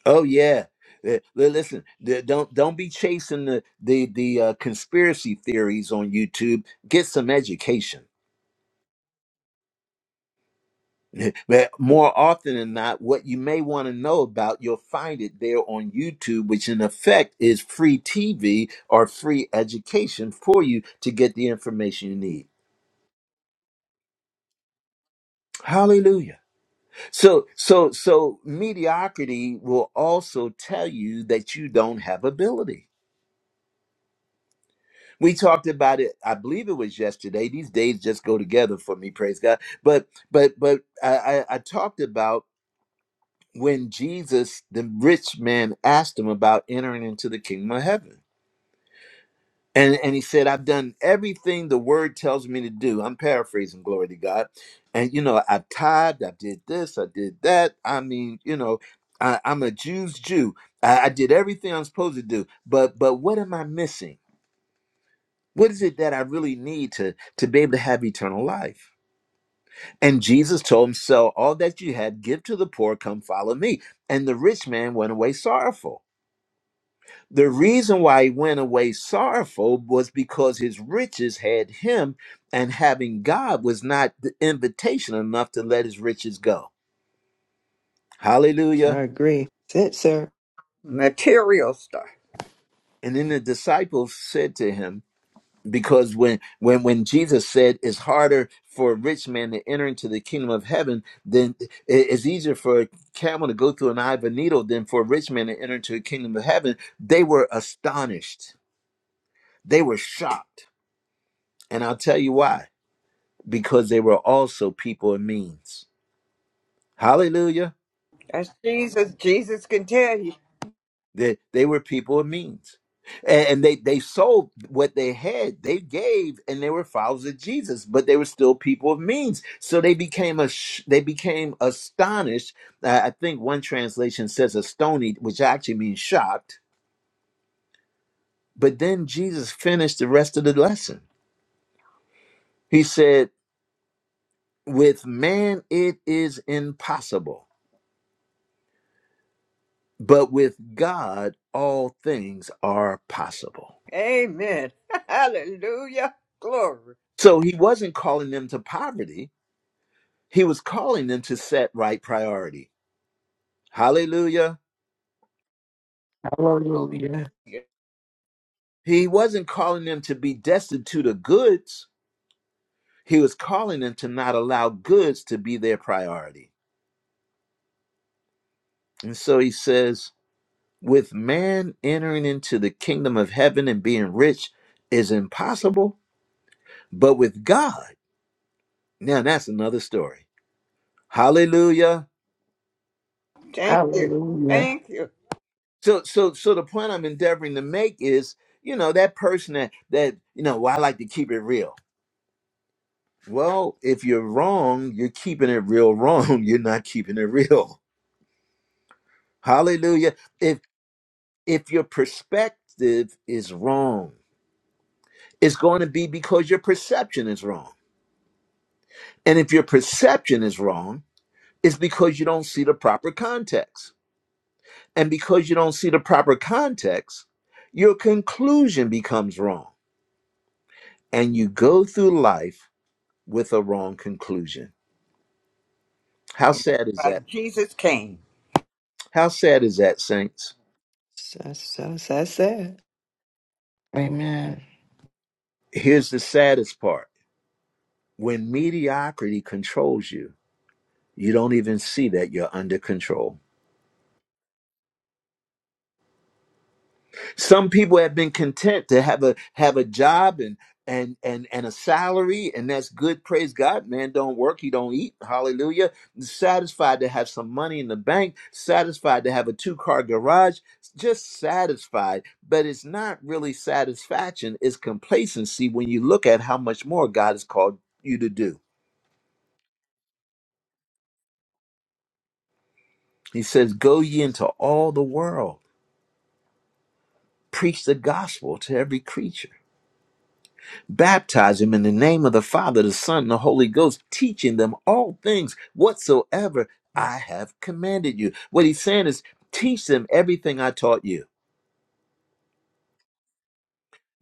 [SPEAKER 1] Oh yeah. Uh, li- Listen, th- don't don't be chasing the the the uh, conspiracy theories on YouTube. Get some education. But more often than not, what you may want to know about, you'll find it there on YouTube, which in effect is free TV or free education for you to get the information you need. Hallelujah. So, so, so mediocrity will also tell you that you don't have ability. We talked about it. I believe it was yesterday. These days just go together for me. Praise God. But, but, but I, I, I talked about when Jesus, the rich man, asked him about entering into the kingdom of heaven. And, and he said, I've done everything the word tells me to do. I'm paraphrasing, glory to God. And, you know, I tithed, I did this, I did that. I mean, you know, I, I'm a Jew's Jew. I, I did everything I'm supposed to do. But but what am I missing? What is it that I really need to, to be able to have eternal life? And Jesus told him, Sell all that you had, give to the poor, come follow me. And the rich man went away sorrowful The reason why he went away sorrowful was because his riches had him, and having God was not the invitation enough to let his riches go.
[SPEAKER 2] I
[SPEAKER 1] Hallelujah.
[SPEAKER 2] agree. That's it, sir.
[SPEAKER 4] material stuff.
[SPEAKER 1] And then the disciples said to him, because when when when Jesus said it's harder for a rich man to enter into the kingdom of heaven than it's easier for a camel to go through an eye of a needle than for a rich man to enter into the kingdom of heaven, they were astonished. They were shocked. And I'll tell you why because they were also people of means. Hallelujah.
[SPEAKER 4] That's Jesus. Jesus can tell you.
[SPEAKER 1] They, they were people of means. And, and they, they sold what they had, they gave, and they were followers of Jesus, but they were still people of means. So they became a, they became astonished. Uh, I think one translation says astonied, which actually means shocked. But then Jesus finished the rest of the lesson. He said, With man it is impossible but with God, all things are possible.
[SPEAKER 4] Amen. Hallelujah. Glory.
[SPEAKER 1] So he wasn't calling them to poverty, he was calling them to set right priority. Hallelujah.
[SPEAKER 5] Hallelujah.
[SPEAKER 1] He wasn't calling them to be destitute of goods, he was calling them to not allow goods to be their priority. And so he says, with man entering into the kingdom of heaven and being rich is impossible, but with God, now that's another story. Hallelujah.
[SPEAKER 4] Thank you.
[SPEAKER 5] Hallelujah.
[SPEAKER 4] Thank you.
[SPEAKER 1] So so so the point I'm endeavoring to make is, you know, that person that that you know, well, I like to keep it real. Well, if you're wrong, you're keeping it real wrong. You're not keeping it real. Hallelujah. If if your perspective is wrong, it's going to be because your perception is wrong. And if your perception is wrong, it's because you don't see the proper context. And because you don't see the proper context, your conclusion becomes wrong. And you go through life with a wrong conclusion. How sad is
[SPEAKER 4] By
[SPEAKER 1] that?
[SPEAKER 4] Jesus came.
[SPEAKER 1] How sad is that, saints?
[SPEAKER 2] That's, that's, that's it.
[SPEAKER 5] Amen.
[SPEAKER 1] Here's the saddest part when mediocrity controls you, you don't even see that you're under control. Some people have been content to have a have a job and and and and a salary, and that's good. Praise God, man. Don't work, he don't eat. Hallelujah. Satisfied to have some money in the bank, satisfied to have a two car garage, just satisfied. But it's not really satisfaction; it's complacency when you look at how much more God has called you to do. He says, "Go ye into all the world, preach the gospel to every creature." baptize them in the name of the Father, the Son, and the Holy Ghost, teaching them all things whatsoever I have commanded you. What he's saying is, teach them everything I taught you.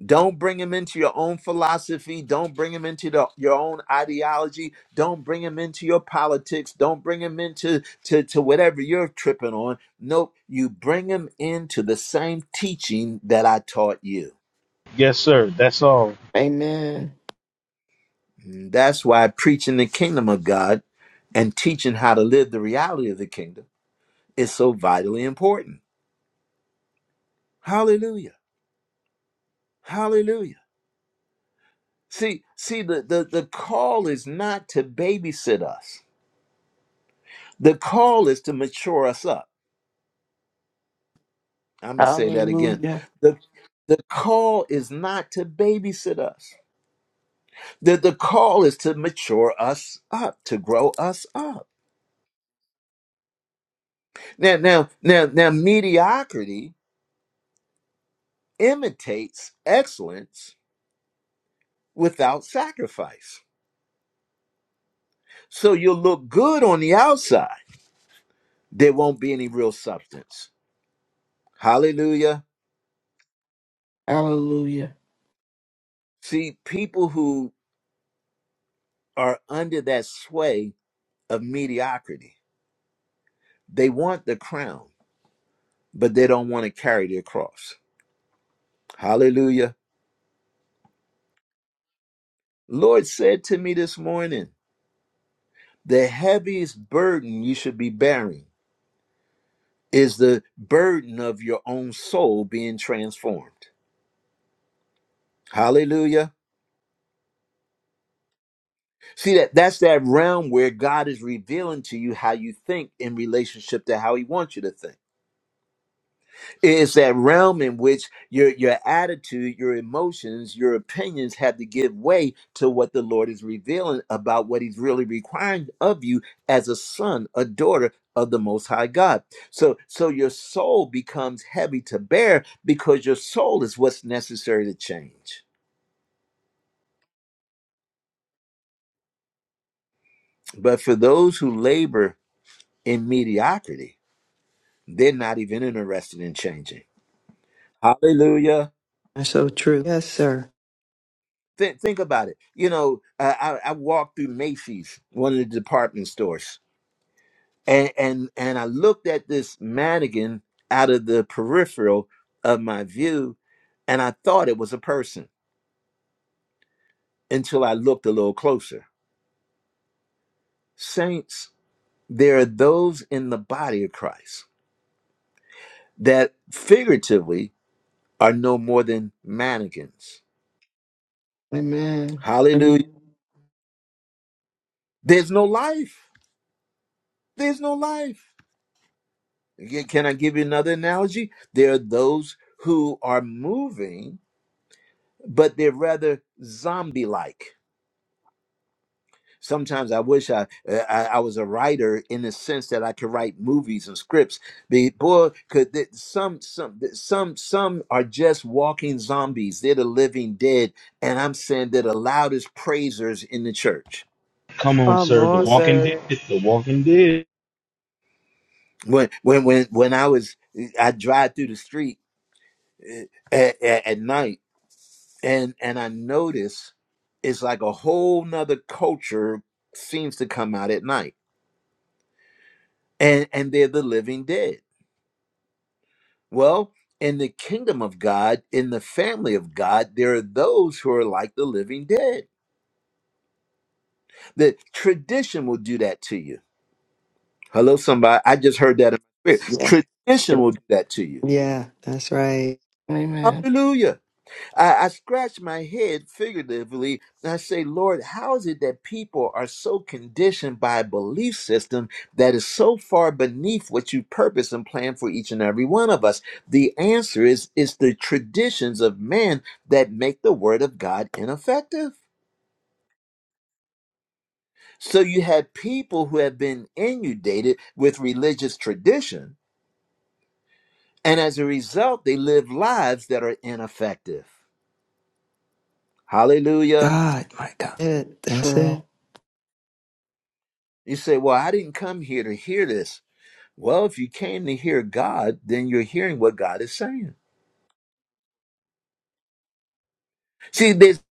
[SPEAKER 1] Don't bring them into your own philosophy. Don't bring them into the, your own ideology. Don't bring them into your politics. Don't bring them into to, to whatever you're tripping on. Nope, you bring them into the same teaching that I taught you.
[SPEAKER 7] Yes, sir. That's all.
[SPEAKER 5] Amen.
[SPEAKER 1] That's why preaching the kingdom of God and teaching how to live the reality of the kingdom is so vitally important. Hallelujah. Hallelujah. See, see, the, the, the call is not to babysit us. The call is to mature us up. I'm gonna say that again.
[SPEAKER 5] Hallelujah.
[SPEAKER 1] The the call is not to babysit us. The the call is to mature us up, to grow us up. Now, now, now, now mediocrity imitates excellence without sacrifice. So you'll look good on the outside. There won't be any real substance. Hallelujah.
[SPEAKER 5] Hallelujah.
[SPEAKER 1] See, people who are under that sway of mediocrity, they want the crown, but they don't want to carry their cross. Hallelujah. Lord said to me this morning, the heaviest burden you should be bearing is the burden of your own soul being transformed. Hallelujah. See that that's that realm where God is revealing to you how you think in relationship to how he wants you to think. It's that realm in which your your attitude, your emotions, your opinions have to give way to what the Lord is revealing about what he's really requiring of you as a son, a daughter of the most high God. So so your soul becomes heavy to bear because your soul is what's necessary to change. But for those who labor in mediocrity, They're not even interested in changing. Hallelujah.
[SPEAKER 2] That's so true. Yes, sir.
[SPEAKER 1] Think, think about it. You know, uh, I, I walked through Macy's, one of the department stores, and, and, and I looked at this mannequin out of the peripheral of my view, and I thought it was a person until I looked a little closer. Saints, there are those in the body of Christ that figuratively are no more than mannequins.
[SPEAKER 5] Amen.
[SPEAKER 1] Hallelujah.
[SPEAKER 5] Amen.
[SPEAKER 1] There's no life. There's no life Again, Can I give you another analogy? There are those who are moving, but they're rather zombie-like. Sometimes I wish I, uh, I I was a writer in the sense that I could write movies and scripts. The boy could th- some some th- some some are just walking zombies. They're the living dead, and I'm saying they're the loudest praisers in the church.
[SPEAKER 7] Come on,
[SPEAKER 2] Come
[SPEAKER 7] sir. The
[SPEAKER 2] on,
[SPEAKER 7] walking dead.
[SPEAKER 2] sir.
[SPEAKER 7] The walking dead.
[SPEAKER 1] When when when when I was I drive through the street at, at, night and and i notice it's like a whole nother culture seems to come out at night and and they're the living dead well in the kingdom of god in the family of god there are those who are like the living dead the tradition will do that to you hello somebody i just heard that in my
[SPEAKER 2] Yeah.
[SPEAKER 1] spirit tradition will do that to you
[SPEAKER 2] Yeah, that's right.
[SPEAKER 5] Amen.
[SPEAKER 1] hallelujah I, I scratch my head figuratively and I say, Lord, how is it that people are so conditioned by a belief system that is so far beneath what you purpose and plan for each and every one of us? The answer is it's the traditions of man that make the word of God ineffective. So you have people who have been inundated with religious tradition, and as a result, they live lives that are ineffective. Hallelujah.
[SPEAKER 2] God, my God. It, that's it.
[SPEAKER 5] True.
[SPEAKER 1] You say, Well, I didn't come here to hear this. Well, if you came to hear God, then you're hearing what God is saying. See, there's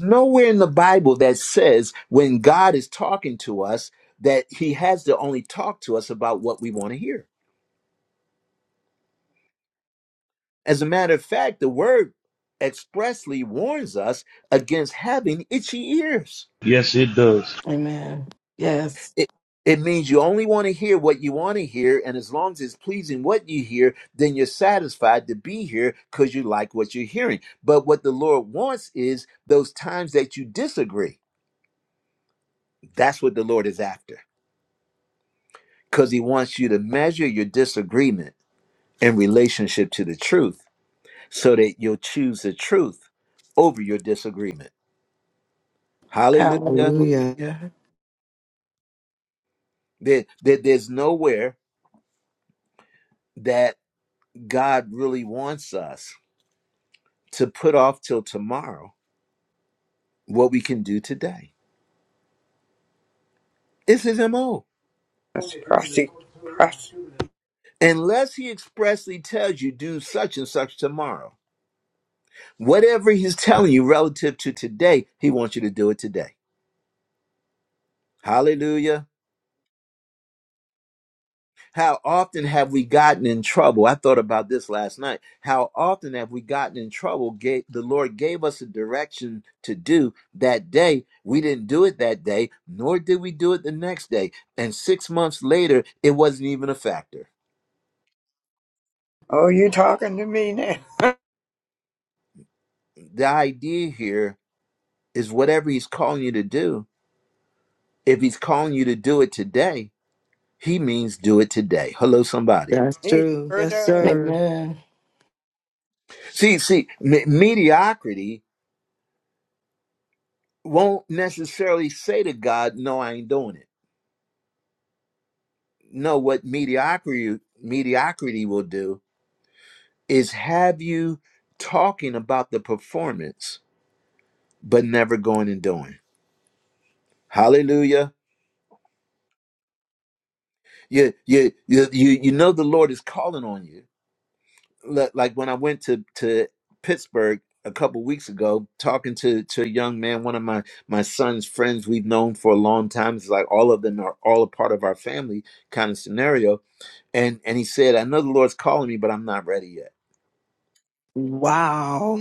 [SPEAKER 1] nowhere in the Bible that says when God is talking to us that he has to only talk to us about what we want to hear. As a matter of fact, the word expressly warns us against having itchy ears.
[SPEAKER 7] Yes, it does.
[SPEAKER 5] Amen. Yes.
[SPEAKER 1] It, it means you only want to hear what you want to hear. And as long as it's pleasing what you hear, then you're satisfied to be here because you like what you're hearing. But what the Lord wants is those times that you disagree. That's what the Lord is after because He wants you to measure your disagreement in relationship to the truth so that you'll choose the truth over your disagreement. Hallelujah.
[SPEAKER 2] Hallelujah.
[SPEAKER 5] Hallelujah.
[SPEAKER 1] There, there- there's nowhere that God really wants us to put off till tomorrow what we can do today. It's his MO.
[SPEAKER 4] That's prosy. prosy.
[SPEAKER 1] Unless he expressly tells you do such and such tomorrow. Whatever he's telling you relative to today, he wants you to do it today. Hallelujah. How often have we gotten in trouble? I thought about this last night. How often have we gotten in trouble? Gave, the Lord gave us a direction to do that day. We didn't do it that day, nor did we do it the next day. And six months later, it wasn't even a factor.
[SPEAKER 4] Oh, you talking to me now?
[SPEAKER 1] The idea here is whatever he's calling you to do, if he's calling you to do it today, he means do it today. Hello, somebody.
[SPEAKER 2] That's
[SPEAKER 4] He
[SPEAKER 2] true.
[SPEAKER 4] sure
[SPEAKER 2] Yes,
[SPEAKER 4] does.
[SPEAKER 2] sir.
[SPEAKER 5] Amen.
[SPEAKER 1] See, see, me- mediocrity won't necessarily say to God, "No, I ain't doing it." No, what mediocrity mediocrity will do is have you talking about the performance, but never going and doing. Hallelujah. You, you, you, you, you know the Lord is calling on you li- like when I went to to Pittsburgh a couple weeks ago, talking to to a young man, one of my my son's friends we've known for a long time. It's like all of them are all a part of our family kind of scenario. And and he said, I know the Lord's calling me, but I'm not ready yet.
[SPEAKER 2] Wow.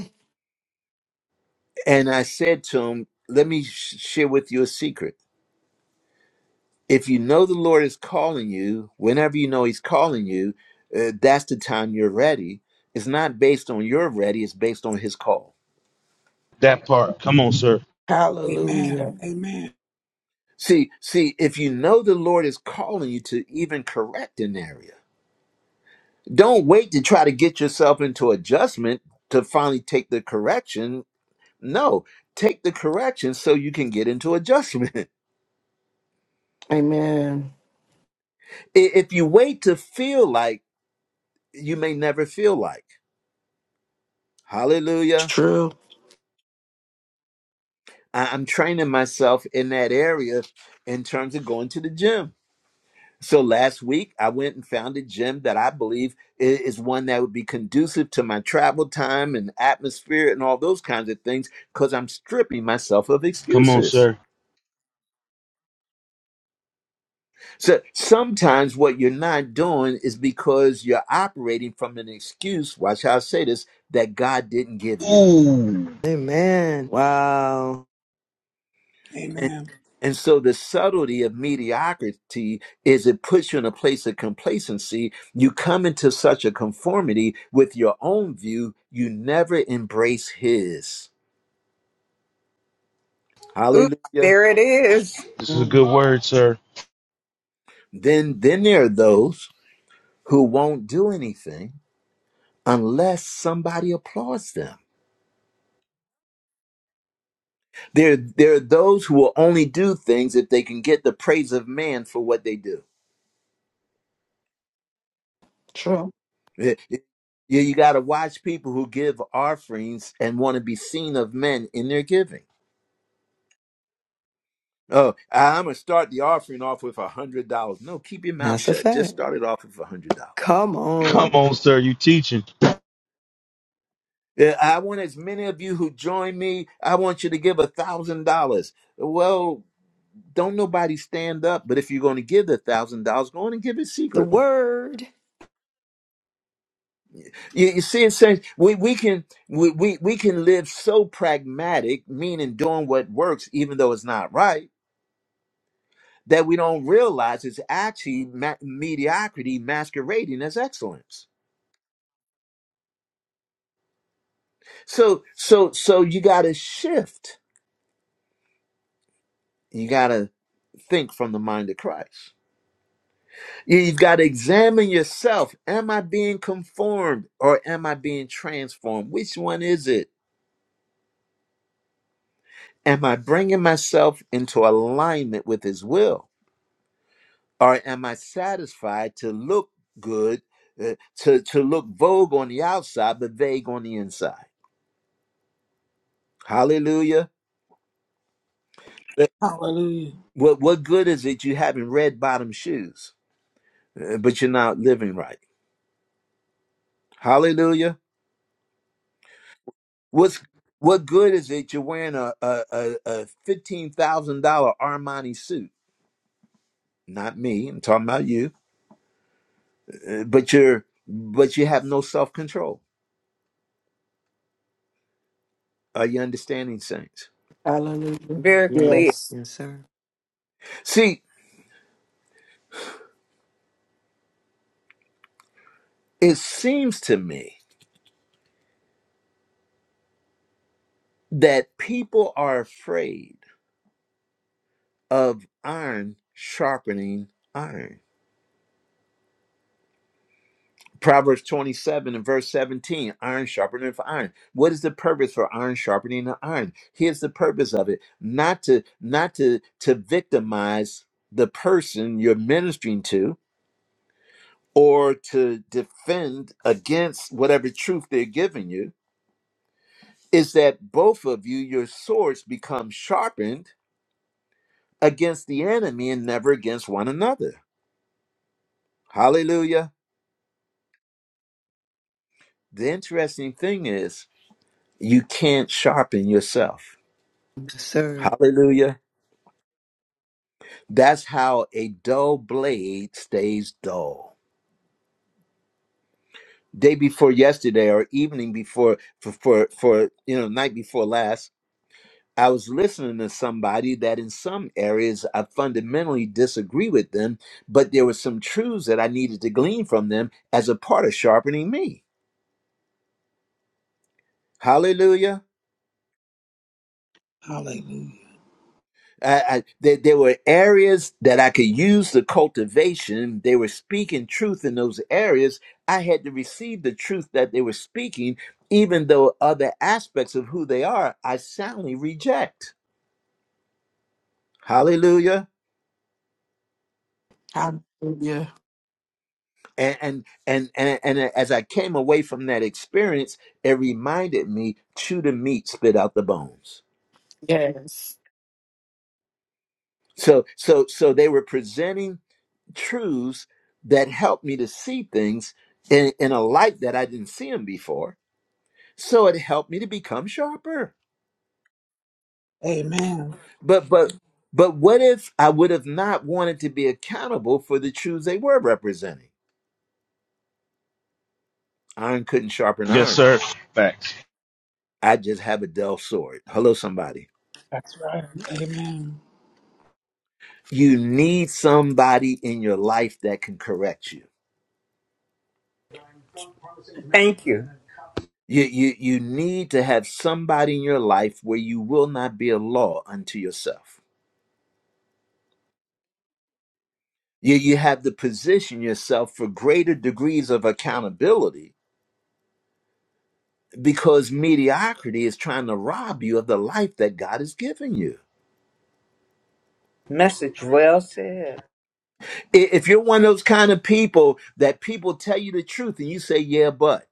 [SPEAKER 1] And I said to him, Let me sh- share with you a secret. If you know the Lord is calling you, whenever you know He's calling you, uh, that's the time you're ready. It's not based on your ready; it's based on His call.
[SPEAKER 7] That part. Come on, sir.
[SPEAKER 6] Amen.
[SPEAKER 5] Hallelujah.
[SPEAKER 6] Amen.
[SPEAKER 1] See, see, if you know the Lord is calling you to even correct an area, don't wait to try to get yourself into adjustment to finally take the correction. No, take the correction so you can get into adjustment.
[SPEAKER 5] Amen.
[SPEAKER 1] I- if you wait to feel like, you may never feel like. Hallelujah.
[SPEAKER 5] True.
[SPEAKER 1] I- I'm training myself in that area in terms of going to the gym So last week, I went and found a gym that I believe i- is one that would be conducive to my travel time and atmosphere and all those kinds of things because I'm stripping myself of
[SPEAKER 7] Come on,
[SPEAKER 1] excuses.
[SPEAKER 7] sir.
[SPEAKER 1] So sometimes what you're not doing is because you're operating from an excuse, watch how I say this, that God didn't give you.
[SPEAKER 7] Ooh.
[SPEAKER 2] Amen. Wow.
[SPEAKER 1] And,
[SPEAKER 6] Amen.
[SPEAKER 1] and so the subtlety of mediocrity is it puts you in a place of complacency. You come into such a conformity with your own view, you never embrace his.
[SPEAKER 4] Oops,
[SPEAKER 1] Hallelujah.
[SPEAKER 4] there it is.
[SPEAKER 7] This is a good
[SPEAKER 5] Mm.
[SPEAKER 7] word, sir.
[SPEAKER 1] Then then there are those who won't do anything unless somebody applauds them. There, there are those who will only do things if they can get the praise of man for what they do.
[SPEAKER 5] True.
[SPEAKER 1] Yeah, you, you got to watch people who give offerings and want to be seen of men in their giving. Oh, I'm gonna start the offering off with a hundred dollars. No, keep your mouth
[SPEAKER 2] That's a
[SPEAKER 1] shut. Just
[SPEAKER 2] fact.
[SPEAKER 1] start it off with a hundred dollars.
[SPEAKER 2] Come
[SPEAKER 7] Come
[SPEAKER 2] on.
[SPEAKER 7] on, sir. You teaching.
[SPEAKER 1] Yeah, I want as many of you who join me. I want you to give a thousand dollars. Well, don't nobody stand up, but if you're going to give the thousand dollars, go on and give it
[SPEAKER 2] The
[SPEAKER 1] secretly.
[SPEAKER 2] word.
[SPEAKER 1] You, you see, it says we, we can we, we we can live so pragmatic, meaning doing what works, even though it's not right that we don't realize is actually ma- mediocrity masquerading as excellence. So so so you got to shift. You got to think from the mind of Christ. You- You've got to examine yourself. Am I being conformed or am I being transformed? Which one is it? Am I bringing myself into alignment with His will, or am I satisfied to look good, uh, to to look vogue on the outside but vague on the inside? Hallelujah.
[SPEAKER 6] Hallelujah.
[SPEAKER 1] What what good is it you having red bottom shoes, uh, but you're not living right? Hallelujah. What's what good is it you're wearing a a, a, a fifteen thousand dollar Armani suit? Not me. I'm talking about you. Uh, But you're but you have no self control. Are you understanding, saints?
[SPEAKER 5] Hallelujah.
[SPEAKER 4] Very
[SPEAKER 2] Yes.
[SPEAKER 4] clear.
[SPEAKER 5] Yes.
[SPEAKER 2] Yes, sir.
[SPEAKER 1] See, it seems to me that people are afraid of iron sharpening iron. Proverbs 27 and verse 17 iron sharpeneth iron. What is the purpose for iron sharpening the iron? Here's the purpose of it not to not to to victimize the person you're ministering to or to defend against whatever truth they're giving you is that both of you your swords become sharpened against the enemy and never against one another. Hallelujah. The interesting thing is you can't sharpen yourself.
[SPEAKER 2] Yes, sir.
[SPEAKER 1] Hallelujah That's how a dull blade stays dull. Day before yesterday, or evening before, for, for, for you know, night before last, I was listening to somebody that in some areas I fundamentally disagree with them, but there were some truths that I needed to glean from them as a part of sharpening me. Hallelujah.
[SPEAKER 6] Hallelujah.
[SPEAKER 1] I, I, there, there were areas that I could use the cultivation. They were speaking truth in those areas. I had to receive the truth that they were speaking, even though other aspects of who they are, I soundly reject. Hallelujah.
[SPEAKER 5] Hallelujah.
[SPEAKER 1] And, and and and and as I came away from that experience, it reminded me: chew the meat, spit out the bones.
[SPEAKER 5] Yes.
[SPEAKER 1] So so so they were presenting truths that helped me to see things in, in a light that I didn't see them before. So it helped me to become sharper.
[SPEAKER 6] Amen.
[SPEAKER 1] But but but what if I would have not wanted to be accountable for the truths they were representing? Iron couldn't sharpen
[SPEAKER 7] Yes,
[SPEAKER 1] iron.
[SPEAKER 7] sir. Facts.
[SPEAKER 1] I just have a dull sword. Hello, somebody.
[SPEAKER 6] That's right. Amen.
[SPEAKER 1] You need somebody in your life that can correct you.
[SPEAKER 4] Thank you.
[SPEAKER 1] You, you you need to have somebody in your life where you will not be a law unto yourself You, you have to position yourself for greater degrees of accountability because mediocrity is trying to rob you of the life that God has given you.
[SPEAKER 4] Message well said.
[SPEAKER 1] I- If you're one of those kind of people that people tell you the truth and you say, yeah, but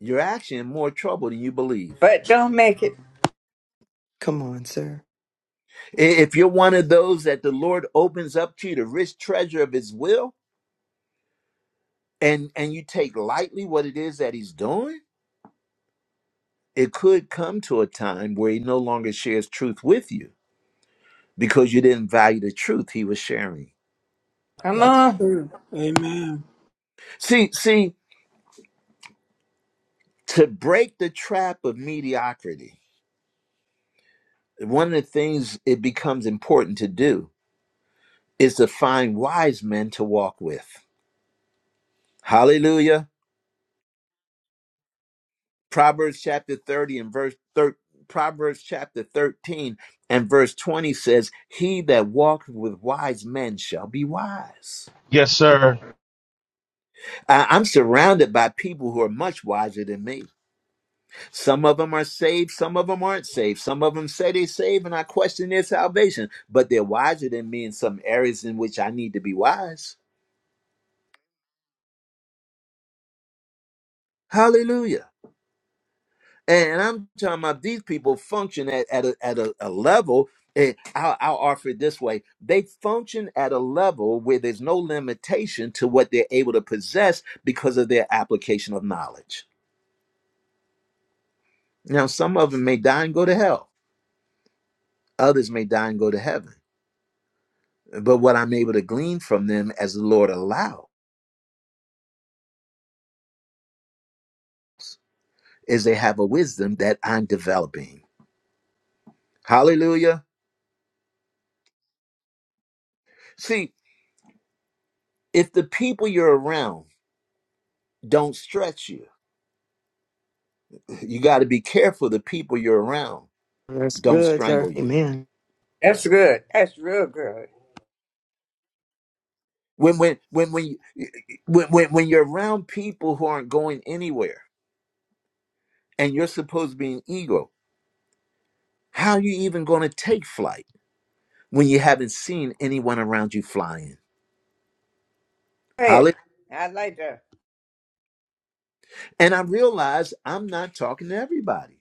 [SPEAKER 1] you're actually in more trouble than you believe.
[SPEAKER 4] But don't make it.
[SPEAKER 2] Come on, sir.
[SPEAKER 1] I- If you're one of those that the Lord opens up to you the rich treasure of his will and, and you take lightly what it is that he's doing, it could come to a time where he no longer shares truth with you because you didn't value the truth he was sharing.
[SPEAKER 4] Come
[SPEAKER 6] That's
[SPEAKER 4] on.
[SPEAKER 6] true. Amen.
[SPEAKER 1] See, see, to break the trap of mediocrity, one of the things it becomes important to do is to find wise men to walk with. Hallelujah. Proverbs chapter 30 and verse 13. Proverbs chapter 13 and verse 20 says, He that walketh with wise men shall be wise.
[SPEAKER 7] Yes, sir.
[SPEAKER 1] I- I'm surrounded by people who are much wiser than me Some of them are saved, some of them aren't saved. Some of them say they are saved, and I question their salvation. But they're wiser than me in some areas in which I need to be wise. Hallelujah. And I'm talking about these people function at, at, a, at a, a level. And I'll, I'll offer it this way they function at a level where there's no limitation to what they're able to possess because of their application of knowledge. Now, some of them may die and go to hell, others may die and go to heaven But what I'm able to glean from them as the Lord allow is they have a wisdom that I'm developing. Hallelujah. See, if the people you're around don't stretch you, you got to be careful the people you're around
[SPEAKER 2] That's
[SPEAKER 1] don't
[SPEAKER 2] good, sir.
[SPEAKER 1] strangle you.
[SPEAKER 2] Amen.
[SPEAKER 4] That's good. That's real good.
[SPEAKER 1] When when when when, you- when when when you're around people who aren't going anywhere and you're supposed to be an eagle, how are you even going to take flight when you haven't seen anyone around you flying?
[SPEAKER 4] Hey,
[SPEAKER 1] Hallelujah.
[SPEAKER 4] I like that.
[SPEAKER 1] And I realize I'm not talking to everybody.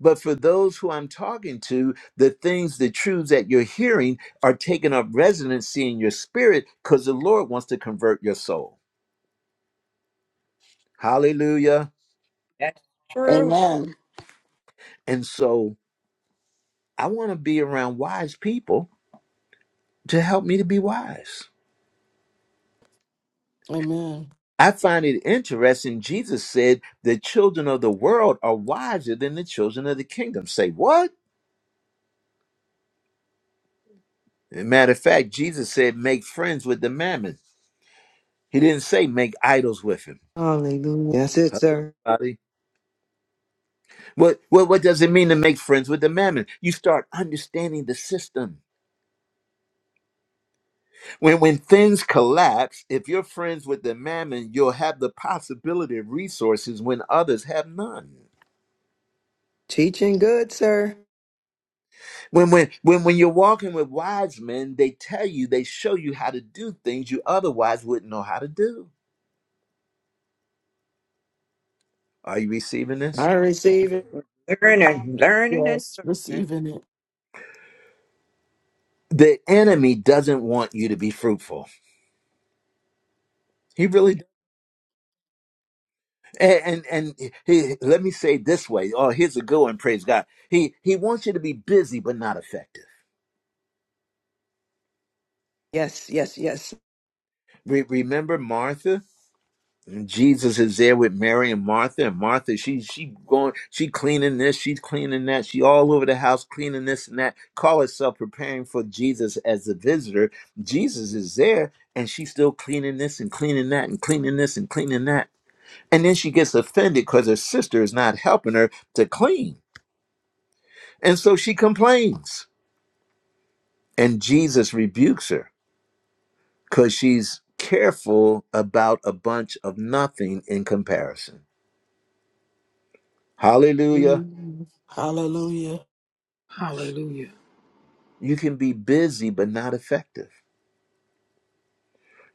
[SPEAKER 1] But for those who I'm talking to, the things, the truths that you're hearing are taking up residency in your spirit because the Lord wants to convert your soul. Hallelujah.
[SPEAKER 4] That's true.
[SPEAKER 8] Amen.
[SPEAKER 1] And so I want to be around wise people to help me to be wise.
[SPEAKER 5] Amen.
[SPEAKER 1] I find it interesting. Jesus said the children of the world are wiser than the children of the kingdom. Say what? As a matter of fact, Jesus said, make friends with the mammon. He didn't say make idols with him.
[SPEAKER 2] Hallelujah. That's it,
[SPEAKER 1] Hello,
[SPEAKER 2] sir.
[SPEAKER 1] somebody. What, what what does it mean to make friends with the mammon? You start understanding the system. When when things collapse, if you're friends with the mammon, you'll have the possibility of resources when others have none.
[SPEAKER 2] Teaching good, sir.
[SPEAKER 1] When when when when you're walking with wise men, they tell you, they show you how to do things you otherwise wouldn't know how to do. Are you receiving this?
[SPEAKER 2] I receive it.
[SPEAKER 4] Learning, learning, and
[SPEAKER 5] Yes.
[SPEAKER 4] learning.
[SPEAKER 5] Receiving it.
[SPEAKER 1] The enemy doesn't want you to be fruitful. He really And and, and he, let me say it this way. Oh, here's a good one. Praise God. He he wants you to be busy but not effective.
[SPEAKER 2] Yes, yes, yes.
[SPEAKER 1] Re- remember Martha? And Jesus is there with Mary and Martha, and Martha she she going she cleaning this, she's cleaning that, she all over the house cleaning this and that. Call herself preparing for Jesus as a visitor. Jesus is there, and she's still cleaning this and cleaning that and cleaning this and cleaning that. And then she gets offended because her sister is not helping her to clean, and so she complains. And Jesus rebukes her because she's careful about a bunch of nothing in comparison. Hallelujah.
[SPEAKER 5] Mm. Hallelujah.
[SPEAKER 6] Hallelujah.
[SPEAKER 1] You can be busy, but not effective.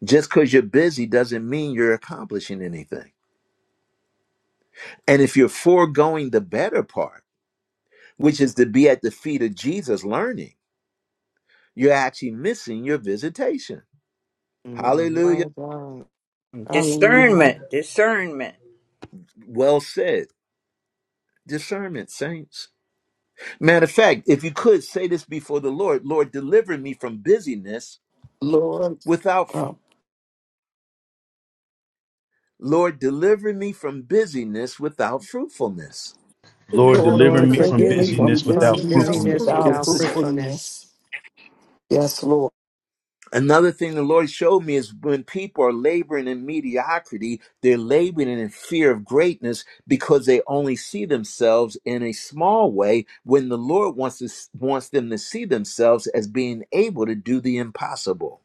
[SPEAKER 1] Just because you're busy doesn't mean you're accomplishing anything. And if you're foregoing the better part, which is to be at the feet of Jesus learning, you're actually missing your visitation.
[SPEAKER 2] My,
[SPEAKER 1] Hallelujah.
[SPEAKER 2] my God.
[SPEAKER 5] Hallelujah.
[SPEAKER 4] Discernment, discernment.
[SPEAKER 1] Well said. Discernment, saints. Matter of fact, if you could say this before the Lord, Lord, deliver me from busyness
[SPEAKER 5] Lord,
[SPEAKER 1] without
[SPEAKER 5] uh,
[SPEAKER 1] Lord, deliver me from busyness without fruitfulness.
[SPEAKER 7] Lord,
[SPEAKER 6] Deliver
[SPEAKER 5] Lord,
[SPEAKER 6] me
[SPEAKER 7] deliver
[SPEAKER 2] Lord,
[SPEAKER 7] me
[SPEAKER 6] from
[SPEAKER 5] deliver
[SPEAKER 7] from
[SPEAKER 2] forgive
[SPEAKER 5] me from
[SPEAKER 2] me
[SPEAKER 7] busyness
[SPEAKER 6] busyness
[SPEAKER 7] without
[SPEAKER 2] from
[SPEAKER 6] without
[SPEAKER 5] busyness
[SPEAKER 2] busyness
[SPEAKER 7] fruitfulness.
[SPEAKER 5] without
[SPEAKER 2] without
[SPEAKER 8] Yes.
[SPEAKER 6] fruitfulness.
[SPEAKER 5] fruitfulness.
[SPEAKER 2] fruitfulness.
[SPEAKER 8] Yes, Lord.
[SPEAKER 1] Another thing the Lord showed me is when people are laboring in mediocrity, they're laboring in fear of greatness because they only see themselves in a small way when the Lord wants to, wants them to see themselves as being able to do the impossible.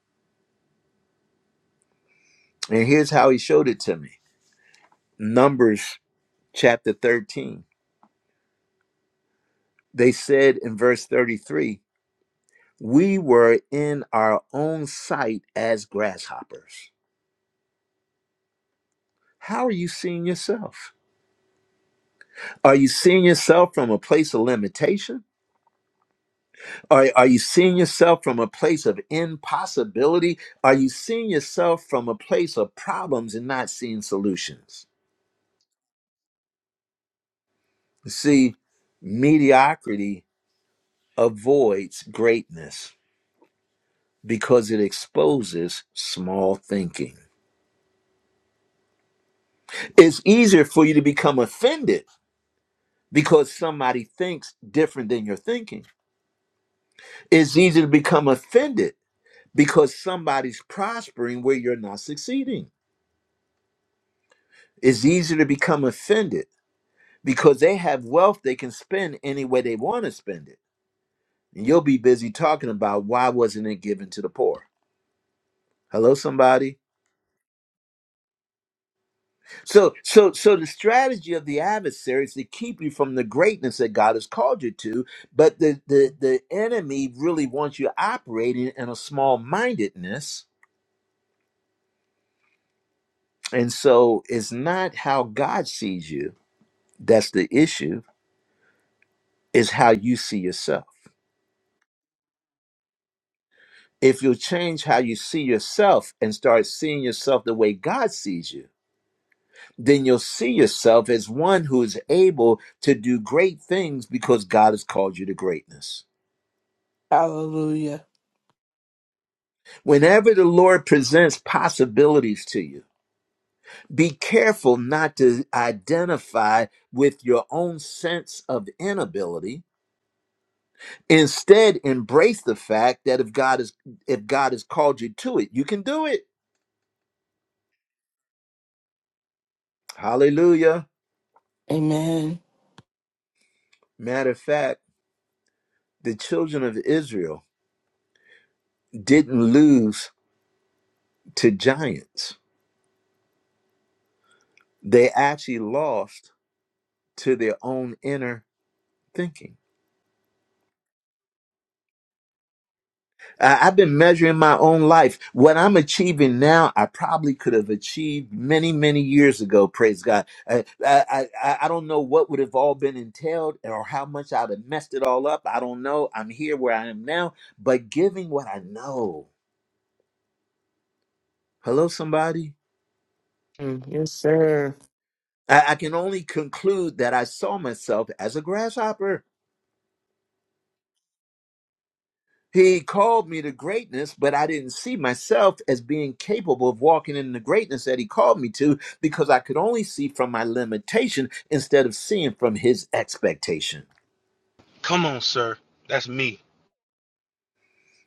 [SPEAKER 1] And here's how he showed it to me. Numbers chapter 13. They said in verse 33, We were in our own sight as grasshoppers. How are you seeing yourself? Are you seeing yourself from a place of limitation? Are, are you seeing yourself from a place of impossibility? Are you seeing yourself from a place of problems and not seeing solutions? See, mediocrity avoids greatness because it exposes small thinking. It's easier for you to become offended because somebody thinks different than you're thinking. It's easy to become offended because somebody's prospering where you're not succeeding. It's easy to become offended because they have wealth they can spend any way they want to spend it. And you'll be busy talking about why wasn't it given to the poor? Hello, somebody. So, so, so the strategy of the adversary is to keep you from the greatness that God has called you to. But the the the enemy really wants you operating in a small mindedness And so it's not how God sees you that's the issue, it's how you see yourself. If you will change how you see yourself and start seeing yourself the way God sees you, then you'll see yourself as one who is able to do great things because God has called you to greatness.
[SPEAKER 5] Hallelujah.
[SPEAKER 1] Whenever the Lord presents possibilities to you, be careful not to identify with your own sense of inability Instead, embrace the fact that if God is if God has called you to it, you can do it. Hallelujah.
[SPEAKER 5] Amen.
[SPEAKER 1] Matter of fact, the children of Israel didn't lose to giants. They actually lost to their own inner thinking. I- I've been measuring my own life. What I'm achieving now, I probably could have achieved many, many years ago. Praise God. I, I, I, I don't know what would have all been entailed or how much I'd have messed it all up. I don't know. I'm here where I am now, but giving what I know. Hello, somebody.
[SPEAKER 2] Mm, yes, sir.
[SPEAKER 1] I, I can only conclude that I saw myself as a grasshopper. He called me to greatness, but I didn't see myself as being capable of walking in the greatness that he called me to because I could only see from my limitation instead of seeing from his expectation.
[SPEAKER 7] Come on, sir. That's me.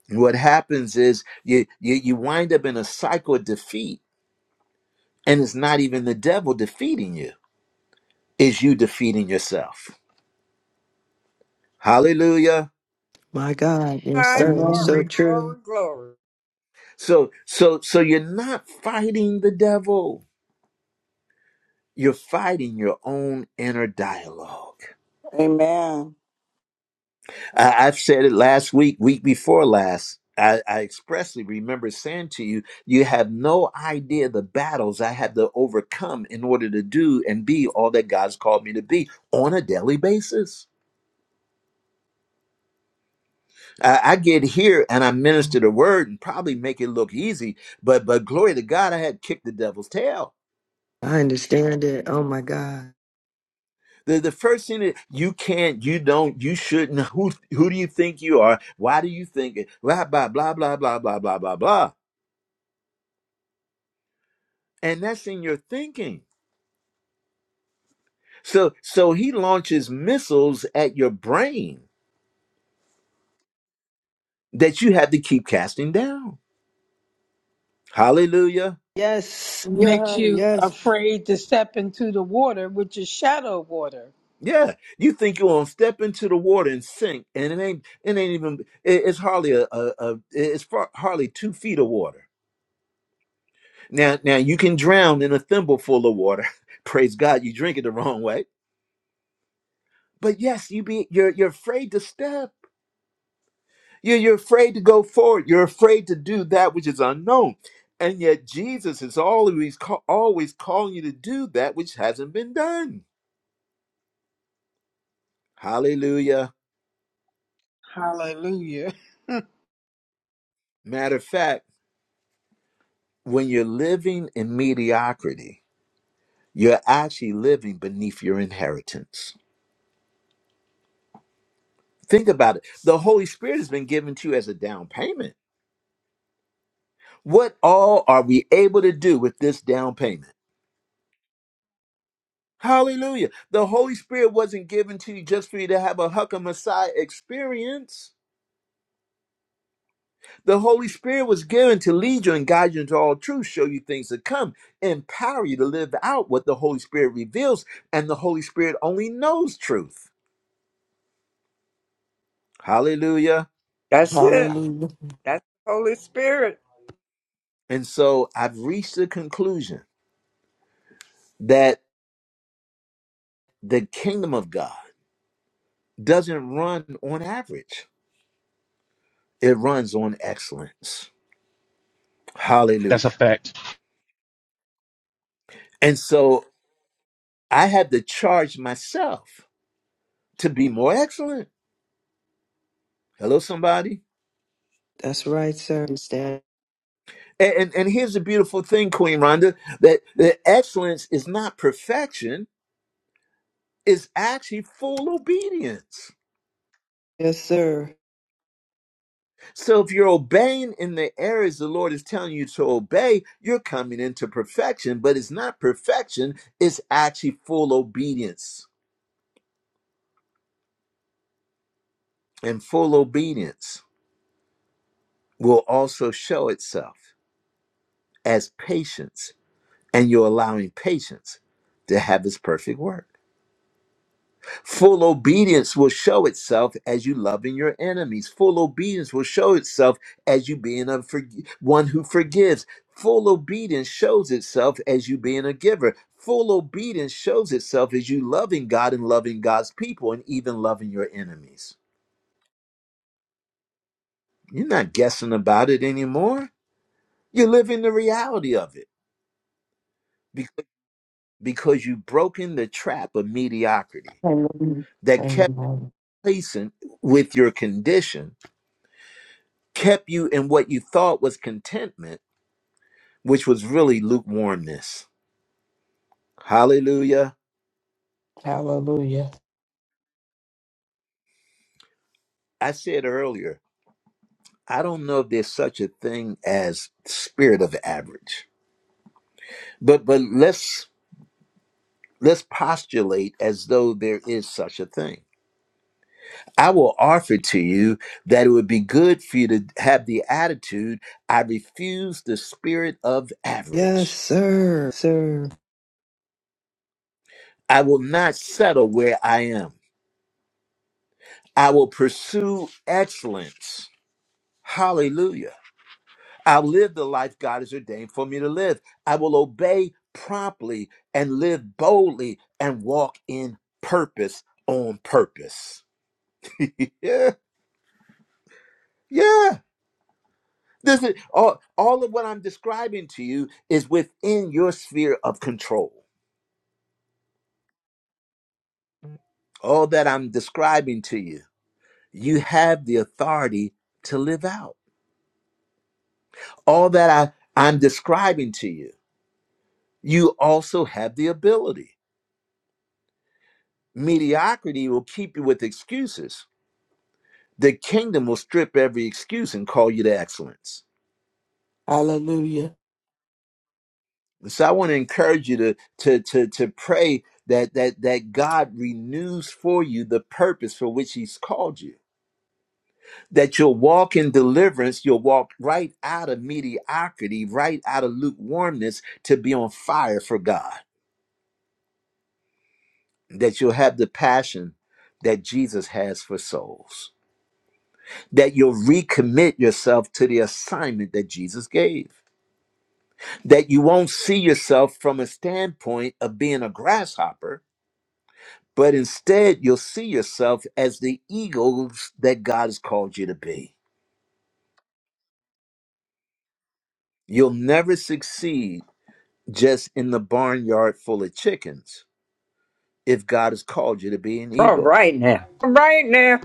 [SPEAKER 1] And what happens is you, you you wind up in a cycle of defeat, and it's not even the devil defeating you, it's you defeating yourself. Hallelujah.
[SPEAKER 2] My God.
[SPEAKER 4] All
[SPEAKER 2] Yes, sir.
[SPEAKER 4] right,
[SPEAKER 2] It's so
[SPEAKER 4] glory,
[SPEAKER 5] Amen.
[SPEAKER 2] true.
[SPEAKER 4] glory, glory.
[SPEAKER 1] So so so you're not fighting the devil, you're fighting your own inner dialogue.
[SPEAKER 8] Amen.
[SPEAKER 1] I, I've said it last week, week before last. I, I expressly remember saying to you, you have no idea the battles I had to overcome in order to do and be all that God's called me to be on a daily basis. I, I get here and I minister the word and probably make it look easy, but but glory to God, I had kicked the devil's tail.
[SPEAKER 2] I understand it. Oh, my God.
[SPEAKER 1] The, the first thing that you can't, you don't, you shouldn't. Who who do you think you are? Why do you think it? Blah blah blah blah blah blah blah blah blah. And that's in your thinking. So so he launches missiles at your brain that you have to keep casting down. Hallelujah.
[SPEAKER 2] Yes.
[SPEAKER 6] Makes
[SPEAKER 2] Yeah,
[SPEAKER 6] you
[SPEAKER 2] yes.
[SPEAKER 6] afraid to step into the water, which is shallow water.
[SPEAKER 1] Yeah, you think you're gonna step into the water and sink, and it ain't it ain't even it- it's hardly a, a, a it's far, hardly two feet of water. Now now you can drown in a thimble full of water. Praise God, you drink it the wrong way. But yes, you be you're you're afraid to step. You're, you're afraid to go forward. You're afraid to do that which is unknown. And yet Jesus is always, ca- always calling you to do that which hasn't been done. Hallelujah.
[SPEAKER 6] Hallelujah.
[SPEAKER 1] Matter of fact, when you're living in mediocrity, you're actually living beneath your inheritance. Think about it. The Holy Spirit has been given to you as a down payment. What all are we able to do with this down payment? Hallelujah. The Holy Spirit wasn't given to you just for you to have a Huckam Messiah experience. The Holy Spirit was given to lead you and guide you into all truth, show you things to come, empower you to live out what the Holy Spirit reveals, and the Holy Spirit only knows truth. Hallelujah.
[SPEAKER 4] That's it.
[SPEAKER 5] Hallelujah.
[SPEAKER 4] That's the Holy Spirit.
[SPEAKER 1] And so I've reached the conclusion that the kingdom of God doesn't run on average, it runs on excellence.
[SPEAKER 7] That's a
[SPEAKER 1] Hallelujah.
[SPEAKER 7] fact.
[SPEAKER 1] And so I had to charge myself to be more excellent. Hello, somebody.
[SPEAKER 2] That's right, sir. Understand.
[SPEAKER 1] And, and and here's the beautiful thing, Queen Rhonda, that, that excellence is not perfection, it's actually full obedience.
[SPEAKER 2] Yes, sir.
[SPEAKER 1] So if you're obeying in the areas the Lord is telling you to obey, you're coming into perfection, but it's not perfection, it's actually full obedience. And full obedience will also show itself as patience, and you're allowing patience to have its perfect work. Full obedience will show itself as you loving your enemies. Full obedience will show itself as you being a forg- one who forgives. Full obedience shows itself as you being a giver. Full obedience shows itself as you loving God and loving God's people and even loving your enemies. You're not guessing about it anymore. You're living the reality of it because, because you've broken the trap of mediocrity
[SPEAKER 5] Amen.
[SPEAKER 1] that kept
[SPEAKER 5] Amen.
[SPEAKER 1] placing with your condition kept you in what you thought was contentment, which was really lukewarmness. Hallelujah.
[SPEAKER 5] Hallelujah.
[SPEAKER 1] I said earlier, I don't know if there's such a thing as spirit of average. But but let's let's postulate as though there is such a thing. I will offer to you that it would be good for you to have the attitude I refuse the spirit of
[SPEAKER 2] Yes,
[SPEAKER 1] average.
[SPEAKER 2] sir. Sir.
[SPEAKER 1] I will not settle where I am. I will pursue excellence. Hallelujah. I'll live the life God has ordained for me to live. I will obey promptly and live boldly and walk in purpose on purpose. Yeah, yeah. This is all, all of what I'm describing to you is within your sphere of control. All that I'm describing to you, you have the authority to live out. All that I, I'm describing to you, you also have the ability. Mediocrity will keep you with excuses the kingdom will strip every excuse and call you to excellence.
[SPEAKER 5] Hallelujah.
[SPEAKER 1] So I want to encourage you to to to to pray that that that God renews for you the purpose for which He's called you. That you'll walk in deliverance, you'll walk right out of mediocrity, right out of lukewarmness to be on fire for God. That you'll have the passion that Jesus has for souls. That you'll recommit yourself to the assignment that Jesus gave that you won't see yourself from a standpoint of being a grasshopper, but instead you'll see yourself as the eagles that God has called you to be. You'll never succeed just in the barnyard full of chickens if God has called you to be an
[SPEAKER 4] All
[SPEAKER 1] eagle.
[SPEAKER 4] right now. All right now.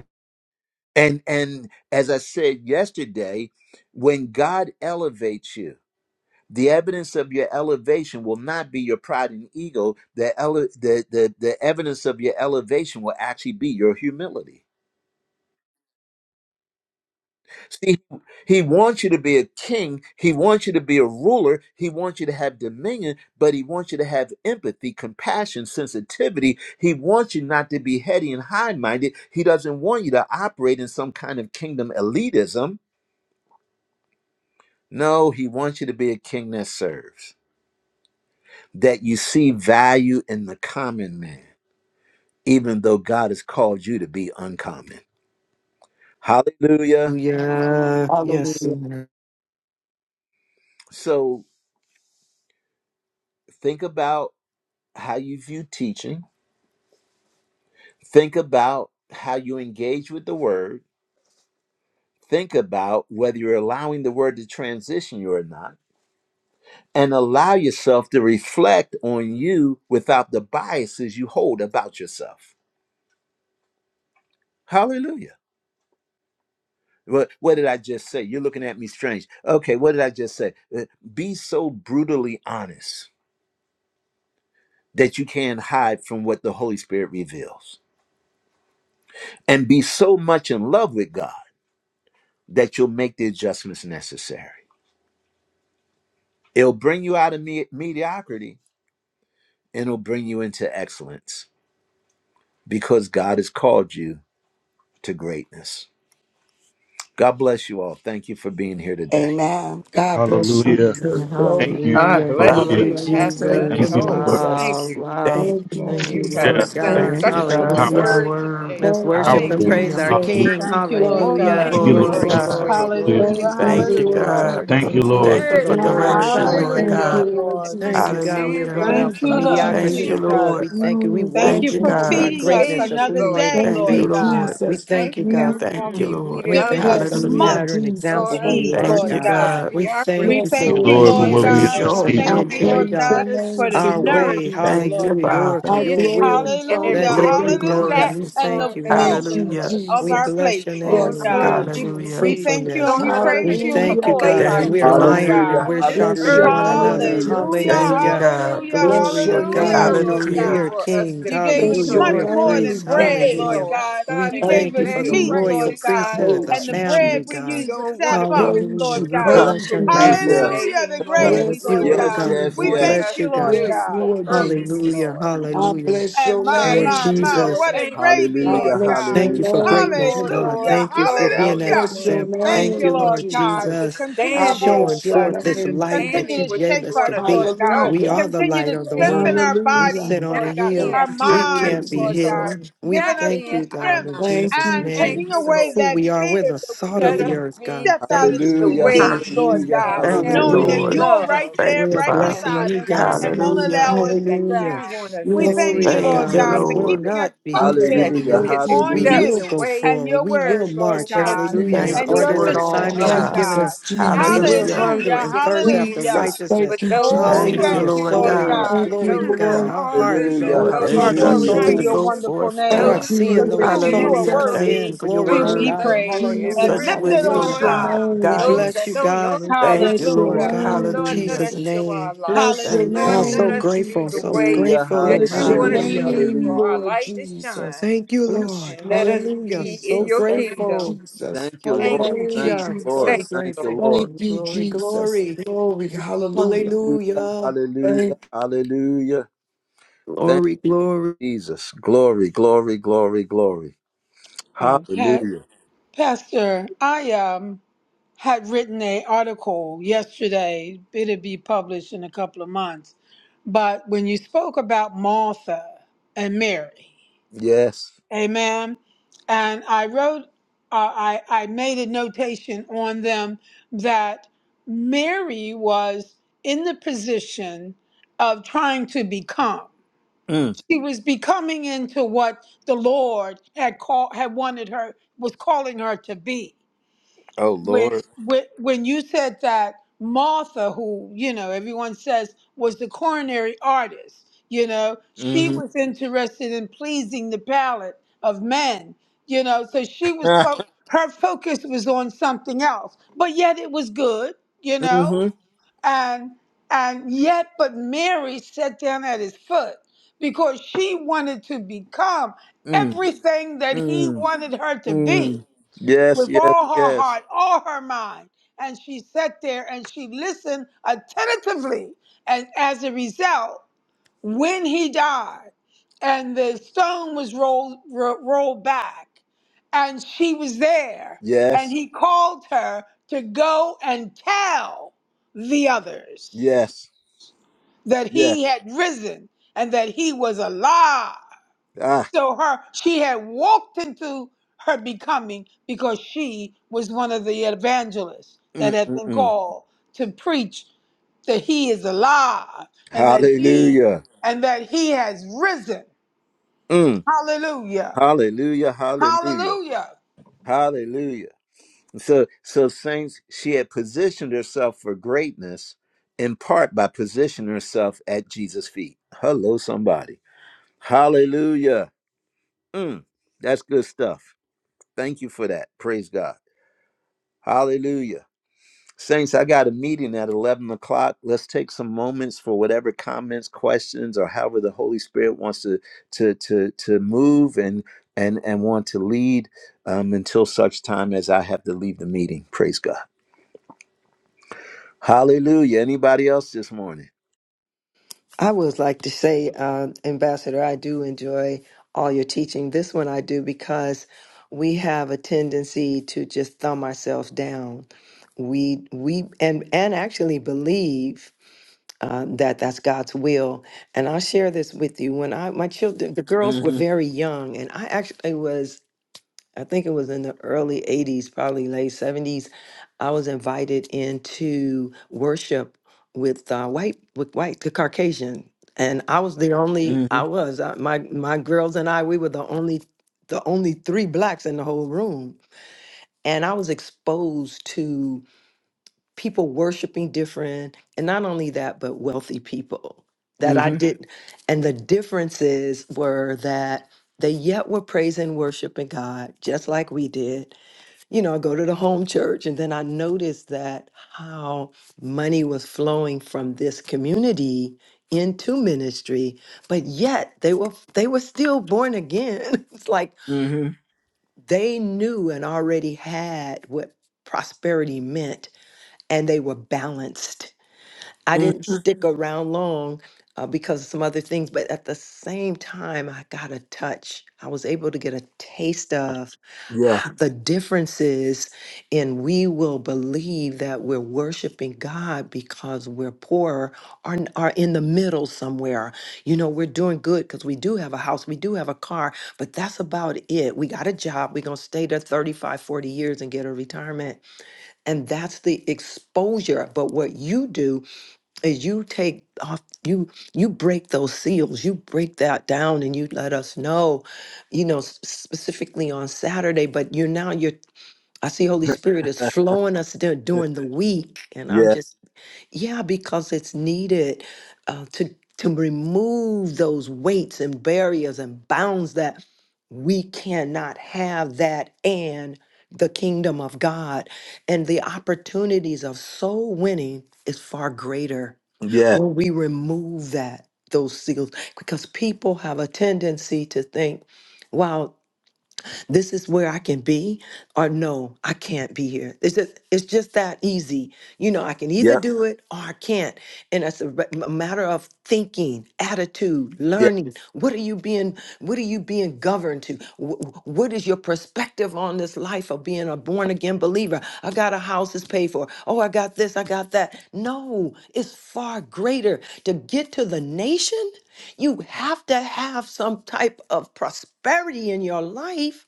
[SPEAKER 1] And and as I said yesterday, when God elevates you, the evidence of your elevation will not be your pride and ego. The, ele- the, the, the evidence of your elevation will actually be your humility. See, he wants you to be a king. He wants you to be a ruler. He wants you to have dominion, but he wants you to have empathy, compassion, sensitivity. He wants you not to be heady and high minded. He doesn't want you to operate in some kind of kingdom elitism. No, he wants you to be a king that serves, that you see value in the common man, even though God has called you to be uncommon. Hallelujah.
[SPEAKER 2] Yeah. Yes,
[SPEAKER 5] Hallelujah.
[SPEAKER 2] sir.
[SPEAKER 1] So think about how you view teaching Think about how you engage with the word. Think about whether you're allowing the word to transition you or not. And allow yourself to reflect on you without the biases you hold about yourself. Hallelujah. What, what did I just say? You're looking at me strange. Okay, what did I just say? Uh, Be so brutally honest that you can't hide from what the Holy Spirit reveals. And be so much in love with God that you'll make the adjustments necessary. It'll bring you out of me- mediocrity and it'll bring you into excellence because God has called you to greatness. God bless you all. Thank you for being here today.
[SPEAKER 8] Amen. God bless you.
[SPEAKER 7] Hallelujah.
[SPEAKER 8] too. Glory.
[SPEAKER 7] Thank you.
[SPEAKER 4] Ah,
[SPEAKER 2] Hallelujah. Thank
[SPEAKER 4] bless
[SPEAKER 7] Hallelujah.
[SPEAKER 2] you,
[SPEAKER 4] you,
[SPEAKER 5] Hallelujah.
[SPEAKER 4] Pastor Lester.
[SPEAKER 8] Thank
[SPEAKER 5] Thank you,
[SPEAKER 7] Thank
[SPEAKER 8] you,
[SPEAKER 2] Jesus.
[SPEAKER 7] you,
[SPEAKER 4] Oh,
[SPEAKER 5] Lord.
[SPEAKER 7] Lord.
[SPEAKER 8] Jesus.
[SPEAKER 4] thank
[SPEAKER 2] Wow,
[SPEAKER 4] you.
[SPEAKER 2] wow.
[SPEAKER 5] Thank
[SPEAKER 8] Thank
[SPEAKER 5] you,
[SPEAKER 8] you,
[SPEAKER 4] Oh,
[SPEAKER 2] Thank
[SPEAKER 5] Lord.
[SPEAKER 2] you,
[SPEAKER 4] you have
[SPEAKER 7] Yeah.
[SPEAKER 2] Lord
[SPEAKER 8] Jesus.
[SPEAKER 4] done
[SPEAKER 8] Thank
[SPEAKER 2] God.
[SPEAKER 5] Thank you,
[SPEAKER 8] you,
[SPEAKER 4] such a
[SPEAKER 5] God, for
[SPEAKER 7] Powerful.
[SPEAKER 5] the
[SPEAKER 8] Jesus.
[SPEAKER 2] Hallelujah.
[SPEAKER 4] word
[SPEAKER 5] word.
[SPEAKER 4] today,
[SPEAKER 2] Let's
[SPEAKER 8] Thank
[SPEAKER 4] Lord.
[SPEAKER 2] worship
[SPEAKER 8] you,
[SPEAKER 4] Thank
[SPEAKER 2] and
[SPEAKER 6] Yeah.
[SPEAKER 4] you,
[SPEAKER 7] Powerful.
[SPEAKER 2] praise
[SPEAKER 5] Hallelujah.
[SPEAKER 2] our
[SPEAKER 4] Jesus.
[SPEAKER 8] Jesus.
[SPEAKER 7] Hallelujah.
[SPEAKER 2] King.
[SPEAKER 6] Thank you,
[SPEAKER 8] Thank
[SPEAKER 6] Lord
[SPEAKER 4] Oh,
[SPEAKER 8] you,
[SPEAKER 6] God.
[SPEAKER 2] Hallelujah.
[SPEAKER 7] Thank
[SPEAKER 4] thank
[SPEAKER 7] you,
[SPEAKER 4] you,
[SPEAKER 5] Glory
[SPEAKER 7] Lord
[SPEAKER 5] to
[SPEAKER 2] Glory,
[SPEAKER 4] Lord,
[SPEAKER 8] Jesus.
[SPEAKER 7] Jesus.
[SPEAKER 4] for
[SPEAKER 5] God.
[SPEAKER 2] glory,
[SPEAKER 4] your
[SPEAKER 7] Hallelujah
[SPEAKER 2] glory.
[SPEAKER 6] Hallelujah.
[SPEAKER 2] We
[SPEAKER 8] Thank
[SPEAKER 7] for the
[SPEAKER 8] you,
[SPEAKER 2] thank
[SPEAKER 7] word.
[SPEAKER 5] Thank you,
[SPEAKER 2] you,
[SPEAKER 8] Lord
[SPEAKER 2] Lord.
[SPEAKER 6] Hallelujah.
[SPEAKER 4] joy.
[SPEAKER 5] God.
[SPEAKER 7] Thank you,
[SPEAKER 8] Jesus.
[SPEAKER 2] Thank you
[SPEAKER 7] Lord.
[SPEAKER 5] Thank
[SPEAKER 2] for
[SPEAKER 5] you
[SPEAKER 4] spirit
[SPEAKER 2] the
[SPEAKER 5] for
[SPEAKER 4] of
[SPEAKER 8] My
[SPEAKER 2] word.
[SPEAKER 5] direction,
[SPEAKER 8] God,
[SPEAKER 4] word
[SPEAKER 5] Lord
[SPEAKER 4] and
[SPEAKER 8] thank
[SPEAKER 2] Hallelujah.
[SPEAKER 8] you,
[SPEAKER 6] Hallelujah,
[SPEAKER 5] God.
[SPEAKER 4] knowledge
[SPEAKER 8] Lord
[SPEAKER 4] and
[SPEAKER 6] Lord.
[SPEAKER 2] Thank you,
[SPEAKER 8] Jesus.
[SPEAKER 2] God. We're
[SPEAKER 5] Hallelujah.
[SPEAKER 2] brought
[SPEAKER 4] understanding and
[SPEAKER 2] out
[SPEAKER 8] Thank
[SPEAKER 6] Thank
[SPEAKER 2] from
[SPEAKER 6] you,
[SPEAKER 8] you,
[SPEAKER 6] Lord
[SPEAKER 4] love.
[SPEAKER 5] Thank you,
[SPEAKER 8] Jesus.
[SPEAKER 4] Thank
[SPEAKER 2] mediocrity.
[SPEAKER 4] you,
[SPEAKER 2] Lord,
[SPEAKER 5] Lord.
[SPEAKER 2] we
[SPEAKER 6] Jesus.
[SPEAKER 4] Lord.
[SPEAKER 2] thank you. We
[SPEAKER 8] Mm,
[SPEAKER 6] Thank
[SPEAKER 2] walked
[SPEAKER 8] thank
[SPEAKER 5] Thank
[SPEAKER 6] you
[SPEAKER 5] you,
[SPEAKER 6] for
[SPEAKER 8] you,
[SPEAKER 2] into
[SPEAKER 4] Oh,
[SPEAKER 5] God.
[SPEAKER 4] we
[SPEAKER 2] the
[SPEAKER 6] feeding us
[SPEAKER 8] Jesus.
[SPEAKER 2] greatness
[SPEAKER 4] praise
[SPEAKER 2] of
[SPEAKER 4] you,
[SPEAKER 2] who
[SPEAKER 6] another
[SPEAKER 2] you
[SPEAKER 4] Lord.
[SPEAKER 2] made us
[SPEAKER 4] Thank
[SPEAKER 6] day,
[SPEAKER 2] to
[SPEAKER 8] Thank
[SPEAKER 5] Thank you,
[SPEAKER 6] Lord
[SPEAKER 8] you,
[SPEAKER 2] be.
[SPEAKER 4] you.
[SPEAKER 6] God.
[SPEAKER 5] Lord.
[SPEAKER 2] We
[SPEAKER 8] Jesus.
[SPEAKER 2] thank
[SPEAKER 4] Thank
[SPEAKER 2] you,
[SPEAKER 4] you that
[SPEAKER 2] God.
[SPEAKER 4] we
[SPEAKER 5] Thank
[SPEAKER 4] won't
[SPEAKER 8] Mm,
[SPEAKER 5] you,
[SPEAKER 4] be
[SPEAKER 5] Lord.
[SPEAKER 2] We
[SPEAKER 6] giving
[SPEAKER 2] thank you
[SPEAKER 6] us
[SPEAKER 4] mediocre,
[SPEAKER 2] for
[SPEAKER 8] Yes,
[SPEAKER 2] the
[SPEAKER 5] Hallelujah.
[SPEAKER 6] much
[SPEAKER 8] Lord
[SPEAKER 2] pattern
[SPEAKER 6] to
[SPEAKER 2] example
[SPEAKER 8] Jesus.
[SPEAKER 2] who
[SPEAKER 4] Lord,
[SPEAKER 8] Thank
[SPEAKER 2] you
[SPEAKER 6] eat,
[SPEAKER 8] you,
[SPEAKER 2] are,
[SPEAKER 5] Thank
[SPEAKER 6] Lord
[SPEAKER 5] you,
[SPEAKER 2] God.
[SPEAKER 4] for
[SPEAKER 8] Jesus.
[SPEAKER 6] God.
[SPEAKER 5] God.
[SPEAKER 2] We
[SPEAKER 4] mediocrity,
[SPEAKER 2] thank
[SPEAKER 6] We
[SPEAKER 2] you
[SPEAKER 8] Yes,
[SPEAKER 7] Thank
[SPEAKER 2] for
[SPEAKER 6] thank
[SPEAKER 7] you,
[SPEAKER 6] you,
[SPEAKER 4] Lord.
[SPEAKER 8] Lord
[SPEAKER 7] Lord, for
[SPEAKER 6] Lord
[SPEAKER 4] Thank
[SPEAKER 7] what we
[SPEAKER 4] you,
[SPEAKER 7] have
[SPEAKER 2] obedience.
[SPEAKER 8] Jesus.
[SPEAKER 5] Praise
[SPEAKER 6] God.
[SPEAKER 2] We
[SPEAKER 5] your
[SPEAKER 6] We
[SPEAKER 4] Lord.
[SPEAKER 5] holy
[SPEAKER 7] received.
[SPEAKER 8] I
[SPEAKER 6] thank
[SPEAKER 2] submit
[SPEAKER 6] you,
[SPEAKER 5] name.
[SPEAKER 2] to you,
[SPEAKER 6] Lord
[SPEAKER 8] praise your
[SPEAKER 6] God,
[SPEAKER 2] God.
[SPEAKER 4] Let us
[SPEAKER 8] name
[SPEAKER 6] for the
[SPEAKER 2] Our
[SPEAKER 4] keep
[SPEAKER 8] today,
[SPEAKER 4] on
[SPEAKER 2] way,
[SPEAKER 6] nourishment,
[SPEAKER 8] Jesus.
[SPEAKER 5] Thank
[SPEAKER 6] Lord
[SPEAKER 5] you,
[SPEAKER 2] hallelujah,
[SPEAKER 6] God.
[SPEAKER 2] your to
[SPEAKER 5] Father.
[SPEAKER 8] I
[SPEAKER 4] in
[SPEAKER 2] your will,
[SPEAKER 4] and
[SPEAKER 8] glorify you
[SPEAKER 6] Hallelujah,
[SPEAKER 2] let
[SPEAKER 4] embrace
[SPEAKER 2] it
[SPEAKER 5] Glory,
[SPEAKER 2] be
[SPEAKER 8] today,
[SPEAKER 4] the
[SPEAKER 2] done.
[SPEAKER 5] glory.
[SPEAKER 6] hallelujah.
[SPEAKER 2] We
[SPEAKER 4] facts,
[SPEAKER 8] Jesus.
[SPEAKER 6] And
[SPEAKER 2] thank
[SPEAKER 6] the
[SPEAKER 4] Lord,
[SPEAKER 2] you,
[SPEAKER 4] that you
[SPEAKER 2] Lord.
[SPEAKER 8] Thank
[SPEAKER 6] fullness
[SPEAKER 4] tell
[SPEAKER 8] you,
[SPEAKER 5] Hallelujah.
[SPEAKER 4] us.
[SPEAKER 6] of
[SPEAKER 2] We
[SPEAKER 6] our
[SPEAKER 8] Jesus.
[SPEAKER 2] bless your
[SPEAKER 6] plates,
[SPEAKER 2] name,
[SPEAKER 6] Lord
[SPEAKER 4] Oh,
[SPEAKER 8] Yes,
[SPEAKER 2] Lord
[SPEAKER 4] Lord,
[SPEAKER 6] God.
[SPEAKER 8] Lord
[SPEAKER 2] God,
[SPEAKER 4] thank
[SPEAKER 2] for the
[SPEAKER 4] you,
[SPEAKER 5] Hallelujah.
[SPEAKER 6] We
[SPEAKER 8] Jesus.
[SPEAKER 6] thank
[SPEAKER 4] Jesus.
[SPEAKER 6] you and
[SPEAKER 2] fruitfulness.
[SPEAKER 4] Don't
[SPEAKER 6] we
[SPEAKER 4] let us
[SPEAKER 2] We
[SPEAKER 6] praise you
[SPEAKER 4] be
[SPEAKER 6] and we
[SPEAKER 2] thank you,
[SPEAKER 8] Hallelujah,
[SPEAKER 2] God,
[SPEAKER 8] Lord
[SPEAKER 6] glorify
[SPEAKER 2] that
[SPEAKER 4] complacent,
[SPEAKER 5] Thank
[SPEAKER 6] you,
[SPEAKER 5] you,
[SPEAKER 2] we're
[SPEAKER 6] Lord
[SPEAKER 4] Lord,
[SPEAKER 8] Jesus.
[SPEAKER 5] Lord.
[SPEAKER 2] iron and
[SPEAKER 6] God.
[SPEAKER 1] Hallelujah,
[SPEAKER 2] we're
[SPEAKER 4] on this
[SPEAKER 8] Bless
[SPEAKER 2] sharpening
[SPEAKER 8] your
[SPEAKER 4] earth,
[SPEAKER 1] hallelujah,
[SPEAKER 2] one
[SPEAKER 4] Lord.
[SPEAKER 2] another.
[SPEAKER 8] name,
[SPEAKER 1] hallelujah,
[SPEAKER 6] Hallelujah,
[SPEAKER 4] Let
[SPEAKER 8] Jesus.
[SPEAKER 5] Thank
[SPEAKER 4] us
[SPEAKER 5] you,
[SPEAKER 2] Hallelujah.
[SPEAKER 5] God.
[SPEAKER 4] do
[SPEAKER 6] hallelujah,
[SPEAKER 8] Bless
[SPEAKER 2] Glory to
[SPEAKER 8] your
[SPEAKER 4] what your
[SPEAKER 2] God.
[SPEAKER 6] hallelujah,
[SPEAKER 8] name,
[SPEAKER 4] purpose
[SPEAKER 6] Lord
[SPEAKER 4] is
[SPEAKER 2] We
[SPEAKER 5] Hallelujah.
[SPEAKER 2] are
[SPEAKER 6] God.
[SPEAKER 4] for
[SPEAKER 8] Jesus.
[SPEAKER 4] us
[SPEAKER 2] kings.
[SPEAKER 4] to
[SPEAKER 6] You gave
[SPEAKER 4] be,
[SPEAKER 6] us
[SPEAKER 8] Bless
[SPEAKER 2] Hallelujah.
[SPEAKER 8] your
[SPEAKER 2] We are
[SPEAKER 6] much
[SPEAKER 4] Lord.
[SPEAKER 6] more than
[SPEAKER 2] priests.
[SPEAKER 8] name,
[SPEAKER 6] bread,
[SPEAKER 4] Today,
[SPEAKER 8] Jesus.
[SPEAKER 6] Lord
[SPEAKER 2] Hallelujah.
[SPEAKER 4] Lord,
[SPEAKER 6] God.
[SPEAKER 2] We
[SPEAKER 6] You
[SPEAKER 4] starting
[SPEAKER 8] Thank
[SPEAKER 6] gave
[SPEAKER 2] thank you
[SPEAKER 8] you,
[SPEAKER 6] us
[SPEAKER 2] for the
[SPEAKER 4] today,
[SPEAKER 6] meat,
[SPEAKER 4] right
[SPEAKER 2] royal
[SPEAKER 6] Lord
[SPEAKER 8] Jesus.
[SPEAKER 4] now,
[SPEAKER 6] God,
[SPEAKER 2] priesthood, the
[SPEAKER 4] Lord.
[SPEAKER 8] Praise
[SPEAKER 6] and the
[SPEAKER 8] you,
[SPEAKER 2] family,
[SPEAKER 6] bread we
[SPEAKER 8] Jesus.
[SPEAKER 2] God.
[SPEAKER 4] We
[SPEAKER 6] use to
[SPEAKER 4] don't want to
[SPEAKER 6] sap
[SPEAKER 4] be
[SPEAKER 6] up,
[SPEAKER 8] Praise
[SPEAKER 2] Hallelujah.
[SPEAKER 6] Lord
[SPEAKER 8] you,
[SPEAKER 2] We
[SPEAKER 4] push
[SPEAKER 6] God.
[SPEAKER 2] bless
[SPEAKER 8] praise
[SPEAKER 2] your
[SPEAKER 8] you,
[SPEAKER 2] name
[SPEAKER 1] hallelujah.
[SPEAKER 2] for it.
[SPEAKER 8] Jesus.
[SPEAKER 6] Hallelujah, the
[SPEAKER 4] procrastinating,
[SPEAKER 2] We
[SPEAKER 4] Lord,
[SPEAKER 6] gravy,
[SPEAKER 2] lift
[SPEAKER 8] Yes,
[SPEAKER 4] what
[SPEAKER 6] Lord
[SPEAKER 2] you
[SPEAKER 4] your
[SPEAKER 2] up,
[SPEAKER 1] Yes,
[SPEAKER 8] Lord
[SPEAKER 6] God.
[SPEAKER 4] word is
[SPEAKER 2] God.
[SPEAKER 1] yes,
[SPEAKER 2] We
[SPEAKER 6] We
[SPEAKER 8] Jesus.
[SPEAKER 4] wanting
[SPEAKER 6] thank
[SPEAKER 1] yes.
[SPEAKER 4] us
[SPEAKER 2] bless you,
[SPEAKER 6] you,
[SPEAKER 4] to
[SPEAKER 6] Lord
[SPEAKER 2] God.
[SPEAKER 8] Yes,
[SPEAKER 4] do
[SPEAKER 6] God.
[SPEAKER 4] for
[SPEAKER 8] Lord
[SPEAKER 4] purpose,
[SPEAKER 8] Jesus.
[SPEAKER 2] Hallelujah.
[SPEAKER 4] Lord.
[SPEAKER 8] I
[SPEAKER 2] Hallelujah.
[SPEAKER 8] bless
[SPEAKER 4] We
[SPEAKER 8] your
[SPEAKER 6] And my,
[SPEAKER 2] Lord
[SPEAKER 8] name,
[SPEAKER 4] praise
[SPEAKER 6] my,
[SPEAKER 4] you,
[SPEAKER 6] my,
[SPEAKER 2] Jesus.
[SPEAKER 4] Lord.
[SPEAKER 6] what a
[SPEAKER 8] Jesus.
[SPEAKER 4] Thank you,
[SPEAKER 6] gravy,
[SPEAKER 8] I
[SPEAKER 6] Lord
[SPEAKER 4] Jesus.
[SPEAKER 8] bless
[SPEAKER 6] God.
[SPEAKER 8] your
[SPEAKER 2] Thank you for
[SPEAKER 8] name,
[SPEAKER 2] greatness,
[SPEAKER 4] Oh,
[SPEAKER 2] God.
[SPEAKER 4] Lord,
[SPEAKER 6] Hallelujah.
[SPEAKER 8] Jesus.
[SPEAKER 2] Thank you for
[SPEAKER 4] glory
[SPEAKER 8] I
[SPEAKER 2] being
[SPEAKER 4] to
[SPEAKER 2] that
[SPEAKER 4] your
[SPEAKER 6] Hallelujah.
[SPEAKER 8] bless your
[SPEAKER 2] example.
[SPEAKER 4] name,
[SPEAKER 6] Thank
[SPEAKER 2] Thank
[SPEAKER 4] Father,
[SPEAKER 6] you,
[SPEAKER 2] you,
[SPEAKER 4] for
[SPEAKER 8] name,
[SPEAKER 6] Lord
[SPEAKER 2] Lord
[SPEAKER 6] God.
[SPEAKER 8] Jesus.
[SPEAKER 2] Jesus,
[SPEAKER 6] Continue
[SPEAKER 8] I
[SPEAKER 6] to
[SPEAKER 4] understanding,
[SPEAKER 2] showing
[SPEAKER 8] bless
[SPEAKER 6] mold
[SPEAKER 8] your
[SPEAKER 4] Lord,
[SPEAKER 6] us.
[SPEAKER 2] forth this
[SPEAKER 8] name,
[SPEAKER 2] light that
[SPEAKER 4] understanding
[SPEAKER 2] you
[SPEAKER 6] Continue
[SPEAKER 8] Jesus.
[SPEAKER 6] to
[SPEAKER 4] what
[SPEAKER 2] gave
[SPEAKER 6] shape
[SPEAKER 4] you
[SPEAKER 2] us to
[SPEAKER 4] want
[SPEAKER 6] us,
[SPEAKER 4] us
[SPEAKER 2] be.
[SPEAKER 6] Lord
[SPEAKER 4] to
[SPEAKER 6] God.
[SPEAKER 4] know.
[SPEAKER 2] We
[SPEAKER 8] Hallelujah.
[SPEAKER 2] are the
[SPEAKER 6] Continue
[SPEAKER 2] light
[SPEAKER 6] to
[SPEAKER 2] of the
[SPEAKER 4] Praise
[SPEAKER 6] strengthen
[SPEAKER 2] world.
[SPEAKER 4] you.
[SPEAKER 6] our
[SPEAKER 2] We
[SPEAKER 8] Hallelujah.
[SPEAKER 6] bodies,
[SPEAKER 2] sit on a
[SPEAKER 6] Lord
[SPEAKER 4] not
[SPEAKER 6] God,
[SPEAKER 8] Thank
[SPEAKER 2] hill.
[SPEAKER 6] our
[SPEAKER 4] being
[SPEAKER 8] you,
[SPEAKER 4] high
[SPEAKER 2] We
[SPEAKER 8] Lord
[SPEAKER 6] minds,
[SPEAKER 2] can't be
[SPEAKER 4] minded,
[SPEAKER 6] Lord
[SPEAKER 8] Jesus.
[SPEAKER 6] God,
[SPEAKER 4] Lord,
[SPEAKER 2] hidden. We
[SPEAKER 6] giving
[SPEAKER 4] not
[SPEAKER 6] us
[SPEAKER 2] thank
[SPEAKER 6] the
[SPEAKER 4] being
[SPEAKER 2] you,
[SPEAKER 4] high
[SPEAKER 2] God,
[SPEAKER 6] strength
[SPEAKER 2] in
[SPEAKER 4] minded.
[SPEAKER 8] Thank
[SPEAKER 2] Jesus'
[SPEAKER 8] you,
[SPEAKER 6] and
[SPEAKER 2] name.
[SPEAKER 4] Thank
[SPEAKER 6] taking
[SPEAKER 4] you,
[SPEAKER 6] away
[SPEAKER 8] Jesus.
[SPEAKER 4] Lord.
[SPEAKER 2] Who
[SPEAKER 8] Thank
[SPEAKER 6] that
[SPEAKER 2] we are,
[SPEAKER 6] fear
[SPEAKER 2] we're the
[SPEAKER 6] that we
[SPEAKER 2] salt
[SPEAKER 6] can
[SPEAKER 2] of
[SPEAKER 4] Let
[SPEAKER 2] the
[SPEAKER 4] us
[SPEAKER 8] you,
[SPEAKER 2] earth,
[SPEAKER 6] just
[SPEAKER 4] be
[SPEAKER 2] God.
[SPEAKER 6] step out
[SPEAKER 2] Thank
[SPEAKER 6] into
[SPEAKER 2] you,
[SPEAKER 4] the
[SPEAKER 6] the
[SPEAKER 2] Lord
[SPEAKER 6] deep,
[SPEAKER 4] way
[SPEAKER 2] Jesus.
[SPEAKER 6] Lord
[SPEAKER 1] Hallelujah,
[SPEAKER 4] and
[SPEAKER 6] God,
[SPEAKER 8] Jesus.
[SPEAKER 5] Thank
[SPEAKER 4] have
[SPEAKER 5] you,
[SPEAKER 6] knowing
[SPEAKER 4] the
[SPEAKER 6] that
[SPEAKER 5] Lord.
[SPEAKER 2] Hallelujah.
[SPEAKER 6] you're
[SPEAKER 4] love
[SPEAKER 6] right there,
[SPEAKER 5] Thank
[SPEAKER 2] We
[SPEAKER 5] you,
[SPEAKER 2] are
[SPEAKER 6] right
[SPEAKER 4] and
[SPEAKER 5] Father.
[SPEAKER 2] blessing
[SPEAKER 4] the
[SPEAKER 6] beside
[SPEAKER 2] you,
[SPEAKER 6] us,
[SPEAKER 8] Thank
[SPEAKER 6] and
[SPEAKER 2] God.
[SPEAKER 4] guidance
[SPEAKER 6] won't
[SPEAKER 8] you,
[SPEAKER 5] Hallelujah.
[SPEAKER 6] allow
[SPEAKER 8] Jesus.
[SPEAKER 6] us to
[SPEAKER 4] that
[SPEAKER 2] Hallelujah.
[SPEAKER 4] you
[SPEAKER 6] drown.
[SPEAKER 4] want us
[SPEAKER 6] We
[SPEAKER 4] to
[SPEAKER 8] Yes,
[SPEAKER 6] thank
[SPEAKER 2] Glory
[SPEAKER 4] be,
[SPEAKER 6] you,
[SPEAKER 2] to
[SPEAKER 6] Lord
[SPEAKER 5] Thank
[SPEAKER 4] Lord,
[SPEAKER 2] God.
[SPEAKER 5] you,
[SPEAKER 6] God,
[SPEAKER 2] We
[SPEAKER 6] for
[SPEAKER 8] Jesus.
[SPEAKER 2] will
[SPEAKER 5] Lord.
[SPEAKER 6] keeping us
[SPEAKER 2] not be
[SPEAKER 4] so
[SPEAKER 8] Ooh,
[SPEAKER 6] focused
[SPEAKER 4] that
[SPEAKER 2] defeated
[SPEAKER 4] you
[SPEAKER 1] hallelujah,
[SPEAKER 2] and
[SPEAKER 4] can
[SPEAKER 2] we
[SPEAKER 6] on
[SPEAKER 4] accept
[SPEAKER 1] hallelujah,
[SPEAKER 2] will
[SPEAKER 6] you
[SPEAKER 4] the
[SPEAKER 2] go
[SPEAKER 4] way
[SPEAKER 6] and
[SPEAKER 2] forward.
[SPEAKER 6] your
[SPEAKER 2] We
[SPEAKER 4] that
[SPEAKER 2] will
[SPEAKER 6] word, Lord
[SPEAKER 4] you
[SPEAKER 2] march.
[SPEAKER 4] want us
[SPEAKER 8] Thank
[SPEAKER 6] God,
[SPEAKER 4] to
[SPEAKER 2] Hallelujah.
[SPEAKER 8] you,
[SPEAKER 2] In the
[SPEAKER 4] give
[SPEAKER 5] Thank
[SPEAKER 6] and
[SPEAKER 5] you
[SPEAKER 4] your
[SPEAKER 8] Jesus,
[SPEAKER 6] your
[SPEAKER 5] for
[SPEAKER 2] orders
[SPEAKER 5] it
[SPEAKER 2] and
[SPEAKER 4] word
[SPEAKER 6] mission,
[SPEAKER 5] all,
[SPEAKER 4] to
[SPEAKER 8] Jesus,
[SPEAKER 2] assignments
[SPEAKER 6] Lord
[SPEAKER 2] you've
[SPEAKER 4] others.
[SPEAKER 5] God.
[SPEAKER 2] given
[SPEAKER 6] God.
[SPEAKER 2] us.
[SPEAKER 8] Jesus,
[SPEAKER 4] not
[SPEAKER 2] We
[SPEAKER 4] just
[SPEAKER 2] will
[SPEAKER 8] Jesus,
[SPEAKER 5] Hallelujah.
[SPEAKER 2] hunger
[SPEAKER 6] Hallelujah,
[SPEAKER 4] kings
[SPEAKER 2] and
[SPEAKER 4] and
[SPEAKER 2] thirst after
[SPEAKER 4] queens,
[SPEAKER 6] hallelujah.
[SPEAKER 8] Jesus.
[SPEAKER 2] righteousness.
[SPEAKER 4] but
[SPEAKER 8] Thank you,
[SPEAKER 4] those
[SPEAKER 6] Oh,
[SPEAKER 4] who
[SPEAKER 5] Thank
[SPEAKER 8] Jesus.
[SPEAKER 5] you,
[SPEAKER 4] are
[SPEAKER 6] thank
[SPEAKER 2] Hallelujah.
[SPEAKER 6] you,
[SPEAKER 5] Lord
[SPEAKER 6] Lord
[SPEAKER 2] Souls.
[SPEAKER 5] God,
[SPEAKER 4] widows
[SPEAKER 6] God.
[SPEAKER 4] and
[SPEAKER 8] Thank you,
[SPEAKER 2] Glory to
[SPEAKER 6] Mm,
[SPEAKER 4] those who
[SPEAKER 2] God.
[SPEAKER 8] Lord.
[SPEAKER 6] mm,
[SPEAKER 2] Our
[SPEAKER 4] are
[SPEAKER 2] heart
[SPEAKER 6] mm.
[SPEAKER 4] orphans
[SPEAKER 2] is a
[SPEAKER 4] and
[SPEAKER 5] for
[SPEAKER 8] Thank
[SPEAKER 5] the
[SPEAKER 4] those
[SPEAKER 8] you,
[SPEAKER 6] Oh,
[SPEAKER 2] heart
[SPEAKER 4] who
[SPEAKER 2] of
[SPEAKER 4] are
[SPEAKER 6] glory to
[SPEAKER 5] instructions
[SPEAKER 1] hallelujah,
[SPEAKER 5] to
[SPEAKER 6] your
[SPEAKER 8] Jesus.
[SPEAKER 2] souls.
[SPEAKER 5] go
[SPEAKER 4] prostitutes,
[SPEAKER 6] wonderful
[SPEAKER 5] forth,
[SPEAKER 2] God,
[SPEAKER 6] name,
[SPEAKER 8] Thank
[SPEAKER 5] God.
[SPEAKER 4] those
[SPEAKER 8] you,
[SPEAKER 4] who are
[SPEAKER 2] seeing
[SPEAKER 6] because
[SPEAKER 2] those
[SPEAKER 8] Lord
[SPEAKER 4] drug
[SPEAKER 6] truly you are
[SPEAKER 4] addicts,
[SPEAKER 2] souls
[SPEAKER 5] Hallelujah.
[SPEAKER 4] Lord,
[SPEAKER 2] come
[SPEAKER 8] Jesus.
[SPEAKER 5] Thank you
[SPEAKER 2] in.
[SPEAKER 6] worthy
[SPEAKER 5] for your
[SPEAKER 2] Glory
[SPEAKER 6] to
[SPEAKER 2] to
[SPEAKER 4] those,
[SPEAKER 8] Thank
[SPEAKER 6] be
[SPEAKER 5] word,
[SPEAKER 2] God.
[SPEAKER 4] those
[SPEAKER 8] you,
[SPEAKER 4] who
[SPEAKER 6] praised
[SPEAKER 4] are in
[SPEAKER 2] Hallelujah.
[SPEAKER 6] and
[SPEAKER 5] such
[SPEAKER 8] Jesus.
[SPEAKER 4] prison,
[SPEAKER 6] lifted
[SPEAKER 5] wisdom,
[SPEAKER 6] on
[SPEAKER 2] Hallelujah.
[SPEAKER 8] Bless
[SPEAKER 4] Lord,
[SPEAKER 8] your
[SPEAKER 6] high.
[SPEAKER 5] God,
[SPEAKER 8] name,
[SPEAKER 2] We
[SPEAKER 4] those
[SPEAKER 2] bless
[SPEAKER 8] Jesus.
[SPEAKER 4] that
[SPEAKER 2] you,
[SPEAKER 5] guidance.
[SPEAKER 4] don't know
[SPEAKER 2] God.
[SPEAKER 4] the
[SPEAKER 2] We
[SPEAKER 4] way.
[SPEAKER 5] Thank
[SPEAKER 2] thank
[SPEAKER 5] you,
[SPEAKER 2] you,
[SPEAKER 8] Bless your
[SPEAKER 2] Lord
[SPEAKER 5] Lord.
[SPEAKER 6] Hallelujah,
[SPEAKER 2] God.
[SPEAKER 4] Oh,
[SPEAKER 8] name,
[SPEAKER 2] In
[SPEAKER 4] Lord, let
[SPEAKER 5] Hallelujah.
[SPEAKER 2] Jesus'
[SPEAKER 4] us
[SPEAKER 8] Jesus.
[SPEAKER 4] show
[SPEAKER 2] name.
[SPEAKER 4] our light.
[SPEAKER 8] Bless your
[SPEAKER 5] Thank you,
[SPEAKER 4] Lord,
[SPEAKER 6] hallelujah.
[SPEAKER 2] I'm
[SPEAKER 5] Lord.
[SPEAKER 2] so
[SPEAKER 4] let
[SPEAKER 8] name,
[SPEAKER 4] us be
[SPEAKER 2] grateful,
[SPEAKER 4] the
[SPEAKER 2] so
[SPEAKER 8] Jesus.
[SPEAKER 4] way
[SPEAKER 1] hallelujah,
[SPEAKER 4] that
[SPEAKER 2] grateful.
[SPEAKER 8] Bless
[SPEAKER 4] you
[SPEAKER 8] your
[SPEAKER 4] want us
[SPEAKER 1] hallelujah,
[SPEAKER 4] to
[SPEAKER 2] Hallelujah.
[SPEAKER 5] Hallelujah.
[SPEAKER 4] be
[SPEAKER 8] name,
[SPEAKER 1] hallelujah.
[SPEAKER 4] for our
[SPEAKER 8] Lord
[SPEAKER 4] light to
[SPEAKER 8] Jesus.
[SPEAKER 4] shine.
[SPEAKER 2] Thank you,
[SPEAKER 8] Bless your
[SPEAKER 2] Lord.
[SPEAKER 4] And let us
[SPEAKER 8] name,
[SPEAKER 2] Hallelujah.
[SPEAKER 4] be in
[SPEAKER 2] So
[SPEAKER 4] your
[SPEAKER 8] Jesus. Thank you,
[SPEAKER 4] kingdom.
[SPEAKER 2] grateful.
[SPEAKER 8] Jesus.
[SPEAKER 1] Thank you,
[SPEAKER 4] Thank
[SPEAKER 1] Lord.
[SPEAKER 4] you,
[SPEAKER 8] Thank you,
[SPEAKER 1] Thank
[SPEAKER 4] Jesus.
[SPEAKER 1] you,
[SPEAKER 2] Hallelujah.
[SPEAKER 1] Lord.
[SPEAKER 2] So
[SPEAKER 4] Thank
[SPEAKER 8] Jesus.
[SPEAKER 4] you,
[SPEAKER 1] Thank
[SPEAKER 4] Lord.
[SPEAKER 1] you,
[SPEAKER 2] grateful.
[SPEAKER 1] Lord.
[SPEAKER 8] Thank you,
[SPEAKER 2] Glory,
[SPEAKER 8] Jesus.
[SPEAKER 2] glory.
[SPEAKER 8] Glory, hallelujah.
[SPEAKER 1] Hallelujah,
[SPEAKER 2] Hallelujah.
[SPEAKER 1] hallelujah,
[SPEAKER 8] Thank
[SPEAKER 1] hallelujah. Thank you,
[SPEAKER 2] Glory,
[SPEAKER 1] Lord
[SPEAKER 2] glory.
[SPEAKER 1] Jesus. Glory, glory, glory, glory.
[SPEAKER 6] Um, Pa-
[SPEAKER 1] Hallelujah.
[SPEAKER 6] Pastor, I am. had written a article yesterday. It'll be published in a couple of months. But when you spoke about Martha and Mary,
[SPEAKER 1] Yes.
[SPEAKER 6] amen. And I wrote, uh, I, I made a notation on them that Mary was in the position of trying to become.
[SPEAKER 1] Mm.
[SPEAKER 6] She was becoming into what the Lord had called, had wanted her, was calling her to be
[SPEAKER 1] Oh
[SPEAKER 6] when
[SPEAKER 1] Lord.
[SPEAKER 6] when when you said that Martha, who you know everyone says was the coronary artist, you know she
[SPEAKER 1] Mm-hmm.
[SPEAKER 6] was interested in pleasing the palate of men, you know, so she was
[SPEAKER 1] Ah,
[SPEAKER 6] fo- her focus was on something else, but yet it was good, you know,
[SPEAKER 1] mm-hmm.
[SPEAKER 6] and and yet but Mary sat down at his foot because she wanted to become
[SPEAKER 1] Mm.
[SPEAKER 6] everything that he
[SPEAKER 1] Mm.
[SPEAKER 6] wanted her to be
[SPEAKER 1] Mm. Yes,
[SPEAKER 6] with
[SPEAKER 1] yes,
[SPEAKER 6] all her
[SPEAKER 1] yes.
[SPEAKER 6] heart, all her mind. And she sat there and she listened attentively. And as a result, when he died and the stone was rolled, ro- rolled back, and she was there, and
[SPEAKER 1] Yes.
[SPEAKER 6] he called her to go and tell the others
[SPEAKER 1] Yes.
[SPEAKER 6] that
[SPEAKER 1] Yes.
[SPEAKER 6] he had risen and that he was alive.
[SPEAKER 1] Ah.
[SPEAKER 6] So her she had walked into her becoming because she was one of the evangelists that
[SPEAKER 1] Mm,
[SPEAKER 6] had
[SPEAKER 1] mm,
[SPEAKER 6] been
[SPEAKER 1] mm.
[SPEAKER 6] called to preach that he is alive and that he
[SPEAKER 1] Hallelujah.
[SPEAKER 6] and that he has risen.
[SPEAKER 1] Mm.
[SPEAKER 6] Hallelujah.
[SPEAKER 1] Hallelujah. Hallelujah.
[SPEAKER 6] Hallelujah.
[SPEAKER 1] Hallelujah. So so saints, she had positioned herself for greatness in part by positioning herself at Jesus' feet. Hello, somebody. Hallelujah. Mm. That's good stuff. Thank you for that. Praise God. Hallelujah. Saints, I got a meeting at 11 o'clock. Let's take some moments for whatever comments, questions, or however the Holy Spirit wants to to to to move and and and want to lead um, until such time as I have to leave the meeting. Praise God. Hallelujah. Anybody else this morning?
[SPEAKER 2] I would like to say, um, Ambassador, I do enjoy all your teaching. This one I do because we have a tendency to just thumb ourselves down we we and and actually believe uh, that that's God's will. And I'll share this with you. When I my children, the
[SPEAKER 1] Mm,
[SPEAKER 2] girls were very young, and I actually was. I think it was in the early 80s, probably late 70s. I was invited into worship with uh, white, with white, the Caucasian, and I was the only.
[SPEAKER 1] hmm
[SPEAKER 2] I was uh, my my girls and I. We were the only, the only three blacks in the whole room, and I was exposed to people worshiping different and not only that but wealthy people that i
[SPEAKER 1] Mm-hmm.
[SPEAKER 2] did and the differences were that they yet were praising worshiping god just like we did you know i go to the home church and then i noticed that how money was flowing from this community into ministry but yet they were they were still born again it's like
[SPEAKER 1] mhm,
[SPEAKER 2] they knew and already had what prosperity meant and they were balanced I
[SPEAKER 1] mm.
[SPEAKER 2] didn't stick around long uh, because of some other things, but at the same time, I got a touch. I was able to get a taste of
[SPEAKER 1] Yeah.
[SPEAKER 2] the differences in we will believe that we're worshiping God because we're poor or n- are in the middle somewhere. You know, we're doing good because we do have a house, we do have a car, but that's about it. We got a job. We're going to stay there 35, 40 years and get a retirement. And that's the exposure. But what you do is you take off you you break those seals you break that down and you let us know you know s- specifically on saturday but you're now you're i see holy spirit is flowing us there during the week and i'm
[SPEAKER 1] Yeah.
[SPEAKER 2] just yeah because it's needed uh, to to remove those weights and barriers and bounds that we cannot have that and the kingdom of god and the opportunities of soul winning is far greater
[SPEAKER 1] Yeah.
[SPEAKER 2] when we remove that those seals because people have a tendency to think wow this is where I can be, or no, I can't be here. It's just, it's just that easy. You know, I can either
[SPEAKER 1] Yeah.
[SPEAKER 2] do it or I can't. And it's a, re- a matter of thinking, attitude,
[SPEAKER 1] Yeah.
[SPEAKER 2] learning. What are you being, what are you being governed to? Wh- What is your perspective on this life of being a born again believer? I got a house is paid for. Oh, I got this, I got that. No, it's far greater. To get to the nation, you have to have some type of prosperity in your life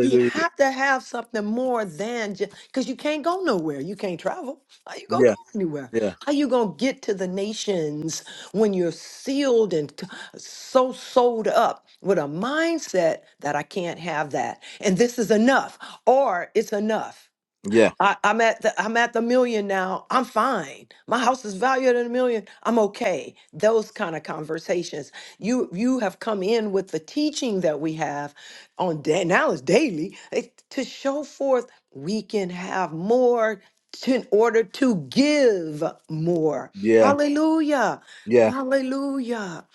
[SPEAKER 2] you have to have something more than just because you can't go nowhere. You can't travel. How you gonna
[SPEAKER 1] Yeah.
[SPEAKER 2] go anywhere?
[SPEAKER 1] Yeah.
[SPEAKER 2] How you gonna get to the nations when you're sealed and t- so sold up with a mindset that I can't have that and this is enough or it's enough.
[SPEAKER 1] Yeah.
[SPEAKER 2] I, I'm at the I'm at the million now. I'm fine. My house is valued at a million. I'm okay. Those kind of conversations. You you have come in with the teaching that we have on day now is daily it- to show forth we can have more to, in order to give more.
[SPEAKER 1] Yeah.
[SPEAKER 2] Hallelujah.
[SPEAKER 1] Yeah.
[SPEAKER 2] Hallelujah.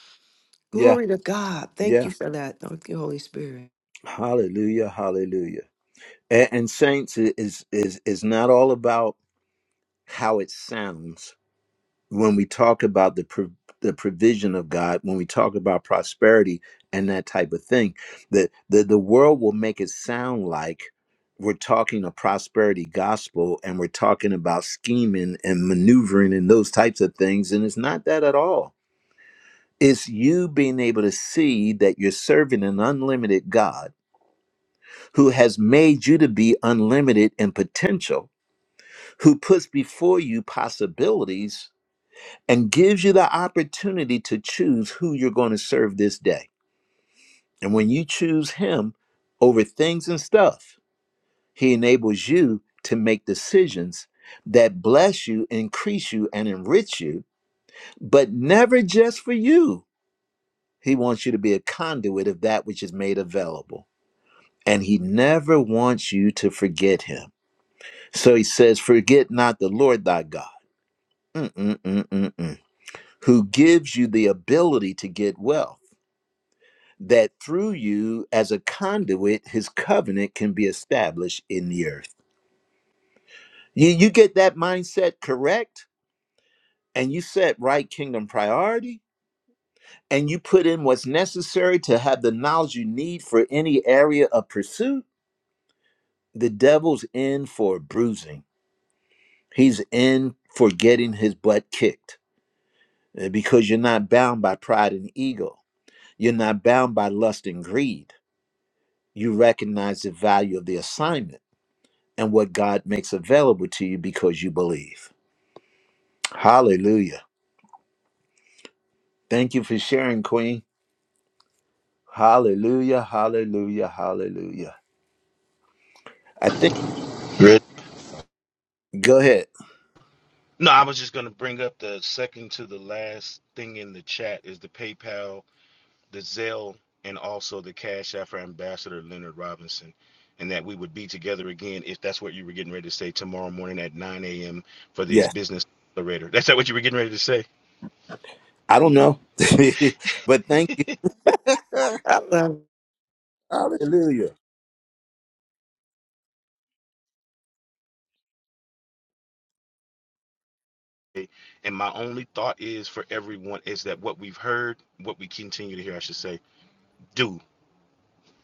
[SPEAKER 1] Yeah.
[SPEAKER 2] Glory to God. Thank
[SPEAKER 1] Yeah.
[SPEAKER 2] you for that. Thank you, Holy Spirit.
[SPEAKER 1] Hallelujah, hallelujah. And, and saints it is is is not all about how it sounds when we talk about the pro- the provision of God, when we talk about prosperity and that type of thing. The the the world will make it sound like we're talking a prosperity gospel and we're talking about scheming and maneuvering and those types of things and it's not that at all. It's you being able to see that you're serving an unlimited God who has made you to be unlimited in potential, who puts before you possibilities and gives you the opportunity to choose who you're going to serve this day. And when you choose him over things and stuff, he enables you to make decisions that bless you, increase you, and enrich you, but never just for you. He wants you to be a conduit of that which is made available. And he never wants you to forget him. So he says, Forget not the Lord thy God, Mm-mm-mm-mm-mm. who gives you the ability to get wealth, that through you, as a conduit, his covenant can be established in the earth. You, you get that mindset correct, and you set right kingdom priority, and you put in what's necessary to have the knowledge you need for any area of pursuit. The devil's in for bruising, he's in for getting his butt kicked uh, because you're not bound by pride and ego. You're not bound by lust and greed. You recognize the value of the assignment and what God makes available to you because you believe. Hallelujah. Thank you for sharing, Queen. Hallelujah, hallelujah, hallelujah. I think,
[SPEAKER 7] Great.
[SPEAKER 1] go ahead.
[SPEAKER 7] No, I was just going to bring up the second to the last thing in the chat is the PayPal, the Zelle, and also the Cash App for Ambassador Leonard Robinson. And that we would be together again if that's what you were getting ready to say tomorrow morning at 9 a.m. for the
[SPEAKER 1] Yes,
[SPEAKER 7] business accelerator. That's not what you were getting ready to say?
[SPEAKER 1] I don't know, but thank you.
[SPEAKER 2] Hallelujah.
[SPEAKER 1] hallelujah.
[SPEAKER 7] And my only thought is for everyone is that what we've heard, what we continue to hear, I should say, do.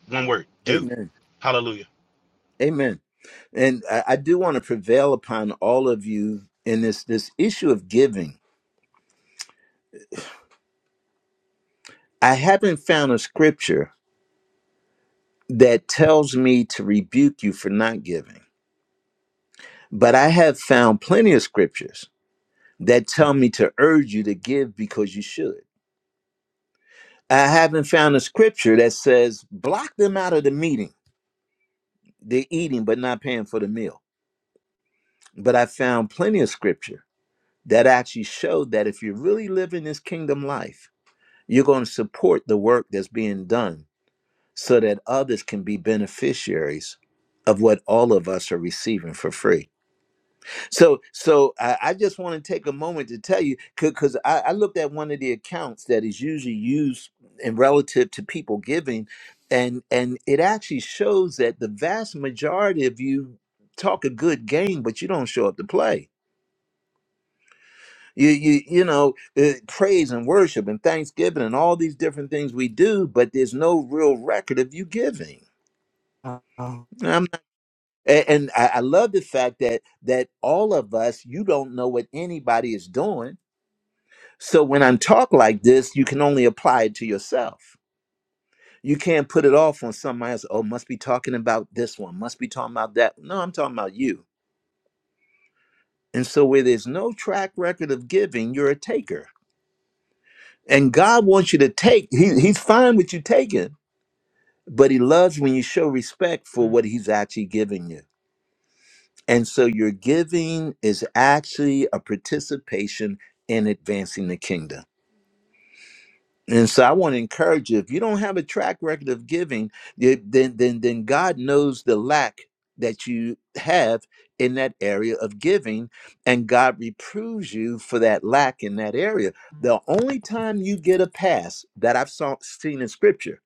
[SPEAKER 7] One word, do.
[SPEAKER 1] Amen.
[SPEAKER 7] Hallelujah.
[SPEAKER 1] Amen. And I, I do want to prevail upon all of you in this this issue of giving I haven't found a scripture that tells me to rebuke you for not giving, but I have found plenty of scriptures that tell me to urge you to give because you should. I haven't found a scripture that says block them out of the meeting. They're eating but not paying for the meal. But I found plenty of scripture that actually showed that if you're really living this kingdom life, you're going to support the work that's being done so that others can be beneficiaries of what all of us are receiving for free. So, so I, I just want to take a moment to tell you because I, I looked at one of the accounts that is usually used in relative to people giving, and and it actually shows that the vast majority of you talk a good game, but you don't show up to play. You you you know uh, praise and worship and thanksgiving and all these different things we do, but there's no real record of you giving. A- And I I love the fact that that all of us, you don't know what anybody is doing. So when I'm talk like this, you can only apply it to yourself. You can't put it off on somebody else. Oh, must be talking about this one. Must be talking about that. No, I'm talking about you. And so where there's no track record of giving, you're a taker. And God wants you to take. He, he's fine with you taking, but He loves when you show respect for what He's actually giving you. And so your giving is actually a participation in advancing the kingdom. And so I want to encourage you if you don't have a track record of giving, you- then then then God knows the lack that you have in that area of giving and God reproves you for that lack in that area. The only time you get a pass that I've saw, seen in scripture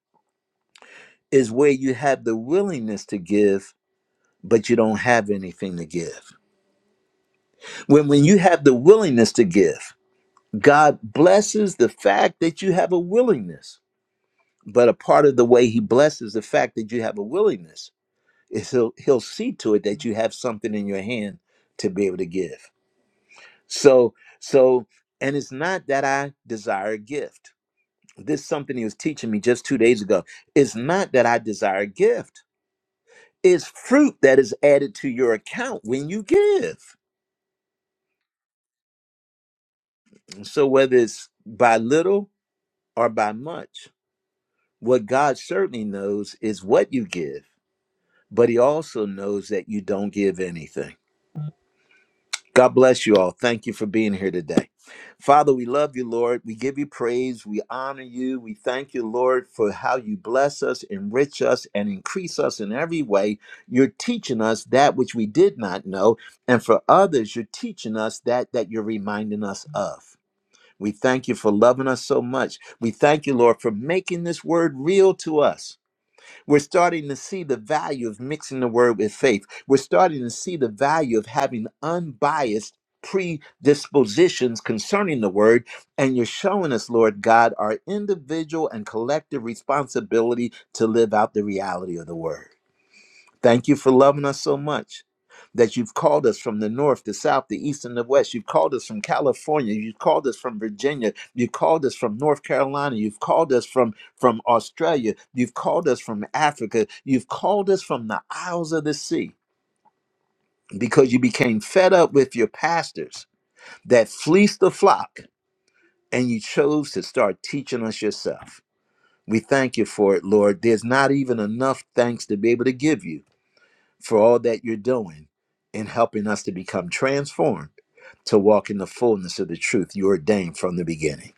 [SPEAKER 1] is where you have the willingness to give but you don't have anything to give. When when you have the willingness to give God blesses the fact that you have a willingness. But a part of the way he blesses the fact that you have a willingness is he'll he'll see to it that you have something in your hand to be able to give. So so and it's not that I desire a gift. This is something he was teaching me just two days ago. It's not that I desire a gift. It's fruit that is added to your account when you give. So whether it's by little or by much, what God certainly knows is what you give but he also knows that you don't give anything. God bless you all. Thank you for being here today. Father, we love you, Lord. We give you praise. We honor you. We thank you, Lord, for how you bless us, enrich us, and increase us in every way. You're teaching us that which we did not know. And for others, you're teaching us that that you're reminding us of. We thank you for loving us so much. We thank you, Lord, for making this word real to us we're starting to see the value of mixing the word with faith. We're starting to see the value of having unbiased predispositions concerning the word. And you're showing us, Lord God, our individual and collective responsibility to live out the reality of the word. Thank you for loving us so much that you've called us from the north, the south, the east, and the west. You've called us from California. You've called us from Virginia. You've called us from North Carolina. You've called us from, from Australia. You've called us from Africa. You've called us from the isles of the sea because you became fed up with your pastors that fleeced the flock and you chose to start teaching us yourself. We thank you for it, Lord. There's not even enough thanks to be able to give you for all that you're doing in helping us to become transformed to walk in the fullness of the truth you ordained from the beginning.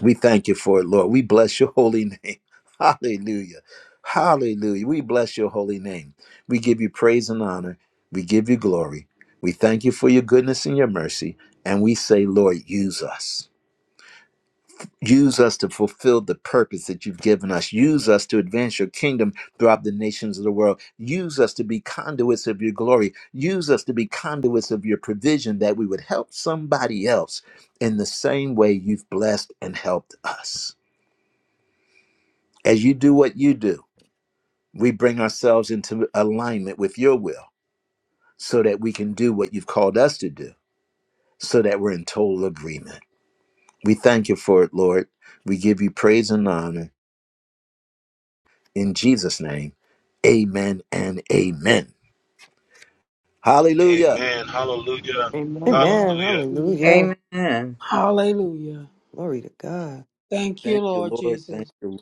[SPEAKER 1] We thank you for it, Lord. We bless your holy name. Hallelujah. Hallelujah. We bless your holy name. We give you praise and honor. We give you glory. We thank you for your goodness and your mercy. And we say, Lord, use us. Use us to fulfill the purpose that you've given us. Use us to advance your kingdom throughout the nations of the world. Use us to be conduits of your glory. Use us to be conduits of your provision that we would help somebody else in the same way you've blessed and helped us. As you do what you do, we bring ourselves into alignment with your will so that we can do what you've called us to do, so that we're in total agreement. We thank you for it, Lord. We give you praise and honor. In Jesus' name, amen and amen. Hallelujah.
[SPEAKER 7] Amen. Hallelujah.
[SPEAKER 5] Amen.
[SPEAKER 2] Amen.
[SPEAKER 7] Hallelujah.
[SPEAKER 2] Hallelujah.
[SPEAKER 4] Amen.
[SPEAKER 6] Hallelujah.
[SPEAKER 2] Glory to God.
[SPEAKER 6] Thank you,
[SPEAKER 1] Thank you,
[SPEAKER 6] Lord
[SPEAKER 1] Lord. Thank
[SPEAKER 6] Jesus.
[SPEAKER 1] you.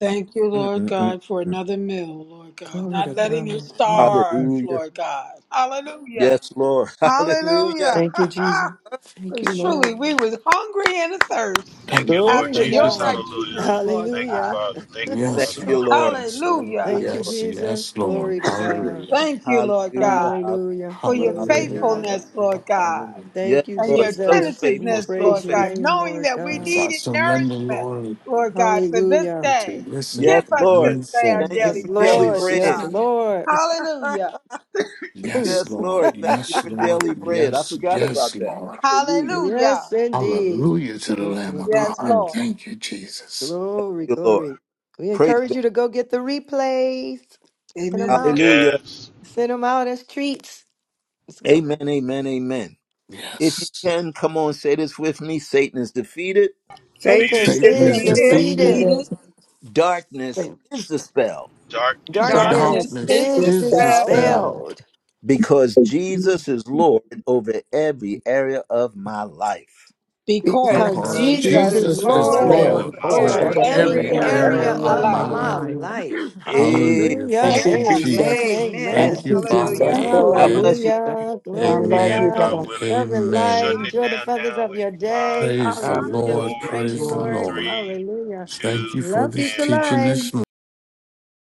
[SPEAKER 6] Thank you,
[SPEAKER 1] Lord.
[SPEAKER 6] Lord
[SPEAKER 1] Mm, mm, mm,
[SPEAKER 6] God, for
[SPEAKER 1] mm.
[SPEAKER 6] another meal, Lord God.
[SPEAKER 2] Glory
[SPEAKER 6] Not
[SPEAKER 2] to
[SPEAKER 6] letting you
[SPEAKER 2] God.
[SPEAKER 6] starve,
[SPEAKER 2] Mhm.
[SPEAKER 1] Hallelujah.
[SPEAKER 6] Lord God. Hallelujah.
[SPEAKER 1] Yes, Lord. Hallelujah.
[SPEAKER 6] Hallelujah.
[SPEAKER 2] Thank you, Jesus. Thank you,
[SPEAKER 6] Because truly
[SPEAKER 2] Lord.
[SPEAKER 6] we was hungry and athirst
[SPEAKER 7] Thank
[SPEAKER 9] Thank
[SPEAKER 7] you,
[SPEAKER 9] you,
[SPEAKER 7] Lord
[SPEAKER 2] Glory
[SPEAKER 6] after
[SPEAKER 2] to
[SPEAKER 9] thank you,
[SPEAKER 7] Jesus.
[SPEAKER 6] your
[SPEAKER 2] God.
[SPEAKER 9] thank you.
[SPEAKER 7] Hallelujah.
[SPEAKER 6] righteousness, Lord
[SPEAKER 7] Thank you,
[SPEAKER 6] God.
[SPEAKER 2] Hallelujah.
[SPEAKER 7] Father. Thank you,
[SPEAKER 1] Thank
[SPEAKER 9] Yes,
[SPEAKER 7] Father.
[SPEAKER 9] Lord.
[SPEAKER 1] you, Lord.
[SPEAKER 7] Hallelujah.
[SPEAKER 9] Yes,
[SPEAKER 1] Thank
[SPEAKER 9] Lord.
[SPEAKER 1] you,
[SPEAKER 6] Hallelujah.
[SPEAKER 2] Thank you,
[SPEAKER 1] Lord.
[SPEAKER 9] Yes,
[SPEAKER 2] Jesus.
[SPEAKER 9] yes, Lord.
[SPEAKER 2] Glory to God.
[SPEAKER 9] Hallelujah.
[SPEAKER 6] Thank you, Lord
[SPEAKER 1] Hallelujah.
[SPEAKER 6] God,
[SPEAKER 1] Hall-
[SPEAKER 2] Hallelujah.
[SPEAKER 6] for your
[SPEAKER 2] Glory to
[SPEAKER 9] Hallelujah.
[SPEAKER 1] Hallelujah.
[SPEAKER 2] God.
[SPEAKER 6] faithfulness,
[SPEAKER 9] Hallelujah.
[SPEAKER 6] Lord God,
[SPEAKER 9] Hallelujah.
[SPEAKER 1] Yes,
[SPEAKER 2] Thank you,
[SPEAKER 6] and your
[SPEAKER 1] Lord. So
[SPEAKER 2] Jesus. We
[SPEAKER 1] faithful.
[SPEAKER 6] attentiveness,
[SPEAKER 1] So
[SPEAKER 2] praise
[SPEAKER 6] Lord
[SPEAKER 2] your
[SPEAKER 1] faithful.
[SPEAKER 6] God,
[SPEAKER 2] name,
[SPEAKER 6] knowing
[SPEAKER 2] Lord
[SPEAKER 6] that we
[SPEAKER 9] As
[SPEAKER 2] God.
[SPEAKER 9] I
[SPEAKER 6] needed
[SPEAKER 9] surrender,
[SPEAKER 6] nourishment,
[SPEAKER 9] Lord,
[SPEAKER 6] Lord God, for this
[SPEAKER 2] Hallelujah.
[SPEAKER 9] to
[SPEAKER 6] day.
[SPEAKER 9] listen
[SPEAKER 1] Yes,
[SPEAKER 6] Give us
[SPEAKER 9] and
[SPEAKER 1] Lord.
[SPEAKER 6] this
[SPEAKER 9] move
[SPEAKER 6] day our
[SPEAKER 9] forward
[SPEAKER 1] Thank you
[SPEAKER 2] Yes,
[SPEAKER 6] daily
[SPEAKER 1] for
[SPEAKER 9] in
[SPEAKER 6] bread,
[SPEAKER 1] daily
[SPEAKER 2] Lord.
[SPEAKER 6] Lord
[SPEAKER 9] Jesus'
[SPEAKER 1] bread.
[SPEAKER 2] Yes,
[SPEAKER 6] God.
[SPEAKER 9] name.
[SPEAKER 2] Lord.
[SPEAKER 6] Hallelujah.
[SPEAKER 9] Yes,
[SPEAKER 1] yes,
[SPEAKER 9] Lord.
[SPEAKER 1] Lord. Thank you
[SPEAKER 9] Yes,
[SPEAKER 1] for
[SPEAKER 9] Lord.
[SPEAKER 1] daily bread. I
[SPEAKER 9] Yes,
[SPEAKER 1] forgot
[SPEAKER 9] yes,
[SPEAKER 1] about that.
[SPEAKER 9] Lord.
[SPEAKER 1] Hallelujah.
[SPEAKER 6] Hallelujah.
[SPEAKER 2] yes, indeed.
[SPEAKER 9] Hallelujah to the
[SPEAKER 1] Mm,
[SPEAKER 9] Lamb
[SPEAKER 1] mm,
[SPEAKER 9] of
[SPEAKER 1] mm,
[SPEAKER 6] Yes,
[SPEAKER 1] mm.
[SPEAKER 9] God.
[SPEAKER 1] Thank
[SPEAKER 6] Lord.
[SPEAKER 9] Thank you, Jesus.
[SPEAKER 2] Glory,
[SPEAKER 1] you, Lord.
[SPEAKER 2] glory. We
[SPEAKER 1] Praise
[SPEAKER 2] encourage
[SPEAKER 1] God.
[SPEAKER 2] you to go get the replays. Send them
[SPEAKER 6] Amen.
[SPEAKER 2] out.
[SPEAKER 1] Hallelujah.
[SPEAKER 7] Yes.
[SPEAKER 2] Send them out as treats. It's a good
[SPEAKER 1] Amen,
[SPEAKER 2] one.
[SPEAKER 1] amen, amen. If you
[SPEAKER 9] Yes.
[SPEAKER 1] can, come on, say this with me Satan is defeated,
[SPEAKER 7] Beat
[SPEAKER 4] Satan
[SPEAKER 2] Satan
[SPEAKER 7] it.
[SPEAKER 4] is
[SPEAKER 9] Satan
[SPEAKER 8] you,
[SPEAKER 2] is
[SPEAKER 9] is
[SPEAKER 6] Satan is
[SPEAKER 8] Mr.
[SPEAKER 4] defeated.
[SPEAKER 2] defeated.
[SPEAKER 9] defeated.
[SPEAKER 6] defeated.
[SPEAKER 8] Peter.
[SPEAKER 1] darkness
[SPEAKER 5] Thank
[SPEAKER 1] is dispelled
[SPEAKER 7] Darkness
[SPEAKER 4] Darkness
[SPEAKER 7] is
[SPEAKER 8] God
[SPEAKER 6] Darkness
[SPEAKER 2] Darkness
[SPEAKER 8] is
[SPEAKER 9] Darkness
[SPEAKER 4] is
[SPEAKER 6] is
[SPEAKER 2] is
[SPEAKER 8] this
[SPEAKER 9] is
[SPEAKER 8] is
[SPEAKER 4] dispelled
[SPEAKER 6] dispelled
[SPEAKER 5] you.
[SPEAKER 8] fair
[SPEAKER 9] dispelled
[SPEAKER 2] dispelled
[SPEAKER 1] because
[SPEAKER 10] Thank you,
[SPEAKER 1] Jesus is Lord over every area of my life.
[SPEAKER 4] because
[SPEAKER 2] because
[SPEAKER 6] because
[SPEAKER 8] because
[SPEAKER 9] because
[SPEAKER 5] because
[SPEAKER 4] Jesus
[SPEAKER 2] Jesus
[SPEAKER 5] she
[SPEAKER 6] Jesus
[SPEAKER 4] is
[SPEAKER 2] is
[SPEAKER 9] Jesus
[SPEAKER 8] Jesus
[SPEAKER 5] is
[SPEAKER 6] is
[SPEAKER 5] the
[SPEAKER 8] is
[SPEAKER 9] is
[SPEAKER 4] Lord
[SPEAKER 7] the
[SPEAKER 2] Lord
[SPEAKER 7] area
[SPEAKER 6] Lord
[SPEAKER 7] of
[SPEAKER 9] Lord
[SPEAKER 5] Lord
[SPEAKER 8] Lord
[SPEAKER 4] over
[SPEAKER 7] my
[SPEAKER 5] over
[SPEAKER 2] over
[SPEAKER 6] over
[SPEAKER 7] life.
[SPEAKER 9] over
[SPEAKER 4] every
[SPEAKER 8] over
[SPEAKER 5] every
[SPEAKER 6] every
[SPEAKER 2] every
[SPEAKER 4] area
[SPEAKER 9] every
[SPEAKER 8] every
[SPEAKER 4] of
[SPEAKER 6] area
[SPEAKER 5] area
[SPEAKER 4] my
[SPEAKER 9] area
[SPEAKER 6] of
[SPEAKER 2] area
[SPEAKER 6] my
[SPEAKER 5] of
[SPEAKER 9] of
[SPEAKER 8] area
[SPEAKER 2] of
[SPEAKER 4] life.
[SPEAKER 9] my
[SPEAKER 6] life.
[SPEAKER 5] my
[SPEAKER 8] of
[SPEAKER 2] my
[SPEAKER 8] my
[SPEAKER 9] life.
[SPEAKER 5] life.
[SPEAKER 8] life.
[SPEAKER 2] life.
[SPEAKER 1] Hey,
[SPEAKER 9] Hallelujah.
[SPEAKER 2] Hallelujah.
[SPEAKER 8] Thank
[SPEAKER 9] Thank
[SPEAKER 8] you,
[SPEAKER 9] you,
[SPEAKER 6] Amen.
[SPEAKER 2] Amen.
[SPEAKER 9] Jesus.
[SPEAKER 8] Jesus.
[SPEAKER 4] Amen
[SPEAKER 2] Amen.
[SPEAKER 9] Thank
[SPEAKER 4] and
[SPEAKER 5] And
[SPEAKER 8] Thank
[SPEAKER 9] you,
[SPEAKER 8] you,
[SPEAKER 5] I'm
[SPEAKER 9] Father.
[SPEAKER 4] hallelujah.
[SPEAKER 8] Jesus.
[SPEAKER 6] Thank you,
[SPEAKER 5] a
[SPEAKER 4] Glory to
[SPEAKER 6] Lord.
[SPEAKER 1] God
[SPEAKER 4] God.
[SPEAKER 8] Glory.
[SPEAKER 1] bless
[SPEAKER 9] Amen.
[SPEAKER 1] you.
[SPEAKER 5] thank
[SPEAKER 2] Hallelujah.
[SPEAKER 5] you,
[SPEAKER 8] I
[SPEAKER 2] Glory
[SPEAKER 7] I
[SPEAKER 2] to
[SPEAKER 5] Lord.
[SPEAKER 8] love
[SPEAKER 7] am,
[SPEAKER 8] you,
[SPEAKER 9] Amen
[SPEAKER 2] God.
[SPEAKER 8] Baba.
[SPEAKER 7] God
[SPEAKER 9] and
[SPEAKER 7] willing,
[SPEAKER 2] Love and light.
[SPEAKER 7] shutting
[SPEAKER 9] amen.
[SPEAKER 7] it
[SPEAKER 2] Enjoy the
[SPEAKER 7] down
[SPEAKER 2] feathers
[SPEAKER 7] now
[SPEAKER 2] of
[SPEAKER 7] in
[SPEAKER 2] your day.
[SPEAKER 7] five,
[SPEAKER 9] Praise the
[SPEAKER 5] God
[SPEAKER 2] Hallelujah.
[SPEAKER 5] bless
[SPEAKER 2] We
[SPEAKER 9] Lord.
[SPEAKER 5] my
[SPEAKER 7] four,
[SPEAKER 2] praise you,
[SPEAKER 9] Praise the
[SPEAKER 5] Lord.
[SPEAKER 2] Lord.
[SPEAKER 9] Lord.
[SPEAKER 7] three,
[SPEAKER 2] Hallelujah.
[SPEAKER 9] Thank you
[SPEAKER 7] two,
[SPEAKER 9] for
[SPEAKER 2] Love you
[SPEAKER 9] this
[SPEAKER 2] to
[SPEAKER 7] and one.
[SPEAKER 9] teaching
[SPEAKER 2] life.
[SPEAKER 9] this morning.